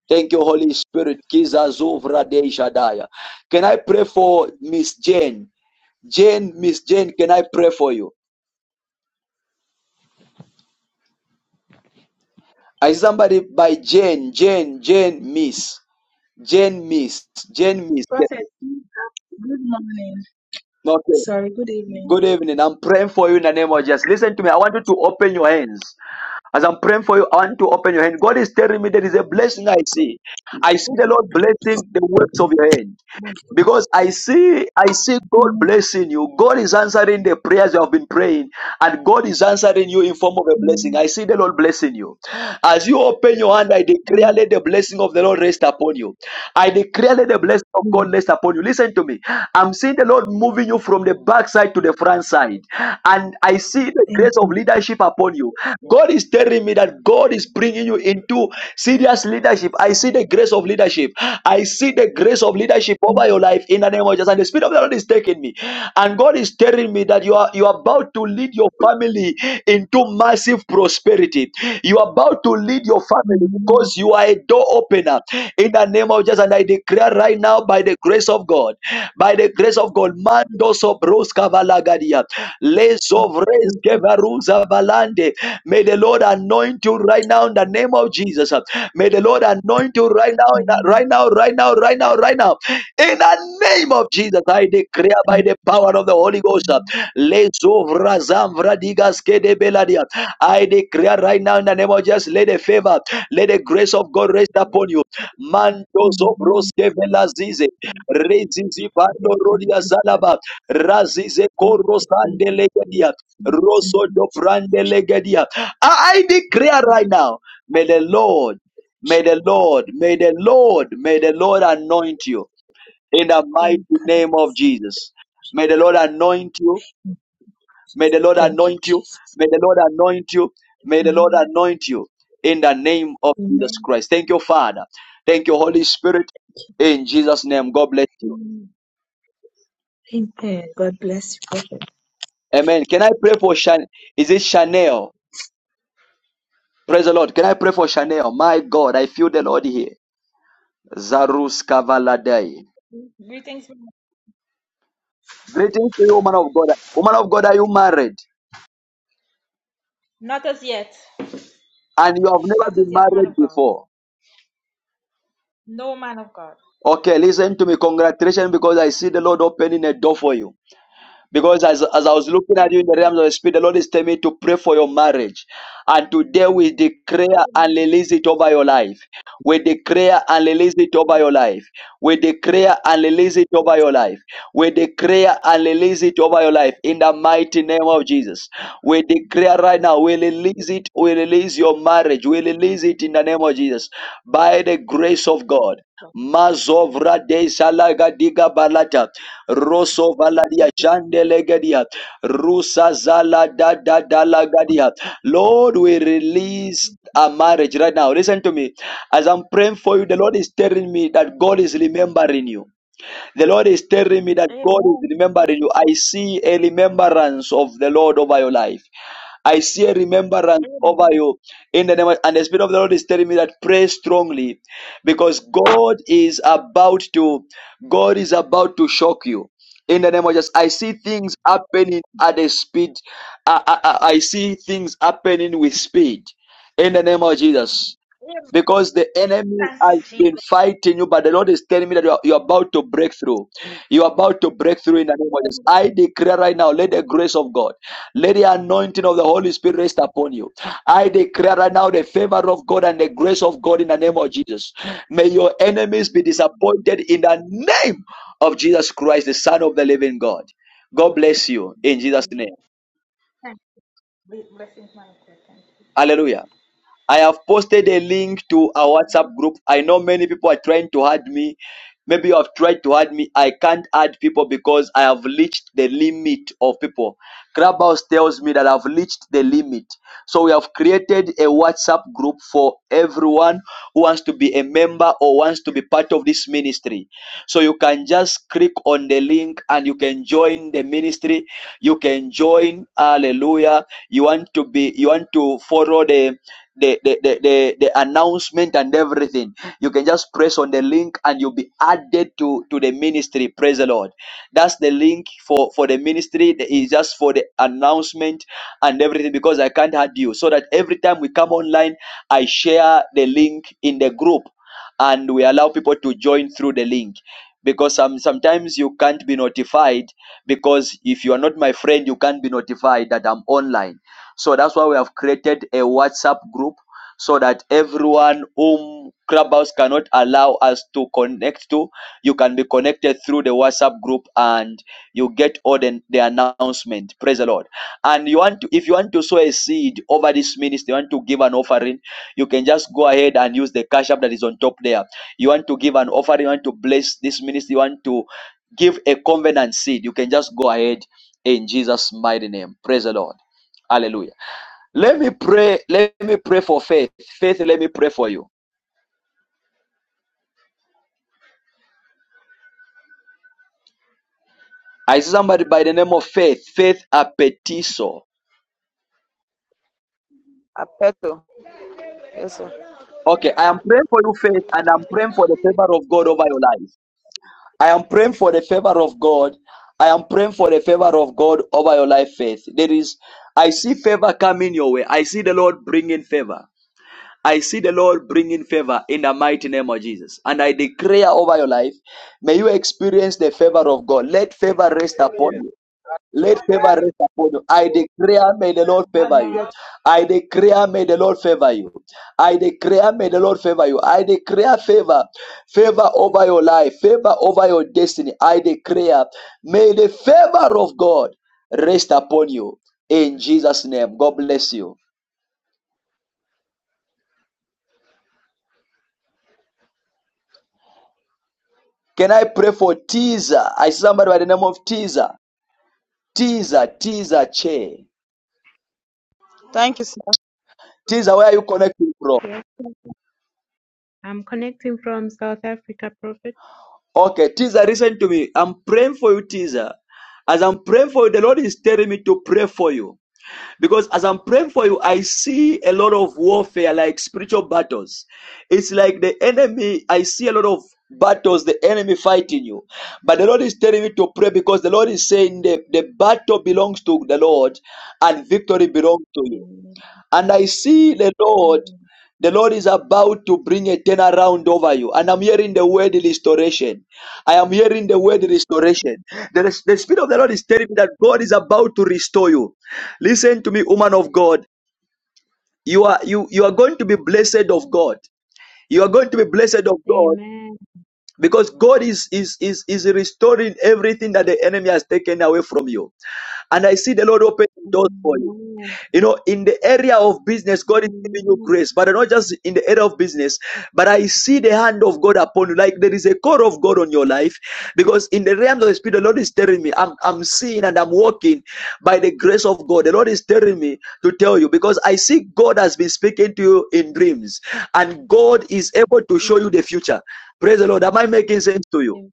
S1: Thank you, Holy Spirit. Kiza zuvra deisha daya. Can I pray for Miss Jane? Jane, Miss Jane, can I pray for you? I see somebody by Jane, Jane, Jane, Miss, Jane, Miss, Jane, Miss. Yes.
S23: Prophet, good morning.
S1: Okay.
S23: Sorry, good evening.
S1: Good evening. I'm praying for you in the name of Jesus. Listen to me. I want you to open your hands. As I'm praying for you, I want to open your hand. God is telling me there is a blessing I see. I see the Lord blessing the works of your hand. Because I see, I see God blessing you. God is answering the prayers you have been praying, and God is answering you in form of a blessing.
S23: Thank
S1: I see the Lord blessing you. As you open your hand, I declare let the blessing of the Lord rest upon you. I declare let the blessing of God rest upon you. Listen to me. I'm seeing the Lord moving you from the backside to the front side, and I see the grace of leadership upon you. God is telling me that God is bringing you into serious leadership. I see the grace of leadership. I see the grace of leadership over your life in the name of Jesus. And the Spirit of the Lord is taking me. And God is telling me that you are you are about to lead your family into massive prosperity. You are about to lead your family because you are a door opener in the name of Jesus. And I declare right now, by the grace of God, by the grace of God, Mando Sobros Kavalagadia, Lesovres Kevaruza Valande. May the Lord anoint you right now in the name of Jesus. May the Lord anoint you right now, in the- right now, right now, right now, right now. In the name of Jesus, I declare by the power of the Holy Ghost. Lesovrazam Vradigas Kedebeladia. I declare right now in the name of Jesus, let the favor, let the grace of God rest upon you. Mandozo broske velazize. Rezizi bando
S23: you.
S1: rodia zalaba. Razize korosande legedia. Rosso do brande legedia. I I declare right now, may the Lord, may the Lord, may the Lord, may the Lord anoint you in the mighty name of Jesus. May the Lord anoint you May the Lord
S23: Thank you,
S1: anoint you.
S23: Jesus.
S1: May the Lord anoint you. May the Lord
S23: Amen.
S1: anoint you in the name of Jesus Christ. Thank you, Father. Thank you, Holy Spirit. In Jesus' name, God bless you.
S23: Amen. God bless you, Prophet.
S1: Amen. Can I pray for Shan? Is it Chanel? Praise the Lord. Can I pray for Chanel? My God, I feel the Lord here. Zarus Kavaladai.
S24: Greetings, man-
S1: Greetings to you, woman of God. Woman of God, are you married?
S24: not as yet,
S1: And you have never
S24: not as
S1: been
S24: yet, man
S1: married
S24: of God.
S1: before.
S24: No man of God.
S1: Okay, listen to me. Congratulations because I see the Lord opening a door for you. Because as, as I was looking at
S24: Thank
S1: you in
S24: you,
S1: the realms
S24: Jesus.
S1: of the spirit, the Lord is telling me to pray for your marriage. And today we declare and release it over your life. We declare and release it over your life. We declare and release it over your life. We declare and release it over your life in the mighty name of Jesus. We declare right now, we release it, we release your marriage, we release it in the name of Jesus by the grace of God. Mazovra de salaga diga balata. Rosso Valadia Chandelegadia Rusa Zala da da da lagadia. Lord, we release a marriage right now. Listen to me. As I'm praying for you, the Lord is telling me that God is remembering you. The Lord is telling me that God is
S24: Amen.
S1: remembering you. I see a remembrance of the Lord over your life. I see a remembrance over
S24: Amen.
S1: you in the name of, and the Spirit of the Lord is telling me that pray strongly because God is about to God is about to shock you. In the name of Jesus, I see things happening at a speed. I, I, I I see things happening with speed. In the name of Jesus
S24: Amen.
S1: because the enemy
S24: Thank you,
S1: has been
S24: Jesus.
S1: fighting you, but the Lord is telling me that you are, you are about to break through. You are about to break through in the name of Jesus. I declare right now, let the grace of God, let the anointing of the Holy Spirit rest upon you. I declare right now the favor of God and the grace of God in the name of Jesus. May your enemies be disappointed
S24: Amen.
S1: in the name of Jesus Christ, the Son of the living God. God bless you in Jesus' name.
S24: Thank you. Blessings, man of God. Thank
S1: Hallelujah. I have posted a link to a
S24: you.
S1: WhatsApp group. I know many people are trying to add me. Maybe you have tried to add me. I can't add people because I have reached the limit of people. Clubhouse tells me that I've reached the limit. So we have created a WhatsApp group for everyone who wants to be a member or wants to be part of this ministry. So you can just click on the link and you can join the ministry. You can join. Hallelujah. You want to be, you want to follow the, the, the, the, the, the announcement and everything. You can just press on the link and you'll be added to, to the ministry. Praise the Lord. That's the link for, for the ministry. It's just for the announcement and everything because I can't add you. So that every time we come online, I share the link in the group and we allow people to join through the link because some, sometimes you can't be notified because if you are not my friend you can't be notified that i'm online so that's why we have created a whatsapp group so that everyone whom clubhouse cannot allow us to connect to you can be connected through the whatsapp group and you get all the, the announcement praise the lord and you want to if you want to sow a seed over this ministry you want to give an offering you can just go ahead and use the cash app that is on top there you want to give an offering you want to bless this ministry you want to give a covenant seed you can just go ahead in jesus mighty name praise the lord hallelujah let me pray let me pray for faith faith let me pray for you i see somebody by the name of faith faith apetiso
S25: Aperto. Eso.
S1: okay i am praying for you faith and i'm praying for the favor of god over your life I am praying for the favor of God. I am praying for the favor of God over your life, faith. There is, I see favor coming your way. I see the Lord bringing favor. I see the Lord bringing favor in the mighty name of Jesus. And I declare over your life, may you experience the favor of God. Let favor rest upon you. Let favor rest upon you. I declare, may the Lord favor you. I declare, may the Lord favor you. I declare, may the Lord favor you. I declare favor, favor over your life, favor over your destiny. I declare, may the favor of God rest upon you. In Jesus' name, God bless you. Can I pray for Teaser? I see somebody by the name of Teaser. Teaser, Teaser, Che.
S25: Thank you, sir.
S1: Teaser, where are you connecting from?
S18: Yes, sir. I'm connecting from South Africa, Prophet.
S1: Okay, teaser, listen to me. I'm praying for you, teaser. As I'm praying for you, the Lord is telling me to pray for you. Because as I'm praying for you, I see a lot of warfare, like spiritual battles. It's like the enemy, I see a lot of battles, the enemy fighting you. But the Lord is telling me to pray because the Lord is saying the, the battle belongs to the Lord and victory belongs to you.
S18: Amen.
S1: And I see the Lord, the Lord is about to bring a turnaround over you. And I'm hearing the word restoration. I am hearing the word restoration.
S18: Amen.
S1: The, the Spirit of the Lord is telling me that God is
S18: Amen.
S1: about to restore you. Listen to me, woman of God. You are you you are going to be blessed of God. You are going to be blessed of God
S18: Amen.
S1: because God is is is, is restoring everything that the enemy has taken away from you. And I see the Lord opening doors for you.
S18: Amen.
S1: You know, in the area of business, God is giving you
S18: Amen.
S1: grace, but not just in the area of business, but I see the hand of God upon you. Like there is a call of God on your life because in the realms of the spirit, the Lord is telling me, I'm, I'm seeing and I'm walking by the grace of God. The Lord is telling me to tell you because I see God has been speaking to you in dreams and God is able to
S18: Mm,
S1: show you the future. Praise the Lord. Am I making sense to you?
S18: Amen.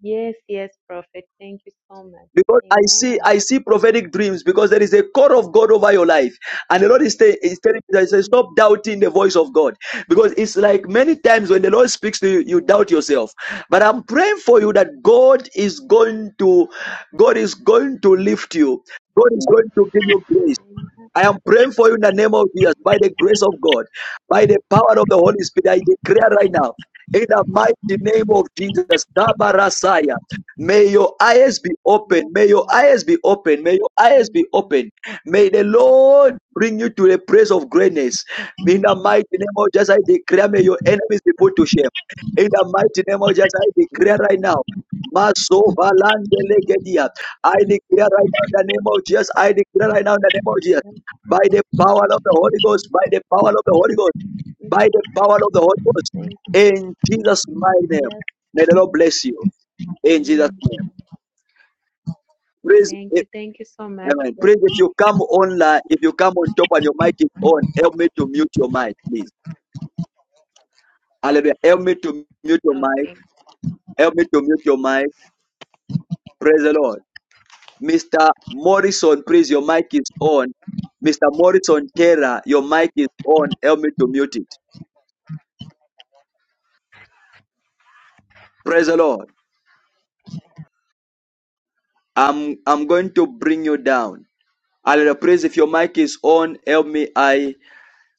S18: Yes, yes, Prophet. Thank you so much.
S1: because I see I
S18: Amen.
S1: see prophetic dreams because there is a call of God over your life, and the Lord is, tell- is telling you that say,
S18: Amen.
S1: stop doubting the voice of God because it's like many times when the Lord speaks to you, you doubt yourself. But I'm praying for you that God is going to God is going to lift you. God is going to give you grace.
S18: Amen.
S1: I am praying for you in the name of Jesus, by the grace of God, by the power of the Holy Spirit. I declare right now, in the mighty name of
S18: Amen.
S1: Jesus, Kabarasaya, may your eyes be
S18: Yes,
S1: open. May your
S18: Lord.
S1: eyes be open. May your eyes
S18: Yes,
S1: be open.
S18: Lord.
S1: May
S18: Yes,
S1: the
S18: Lord.
S1: Lord bring you to the praise of greatness. In the mighty name of Jesus, I
S18: Yes,
S1: declare, may your enemies be put to shame. In the mighty name of Jesus, I declare right now. Masovalandelegedia. I declare right now in the name
S18: Lord.
S1: of Jesus. I declare right now in the name of Jesus
S18: Yes,
S1: by
S18: Lord.
S1: the power of the Holy
S18: Thank
S1: Ghost, by the power
S18: you.
S1: of the Holy Ghost,
S18: Mm,
S1: by the power of the Holy Ghost.
S18: Thank you.
S1: In Jesus' mighty name.
S18: Yes.
S1: May the Lord bless you. In Jesus'
S18: Mm.
S1: name. Praise
S18: Thank
S1: eh,
S18: you. Thank you so much,
S1: Amen. Praise
S18: Prophet.
S1: if you come online, if you come on top and your mic is on, help me to mute your mic, please. Hallelujah. Help me to mute your mic.
S18: Okay.
S1: Help me to mute your mic. Praise the Lord. Mr. Morrison, please, your mic is on. Mr. Morrison Terra, your mic is on. Help me to mute it. Praise the Lord. I'm I'm going to bring you down. Hallelujah. Praise if your mic is on, help me. I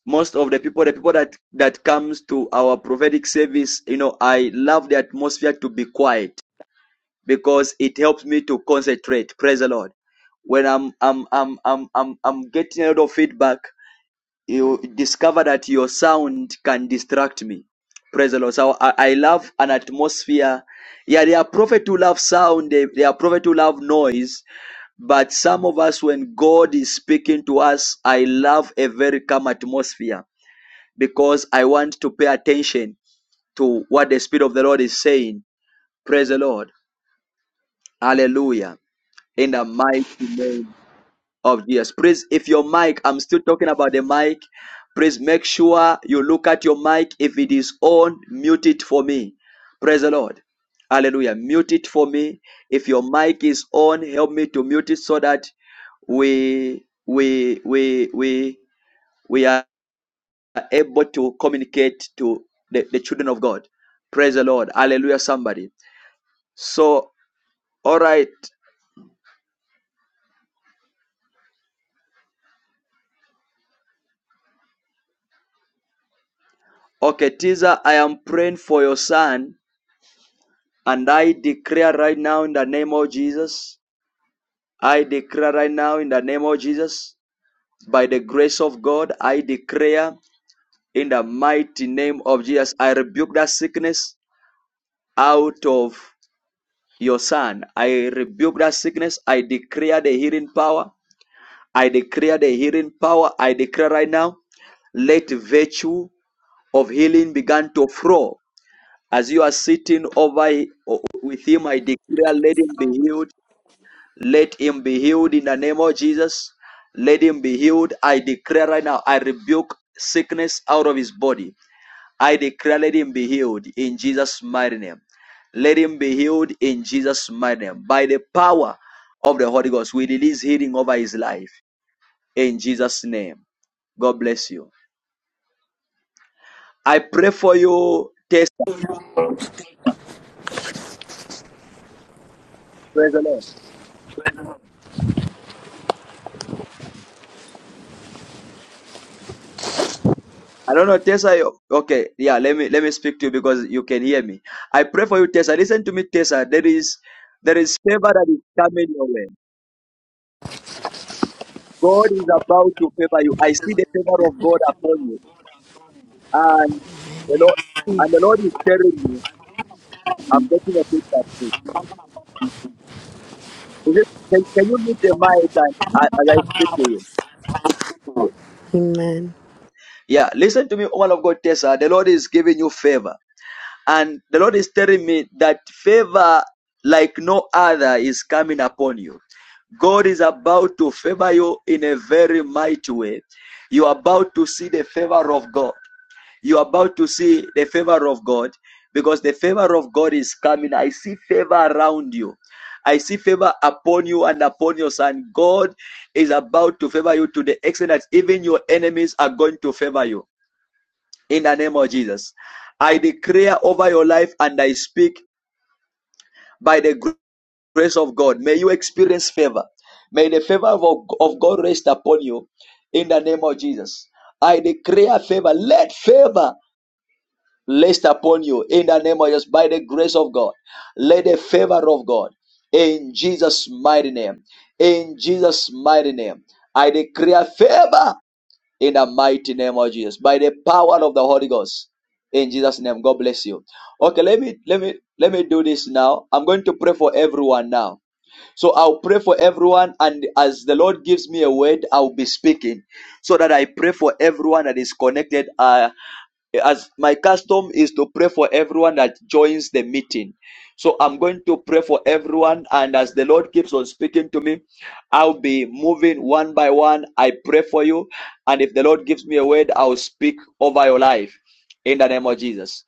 S1: most of the people, the people that that comes to our prophetic service, you know, I love the atmosphere to be quiet because it helps me to concentrate. Praise the Lord. When I'm I'm I'm I'm I'm, I'm getting a lot of feedback, you discover that your sound can distract me. Praise the Lord. So I, I love an atmosphere. Yeah, there are prophets who love sound, they, there are prophets who love noise but some of us, when God is speaking to us, I love a very calm atmosphere because I want to pay attention to what the Spirit of the Lord is saying. Praise the Lord. Hallelujah. In the mighty name of Jesus. Please, if your mic, I'm still talking about the mic. Please make sure you look at your mic. If it is on, mute it for me. Praise the Lord. Hallelujah. Mute it for me. If your mic is on, help me to mute it so that we we we we we are able to communicate to the, the children of God. Praise the Lord. Hallelujah, somebody. So, all right. Okay, Tiza, I am praying for your son And I declare right now in the name of Jesus, I declare right now in the name of Jesus, by the grace of God, I declare in the mighty name of Jesus, I rebuke that sickness out of your son. I rebuke that sickness. I declare the healing power. I declare the healing power. I declare right now, let virtue of healing begin to flow. As you are sitting over with him, I declare, let him be healed Let him be healed in the name of Jesus. Let him be healed. I declare right now, I rebuke sickness out of his body. I declare, let him be healed in Jesus' mighty name. Let him be healed in Jesus' mighty name. By the power of the Holy Ghost, we release healing over his life in Jesus' name. God bless you. I pray for you. Test. Praise the Lord. I don't know, Tessa. you- Okay, yeah. Let me let me speak to you because you can hear me. I pray for you, Tessa. Listen to me, Tessa. There is there is favor that is coming your way. God is about to favor you. I see the favor of God upon you, and the Lord and the Lord is telling me, I'm getting a picture too. Is it, can, can you meet the mic and, and- as I speak to you?
S26: Amen.
S1: Yeah, listen to me, woman of God, Tessa. The Lord is giving you favor. And the Lord is telling me that favor like no other is coming upon you. God is about to favor you in a very mighty way. You are about to see the favor of God. You are about to see the favor of God because the favor of God is coming. I see favor around you. I see favor upon you and upon your son. God is about to favor you to the extent that even your enemies are going to favor you in the name of Jesus. I declare over your life and I speak by the grace of God. May you experience favor. May the favor of, of God rest upon you in the name of Jesus. I declare favor. Let favor rest upon you in the name of Jesus by the grace of God. Let the favor of God in Jesus' mighty name. In Jesus' mighty name. I declare favor in the mighty name of Jesus. By the power of the Holy Ghost. In Jesus' name. God bless you. Okay, let me let me let me do this now. I'm going to pray for everyone now. So I'll pray for everyone, and as the Lord gives me a word, I'll be speaking. So that I pray for everyone that is connected. Uh as my custom is to pray for everyone that joins the meeting so I'm going to pray for everyone. And as the Lord keeps on speaking to me, I'll be moving one by one. I pray for you. And if the Lord gives me a word, I'll speak over your life in the name of Jesus.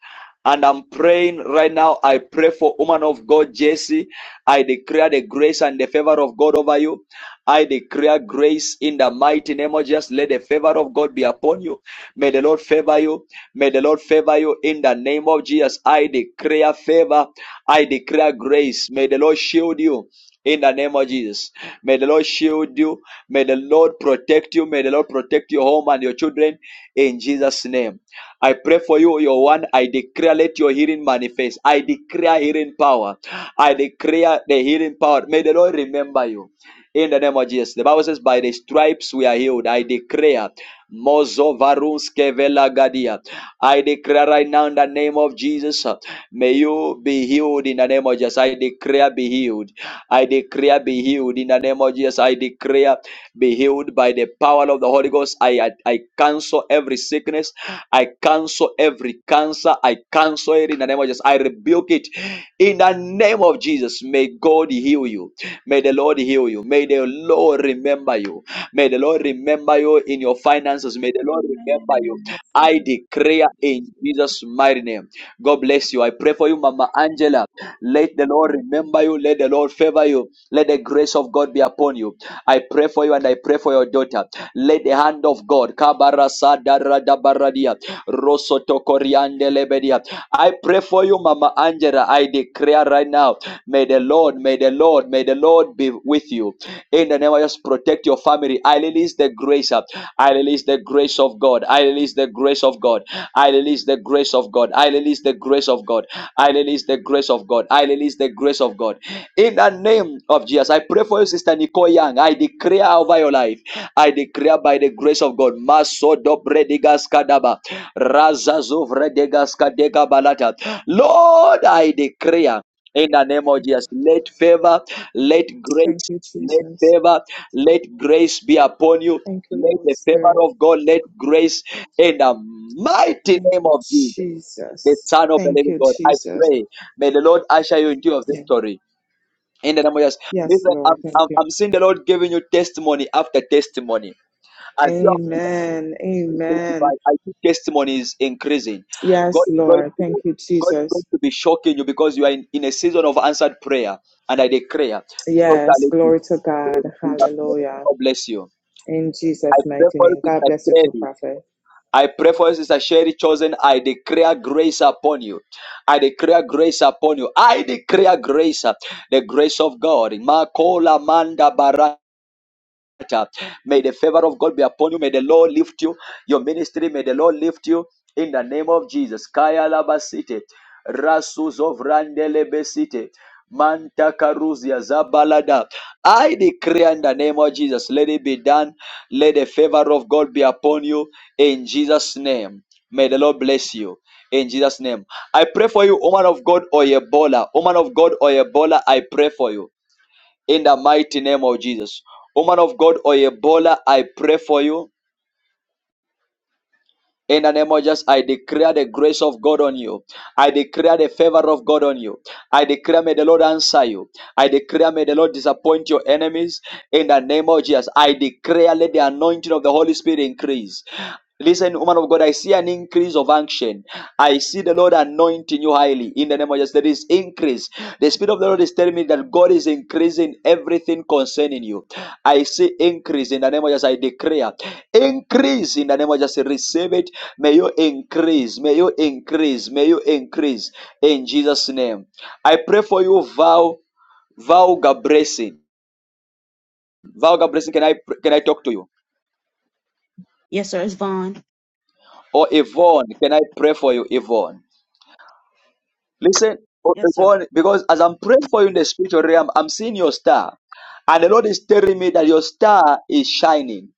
S1: And I'm praying right now. I pray for woman of God, Jesse. I declare the grace and the favor of God over you. I declare grace in the mighty name of Jesus. Let the favor of God be upon you. May the Lord favor you. May the Lord favor you in the name of Jesus. I declare favor. I declare grace. May the Lord shield you. In the name of Jesus. May the Lord shield you. May the Lord protect you. May the Lord protect your home and your children in Jesus' name. I pray for you, your one. I declare, let your healing manifest. I declare healing power. I declare the healing power. May the Lord remember you in the name of Jesus. The Bible says, By the stripes we are healed. I declare, Mozo Varunske Velagadia. I declare right now in the name of Jesus, uh, may you be healed in the name of Jesus. I declare, be healed. I declare, be healed in the name of Jesus. I declare, be healed by the power of the Holy Ghost. I, I, I cancel every sickness. I cancel every cancer. I cancel it in the name of Jesus. I rebuke it in the name of Jesus. May God heal you. May the Lord heal you. May the Lord remember you. May the Lord remember you in your finances. May the Lord
S8: Amen.
S1: remember you. I declare in Jesus' mighty name. God bless you. I pray for you, Mama Angela. Let the Lord
S8: Yes,
S1: remember you. Let the Lord favor you. Let the grace of God be upon you. I pray for you and I pray for your daughter. Let the hand of God. I pray for you, Mama Angela. I declare right now. May the Lord, may the Lord, may the Lord be with you. In the name of Jesus, protect your family. I release the grace. uh, I release the grace of God. I release the grace of God. I release the grace of God. I release the grace of God. I release the grace of God. I release the grace of God. In the name of Jesus, I pray for you, Sister Nicole Young. I declare over your life. I declare by the grace of God. Maso dobre digas kadaba. Razazo vredegas kadega balata. Lord, I declare in the name of Jesus, let favor, let
S27: Thank
S1: grace,
S27: you,
S1: let
S27: Jesus.
S1: favor, let grace be upon you.
S27: Thank you,
S1: Let
S27: Lord
S1: the favor
S27: Spirit.
S1: of God, let grace in the mighty
S27: Thank
S1: name
S27: you,
S1: of Jesus the
S27: Jesus.
S1: Son of the
S27: Thank
S1: Living
S27: you,
S1: God. I
S27: Jesus.
S1: pray. May the Lord usher you into your
S27: Yeah.
S1: victory. In the name of Jesus.
S27: Yes,
S1: Listen, I'm,
S27: Lord. Thank
S1: I'm,
S27: you.
S1: I'm seeing the Lord giving you testimony after testimony. As you
S27: Amen.
S1: are
S27: Amen.
S1: testified, I see testimonies increasing. God
S27: Yes,
S1: is going
S27: Lord. Thank
S1: to
S27: you,
S1: God is going
S27: Jesus.
S1: to be shocking you because you are in, in a season of answered prayer. And I declare,
S27: Yes.
S1: totally,
S27: Glory to God. Hallelujah.
S1: God bless you.
S27: In
S1: I
S27: Jesus'
S1: pray
S27: mighty
S1: for
S27: name.
S1: you,
S27: God bless
S1: Sister
S27: you too,
S1: Kelly.
S27: prophet.
S1: I pray for you, Sister Sherry Chosen. I declare grace upon you. I declare grace upon you. I declare grace, uh, the grace of God. Makola manda bara May the favor of God be upon you. May the Lord lift you. Your ministry, may the Lord lift you in the name of Jesus. Kaya Labasite. Rasus of Randelebesite. Manta Karuzia Zabalada. I decree in the name of Jesus, let it be done. Let the favor of God be upon you in Jesus' name. May the Lord bless you in Jesus' name. I pray for you, woman of God or Ebola. Woman of God or Ebola, I pray for you in the mighty name of Jesus. Woman of God, Oyebola, I pray for you. In the name of Jesus, I declare the grace of God on you. I declare the favor of God on you. I declare, may the Lord answer you. I declare, may the Lord disappoint your enemies. In the name of Jesus, I declare, let the anointing of the Holy Spirit increase. Listen, woman of God, I see an increase of unction. I see the Lord anointing you highly in the name of Jesus. there is increase. The Spirit of the Lord is telling me that God is increasing everything concerning you. I see increase in the name of Jesus. I declare increase in the name of Jesus. Receive it. May you increase. May you increase. May you increase in Jesus' name. I pray for you, Val Val Gabresi. Val Gabresi, can I can I talk to you?
S14: Yes, sir. It's Vaughn.
S1: Or Yvonne, can I pray for you, Yvonne? Listen, oh,
S14: Yes, sir.
S1: because as I'm praying for you in the spiritual realm, I'm seeing your star. And the Lord is telling me that your star is shining.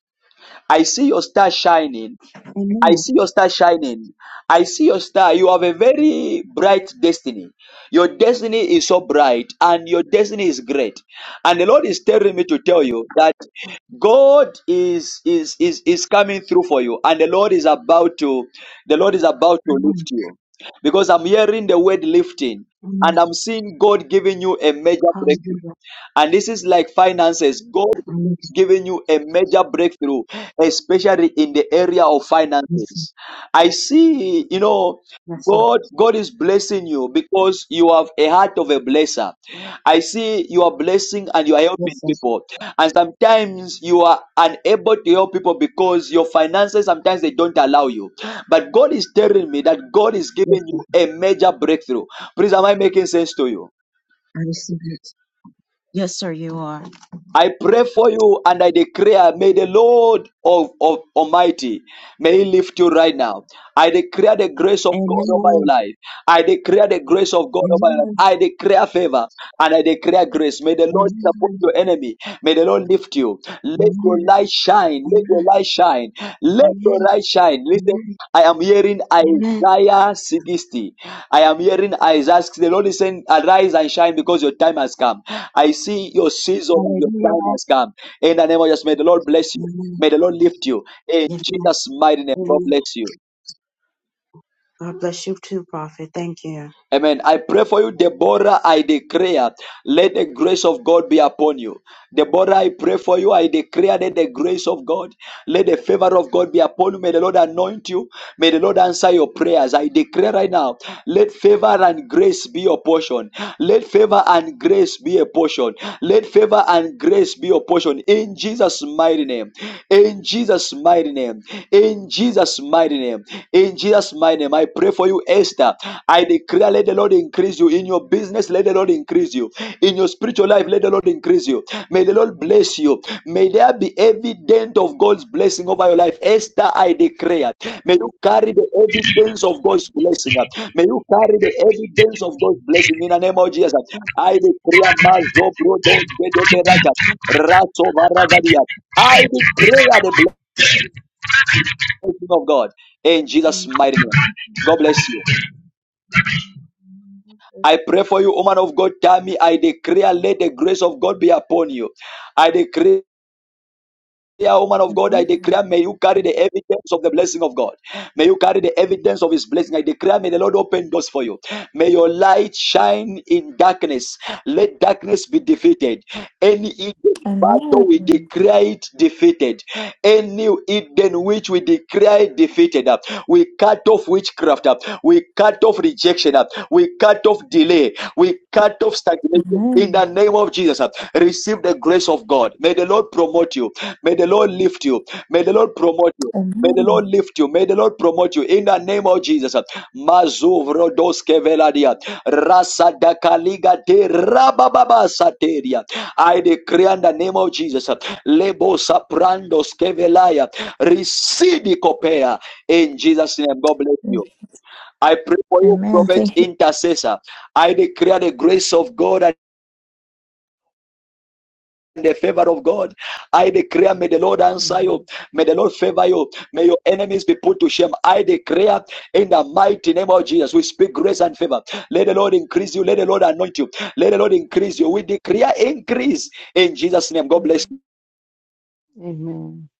S1: I see your star shining. I
S14: Amen.
S1: see your star shining. I see your star. You have a very bright destiny. Your destiny is so bright and your destiny is great. And the Lord is telling me to tell you that God is is is is coming through for you and the Lord is about to the Lord is about to lift you. Because I'm hearing the word lifting
S14: Amen.
S1: and I'm seeing God giving you a major breakthrough.
S14: Hallelujah.
S1: And this is like finances. God
S14: Amen.
S1: giving you a major breakthrough, especially in the area of
S14: Yes, sir.
S1: finances. I see, you know,
S14: Yes, sir.
S1: God, God is blessing you because you have a heart of a blesser. I see you are blessing and you are helping
S14: Yes, sir.
S1: people. And sometimes you are unable to help people because your finances sometimes they don't allow you. But God is telling me that God is
S14: Yes,
S1: giving
S14: sir.
S1: you a major breakthrough. Please, am I making sense to you?
S14: I receive it. Yes, sir. You are.
S1: I pray for you and I declare, may the Lord of, of Almighty, may He lift you right now. I declare the grace of God over your
S14: Amen.
S1: life. I declare the grace of God over your life.
S14: Amen.
S1: I declare favor and I declare grace. May the Lord
S14: Amen.
S1: support your enemy. May the Lord lift you. Let your
S14: Amen.
S1: light shine. Let
S14: Amen.
S1: your light shine. Let your
S14: Amen.
S1: light shine. Listen
S14: Amen.
S1: I am hearing
S14: Amen.
S1: Isaiah 60. I am hearing Isaiah 60. The Lord is saying, Arise and shine because your time has come. I see your season and your
S14: Hallelujah.
S1: time has come. In the name of Jesus, may the Lord bless you.
S14: Amen.
S1: May the Lord lift you. In
S14: Amen.
S1: Jesus' mighty name, God
S14: Amen.
S1: bless you.
S14: God bless you too, Prophet. Thank you.
S1: Amen. I pray for you, Deborah. I declare, let the grace of God be upon you. Deborah, I pray for you. I declare that the grace of God, let the favor of God be upon you. May the Lord anoint you. May the Lord answer your prayers. I declare right now, let favor and grace be your portion. Let favor and grace be a portion. Let favor and grace be your portion. In Jesus' mighty name. In Jesus' Jesus' mighty name. In Jesus' mighty name. In Jesus' mighty name. I pray for you, Esther. I declare, let the Lord increase you. In your business, let the Lord increase you. In your spiritual life, let the Lord increase you. May the Lord bless you. May there be evidence of God's blessing over your life. Esther, I declare. May you carry the evidence of God's blessing. May you carry the evidence of God's blessing in the name of Jesus. I declare, Mazo Brodo Kedeberata, Varagadia. I declare the Blessing of God, in Jesus' mighty name. God bless you. I pray for you, woman of God. Tammy, I declare, let the grace of God be upon you. I declare, woman of God, I
S17: Amen.
S1: declare, may you carry the evidence of the blessing of God. May you carry the evidence of his blessing. I declare, may the Lord open doors for you. May your light shine in darkness. Let darkness be defeated. Any hidden
S17: Amen.
S1: battle we declare it defeated. Any hidden which we declare it defeated. uh, We cut off witchcraft. uh, We cut off rejection. uh, We cut off delay. We cut off stagnation. In the
S17: Amen.
S1: name of Jesus, uh, receive the grace of God. May the Lord promote you. May the Lord lift you. May the Lord promote you. May the
S17: Amen.
S1: Lord lift you. May the Lord promote you in the name of Jesus. Mazuvrodoske veladia. Rasadakaliga de rabababa sateria. I decree in the name of Jesus. Lebo saprandoske velaya. Receive copea in Jesus' name. God bless you. I pray for you,
S17: Amen.
S1: prophet
S17: Thank you.
S1: intercessor. I declare the grace of God and the favor of God. I declare, may the Lord answer you. May the Lord favor you. May your enemies be put to shame. I declare in the mighty name of Jesus, we speak grace and favor. Let the Lord increase you. Let the Lord anoint you. Let the Lord increase you. We declare increase in Jesus' name. God bless. you.
S13: Amen.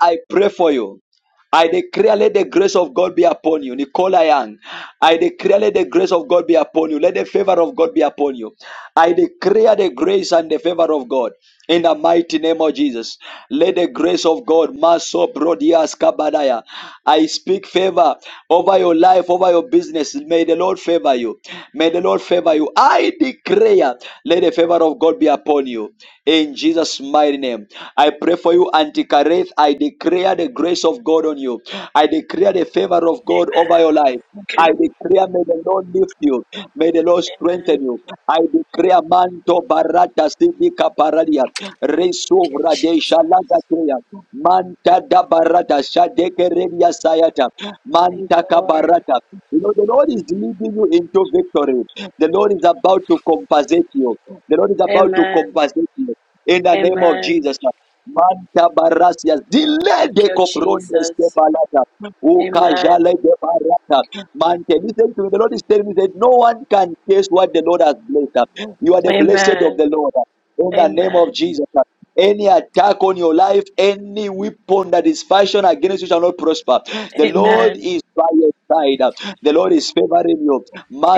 S1: I pray for you. I declare, let the grace of God be upon you. Nicola Young, I declare, let the grace of God be upon you. Let the favor of God be upon you. I declare the grace and the favor of God in the mighty name of Jesus. Let the grace of God, Maso Brodias Kabadaya. I speak favor over your life, over your business. May the Lord favor you. May the Lord favor you. I declare, let the favor of God be upon you. In Jesus' mighty name. I pray for you, Auntie Kareth. I declare the grace of God on you. I declare the favor of God over your life. I declare, may the Lord lift you. May the Lord to
S28: Amen.
S1: strengthen you. I declare manto barata sidika paralia.
S28: Thank
S1: Resu
S28: you,
S1: radesha laga
S28: Jesus.
S1: kaya. Manta da barata shadeke remia sayata.
S28: Thank
S1: Manta
S28: you, Lord.
S1: kabarata. You know, the Lord is leading you into victory. The Lord is about to compensate you. The Lord is about to
S28: Amen.
S1: compensate you. In the name of
S28: Amen.
S1: Jesus. Manta barasias, delay
S28: Thank
S1: de
S28: you,
S1: coprondes de
S28: Jesus.
S1: balata,
S28: Amen.
S1: ukajale de barata. Mante, listen to me. The Lord is telling me that no one can taste what the Lord has blessed. You are the blessed of
S28: Amen.
S1: the Lord. In the name of
S28: Amen.
S1: Jesus, any attack on your life, any weapon that is fashioned against you shall not prosper. The Lord
S28: Amen.
S1: is by your side. The Lord is favoring you.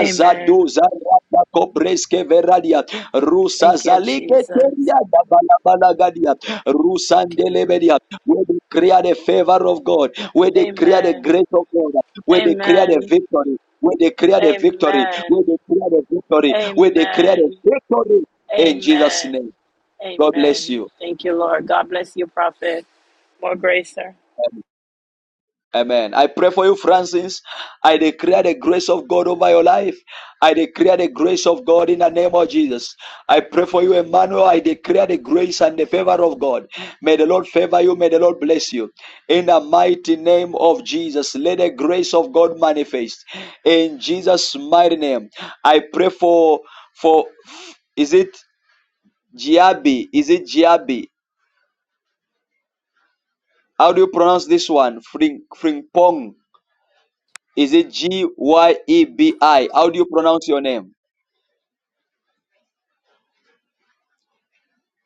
S28: Amen.
S1: zarata kopreske veradia. Rusa
S28: Thank you,
S1: zalike
S28: Jesus.
S1: teria da balabala gadia.
S28: Thank you, Lord.
S1: Rusandelebedia. We declare the favor of God. We declare the
S28: Amen.
S1: grace of God. We declare the
S28: Amen.
S1: victory. We declare the victory. We
S28: Amen.
S1: declare the victory. We declare the
S28: Amen.
S1: victory in Jesus'
S28: Amen.
S1: name. God bless
S28: Amen.
S1: you.
S28: Thank you, Lord. God bless you, Prophet. More grace, sir.
S1: Amen. I pray for you, Francis. I declare the grace of God over your life. I declare the grace of God in the name of Jesus. I pray for you, Emmanuel. I declare the grace and the favor of God. May the Lord favor you. May the Lord bless you. In the mighty name of Jesus, let the grace of God manifest. In Jesus' mighty name, I pray for for is it Giabi? Is it Giabi? How do you pronounce this one? Fring, Fringpong. Is it G Y E B I? How do you pronounce your name?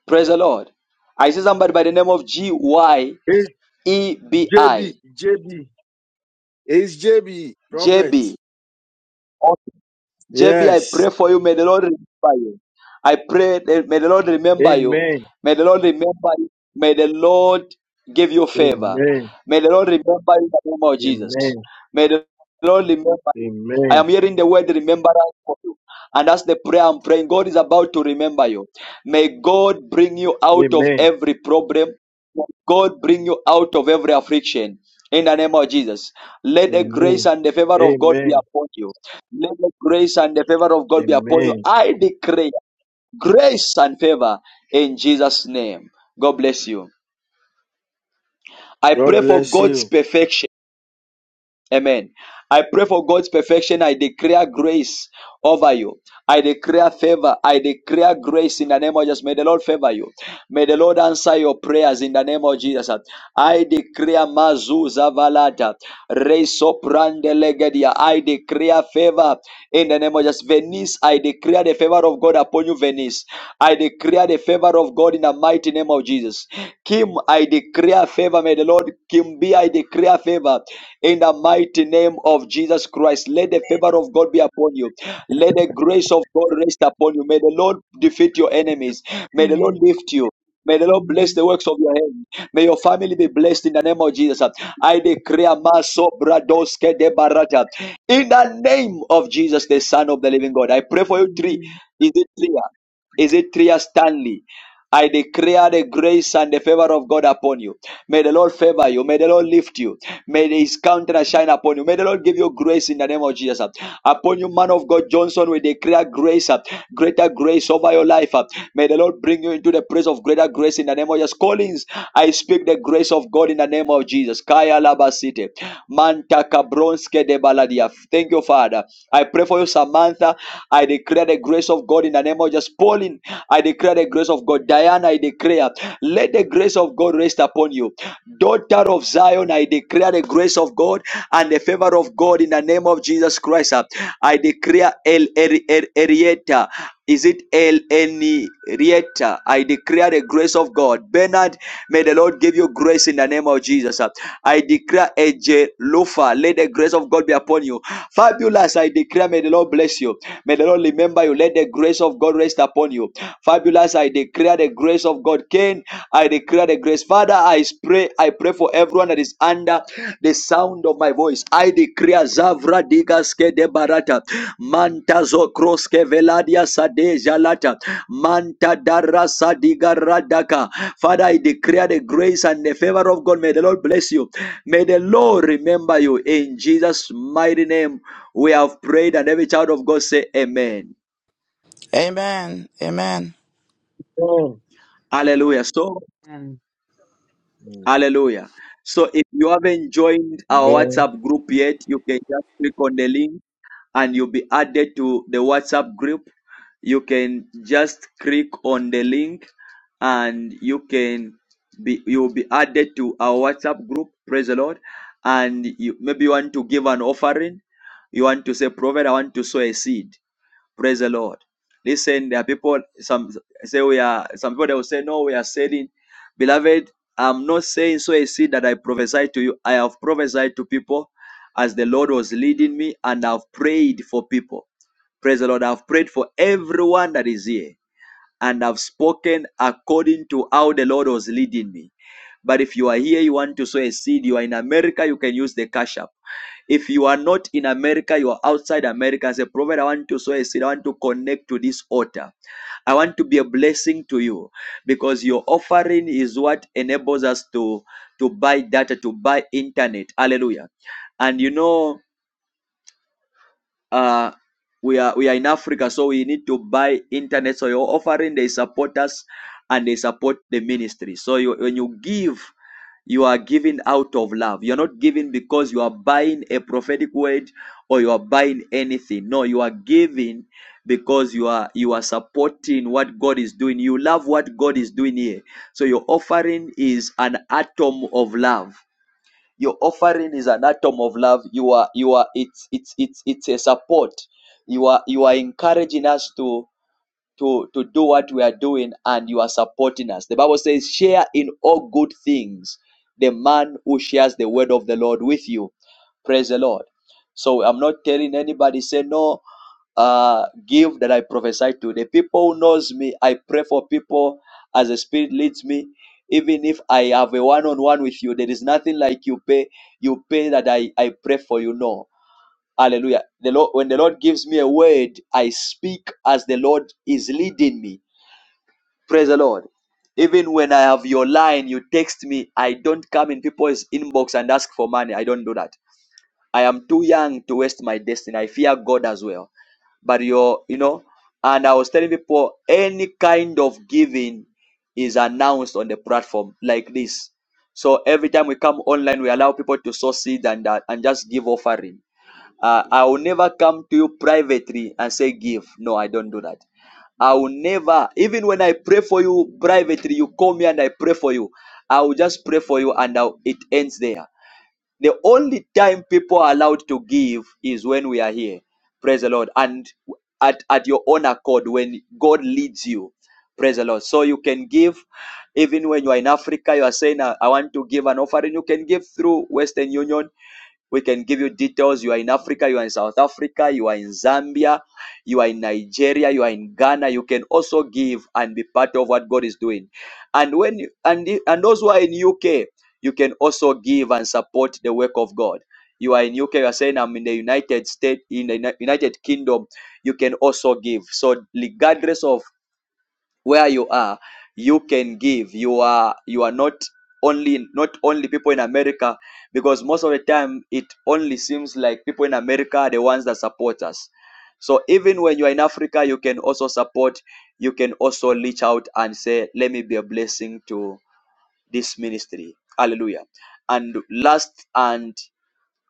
S1: Praise the Lord. I see somebody by the name of G Y
S29: It's
S1: E B
S29: JB,
S1: I.
S29: JB. It's JB,
S1: J B.
S29: prophet.
S1: JB, I
S29: Yes.
S1: pray for you. May the Lord remember you. I pray that may the Lord remember you.
S29: Amen.
S1: May the Lord remember you. May the Lord give you favor.
S29: Amen.
S1: May the Lord remember you in the name of Jesus.
S29: Amen.
S1: May the Lord remember you. I
S29: Amen.
S1: am hearing the word remembrance for you. And that's the prayer I'm praying. God is about to remember you. May God bring you out of
S29: Amen.
S1: every problem. May God bring you out of every affliction. In the name of Jesus. Let the grace
S29: Amen.
S1: and the favor of God be
S29: Amen.
S1: upon you. Let the grace and the favor of God be upon you.
S29: Amen.
S1: I decree grace and favor in Jesus' name. God bless you. I
S29: God
S1: pray for
S29: bless
S1: God's
S29: you.
S1: perfection. Amen. I pray for God's perfection. I declare grace over you. I declare favor. I declare grace in the name of Jesus. May the Lord favor you. May the Lord answer your prayers in the name of Jesus. I declare Mazu Zavalata. Reso Prandelegedia. I declare favor in the name of Jesus. Venis Venice. I declare the favor of God upon you, Venice. I declare the favor of God in the mighty name of Jesus. Kim, I declare favor. May the Lord Kim be. I declare favor in the mighty name of Jesus Christ. Let the
S30: Amen.
S1: favor of God be upon you. Let the grace of God rest upon you. May the Lord defeat your enemies. May the Lord
S30: Amen.
S1: lift you. May the Lord bless
S30: Amen.
S1: the works of your hands. May your family be blessed in the name of Jesus. I declare Maso Bradoske de Barata. In the name of Jesus, the Son of the Living God. I pray for you three.
S30: Amen.
S1: Is it three? Is it Tria Stanley? I declare the grace and the favor of God upon you. May the Lord favor you. May the Lord lift you. May his countenance shine upon you. May the Lord give you grace in the name of Jesus. Upon you, man of God Johnson, we declare grace, uh, greater grace over your life. uh. May the Lord bring you into the place of greater grace in the name of Jesus. Collins, I speak the grace of God in the name of Jesus. Kaya Labasite. Manta Cabronske de Baladia. Thank you, Father. I pray for you, Samantha. I declare the grace of God in the name of just Pauline. I declare the grace of God. Diana, I declare, let the grace of God rest upon you. Daughter of Zion, I declare the grace of God and the favor of God in the name of Jesus Christ. I declare El Erieta. Is it El Enrieta? I declare the grace of God. Bernard, may the Lord give you grace in the name of Jesus. I declare AJ Lufa, let the grace of God be upon you. Fabulous, I declare, may the Lord bless you. May the Lord remember you. Let the grace of God rest upon you. Fabulous, I declare the grace of God. Cain, I declare the grace. Father, I pray, I pray for everyone that is under the sound of my voice. I declare Zavra Digaske de Barata. Mantazo kroske veladia sadeja lata. Manta dara sadiga radaka. Father, I declare the grace and the favor of God. May the Lord bless you. May the Lord remember you. In Jesus' mighty name, we have prayed, and every child of God say, Amen.
S5: Amen. Amen.
S1: Hallelujah. So,
S29: Amen.
S1: hallelujah. So, if you haven't joined our WhatsApp group yet, you can just click on the link and you'll be added to the WhatsApp group. You can just click on the link and you can be you'll be added to our WhatsApp group. Praise the Lord. And you maybe you want to give an offering. You want to say, Prophet, I want to sow a seed. Praise the Lord. Listen, there are people, some say we are, some people they will say, no, we are selling. Beloved, I'm not saying so a seed that I prophesied to you. I have prophesied to people as the Lord was leading me and I've prayed for people. Praise the Lord. I've prayed for everyone that is here and I've spoken according to how the Lord was leading me. But if you are here, you want to sow a seed, you are in America, you can use the cash app. If you are not in America, you are outside America. Say, Prophet, I want to sow a seed. I want to connect to this altar. I want to be a blessing to you because your offering is what enables us to, to buy data, to buy internet. Hallelujah. And you know, uh we are we are in africa so we need to buy internet so your offering they support us and they support the ministry so you, when you give you are giving out of love you're not giving because you are buying a prophetic word or you are buying anything no you are giving because you are you are supporting what god is doing you love what god is doing here so your offering is an atom of love your offering is an atom of love. You are you are it's it's it's it's a support. You are you are encouraging us to to, to do what we are doing and you are supporting us. The Bible says, share in all good things the man who shares the word of the Lord with you. Praise the Lord. So I'm not telling anybody, say, no, uh, give that I prophesy to. The people who knows me, I pray for people as the Spirit leads me. Even if I have a one-on-one with you, there is nothing like you pay. You pay that I, I pray for you. No, Hallelujah. The Lord, when the Lord gives me a word, I speak as the Lord is leading me. Praise the Lord. Even when I have your line, you text me. I don't come in people's inbox and ask for money. I don't do that. I am too young to waste my destiny. I fear God as well. But you're, you know, and I was telling people any kind of giving is announced on the platform like this. So every time we come online, we allow people to sow seed and uh, and just give offering uh, I will never come to you privately and say, Give. No, I don't do that. I will never, even when I pray for you privately, you call me and I pray for you. I will just pray for you and now it ends there. The only time people are allowed to give is when we are here. Praise the Lord. And at, at your own accord, when God leads you. Praise the Lord. So you can give, even when you are in Africa, you are saying, I I want to give an offering. You can give through Western Union we can give you details. You are in Africa, you are in South Africa, you are in Zambia, you are in Nigeria, you are in Ghana. You can also give and be part of what God is doing. And when you- and and those who are in UK, you can also give and support the work of God. You are in UK, you are saying I'm in the United States, in the United Kingdom, you can also give. So regardless of where you are you can give you are you are not only not only people in america because most of the time it only seems like people in america are the ones that support us so even when you are in africa you can also support you can also reach out and say let me be a blessing to this ministry hallelujah and last and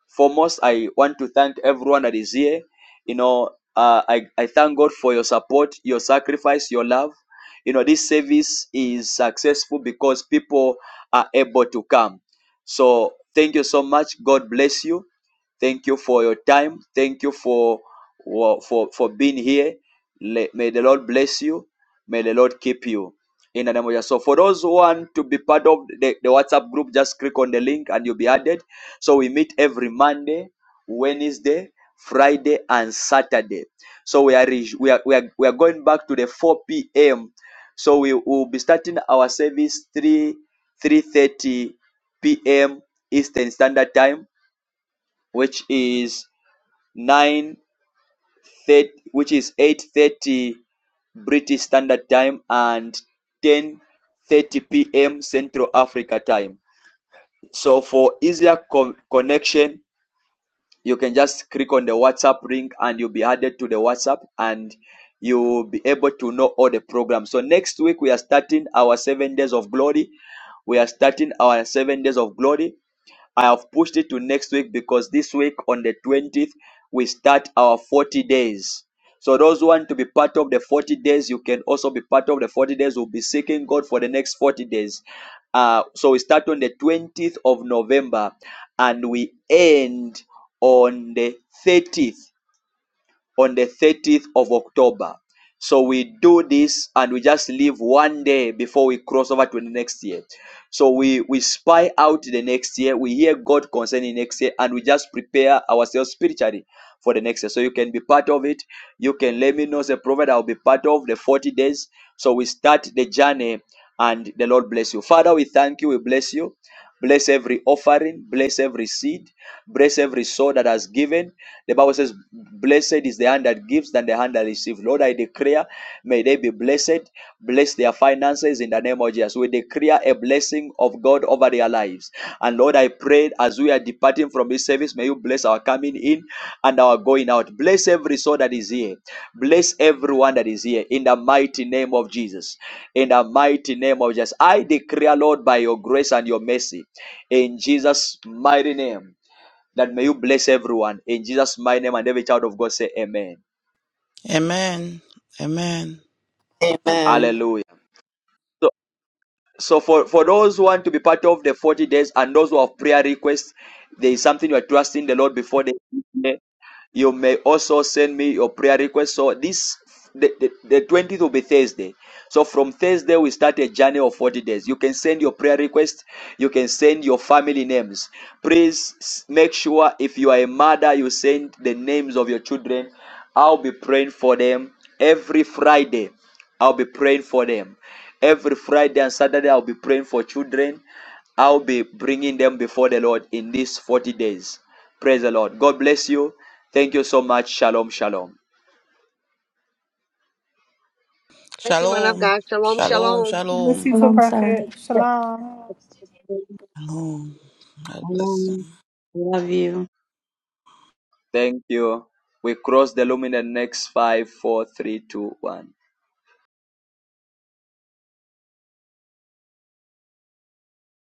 S1: foremost, I want to thank everyone that is here. You know, uh, I, I thank God for your support, your sacrifice, your love. You know, this service is successful because people are able to come. So, thank you so much. God bless you. Thank you for your time. Thank you for for for being here. Le- May the Lord bless you. May the Lord keep you. In the name of Jesus. So for those who want to be part of the, the WhatsApp group, just click on the link and you'll be added. So we meet every Monday, Wednesday, Friday, and Saturday. So we are we are we are, we are going back to the 4 p.m. So we will be starting our service 3 3:30 p.m. Eastern Standard Time, which is 9 thirty, which is 8:30 British Standard Time and 10:30 p.m. Central Africa Time. So for easier co- connection, you can just click on the WhatsApp link and you'll be added to the WhatsApp and you will be able to know all the programs. So next week we are starting our seven days of glory. We are starting our seven days of glory. I have pushed it to next week because this week on the 20th, we start our 40 days. So those who want to be part of the 40 days, you can also be part of the 40 days. We'll be seeking God for the next 40 days. Uh, so we start on the 20th of November and we end on the 30th on the 30th of October. So we do this and we just leave one day before we cross over to the next year. So we, we spy out the next year, we hear God concerning next year, and we just prepare ourselves spiritually for the next year. So you can be part of it. You can let me know as a prophet, I'll be part of the 40 days. So we start the journey and the Lord bless you. Father, we thank you. We bless you. Bless every offering. Bless every seed. Bless every soul that has given. The Bible says, Blessed is the hand that gives than the hand that receives. Lord, I declare, may they be blessed. Bless their finances in the name of Jesus. We declare a blessing of God over their lives. And Lord, I pray as we are departing from this service, may you bless our coming in and our going out. Bless every soul that is here. Bless everyone that is here in the mighty name of Jesus in the mighty name of Jesus. I declare, Lord, by your grace and your mercy, in Jesus' mighty name, that may you bless everyone. In Jesus' mighty name, and every child of God say, Amen.
S5: Amen. Amen.
S26: Amen.
S1: Hallelujah. So, so for, for those who want to be part of the 40 days and those who have prayer requests, there is something you are trusting the Lord before the end. You may also send me your prayer request. So this the, the, the 20th will be Thursday. So from Thursday, we start a journey of 40 days. You can send your prayer request, you can send your family names. Please make sure if you are a mother, you send the names of your children. I'll be praying for them every Friday. I'll be praying for them. Every Friday and Saturday, I'll be praying for children. I'll be bringing them before the Lord in these 40 days. Praise the Lord. God bless you. Thank you so much. Shalom, shalom.
S15: Bless you, man of
S5: Shalom.
S15: God. Shalom,
S5: Shalom.
S15: shalom.
S10: Miss
S5: Shalom.
S10: you too,
S31: Shalom, sir.
S10: Prophet. Shalom.
S5: Shalom. God bless you.
S14: Amen. Love you.
S1: Thank you. We cross the luminal next five, four, three, two, one.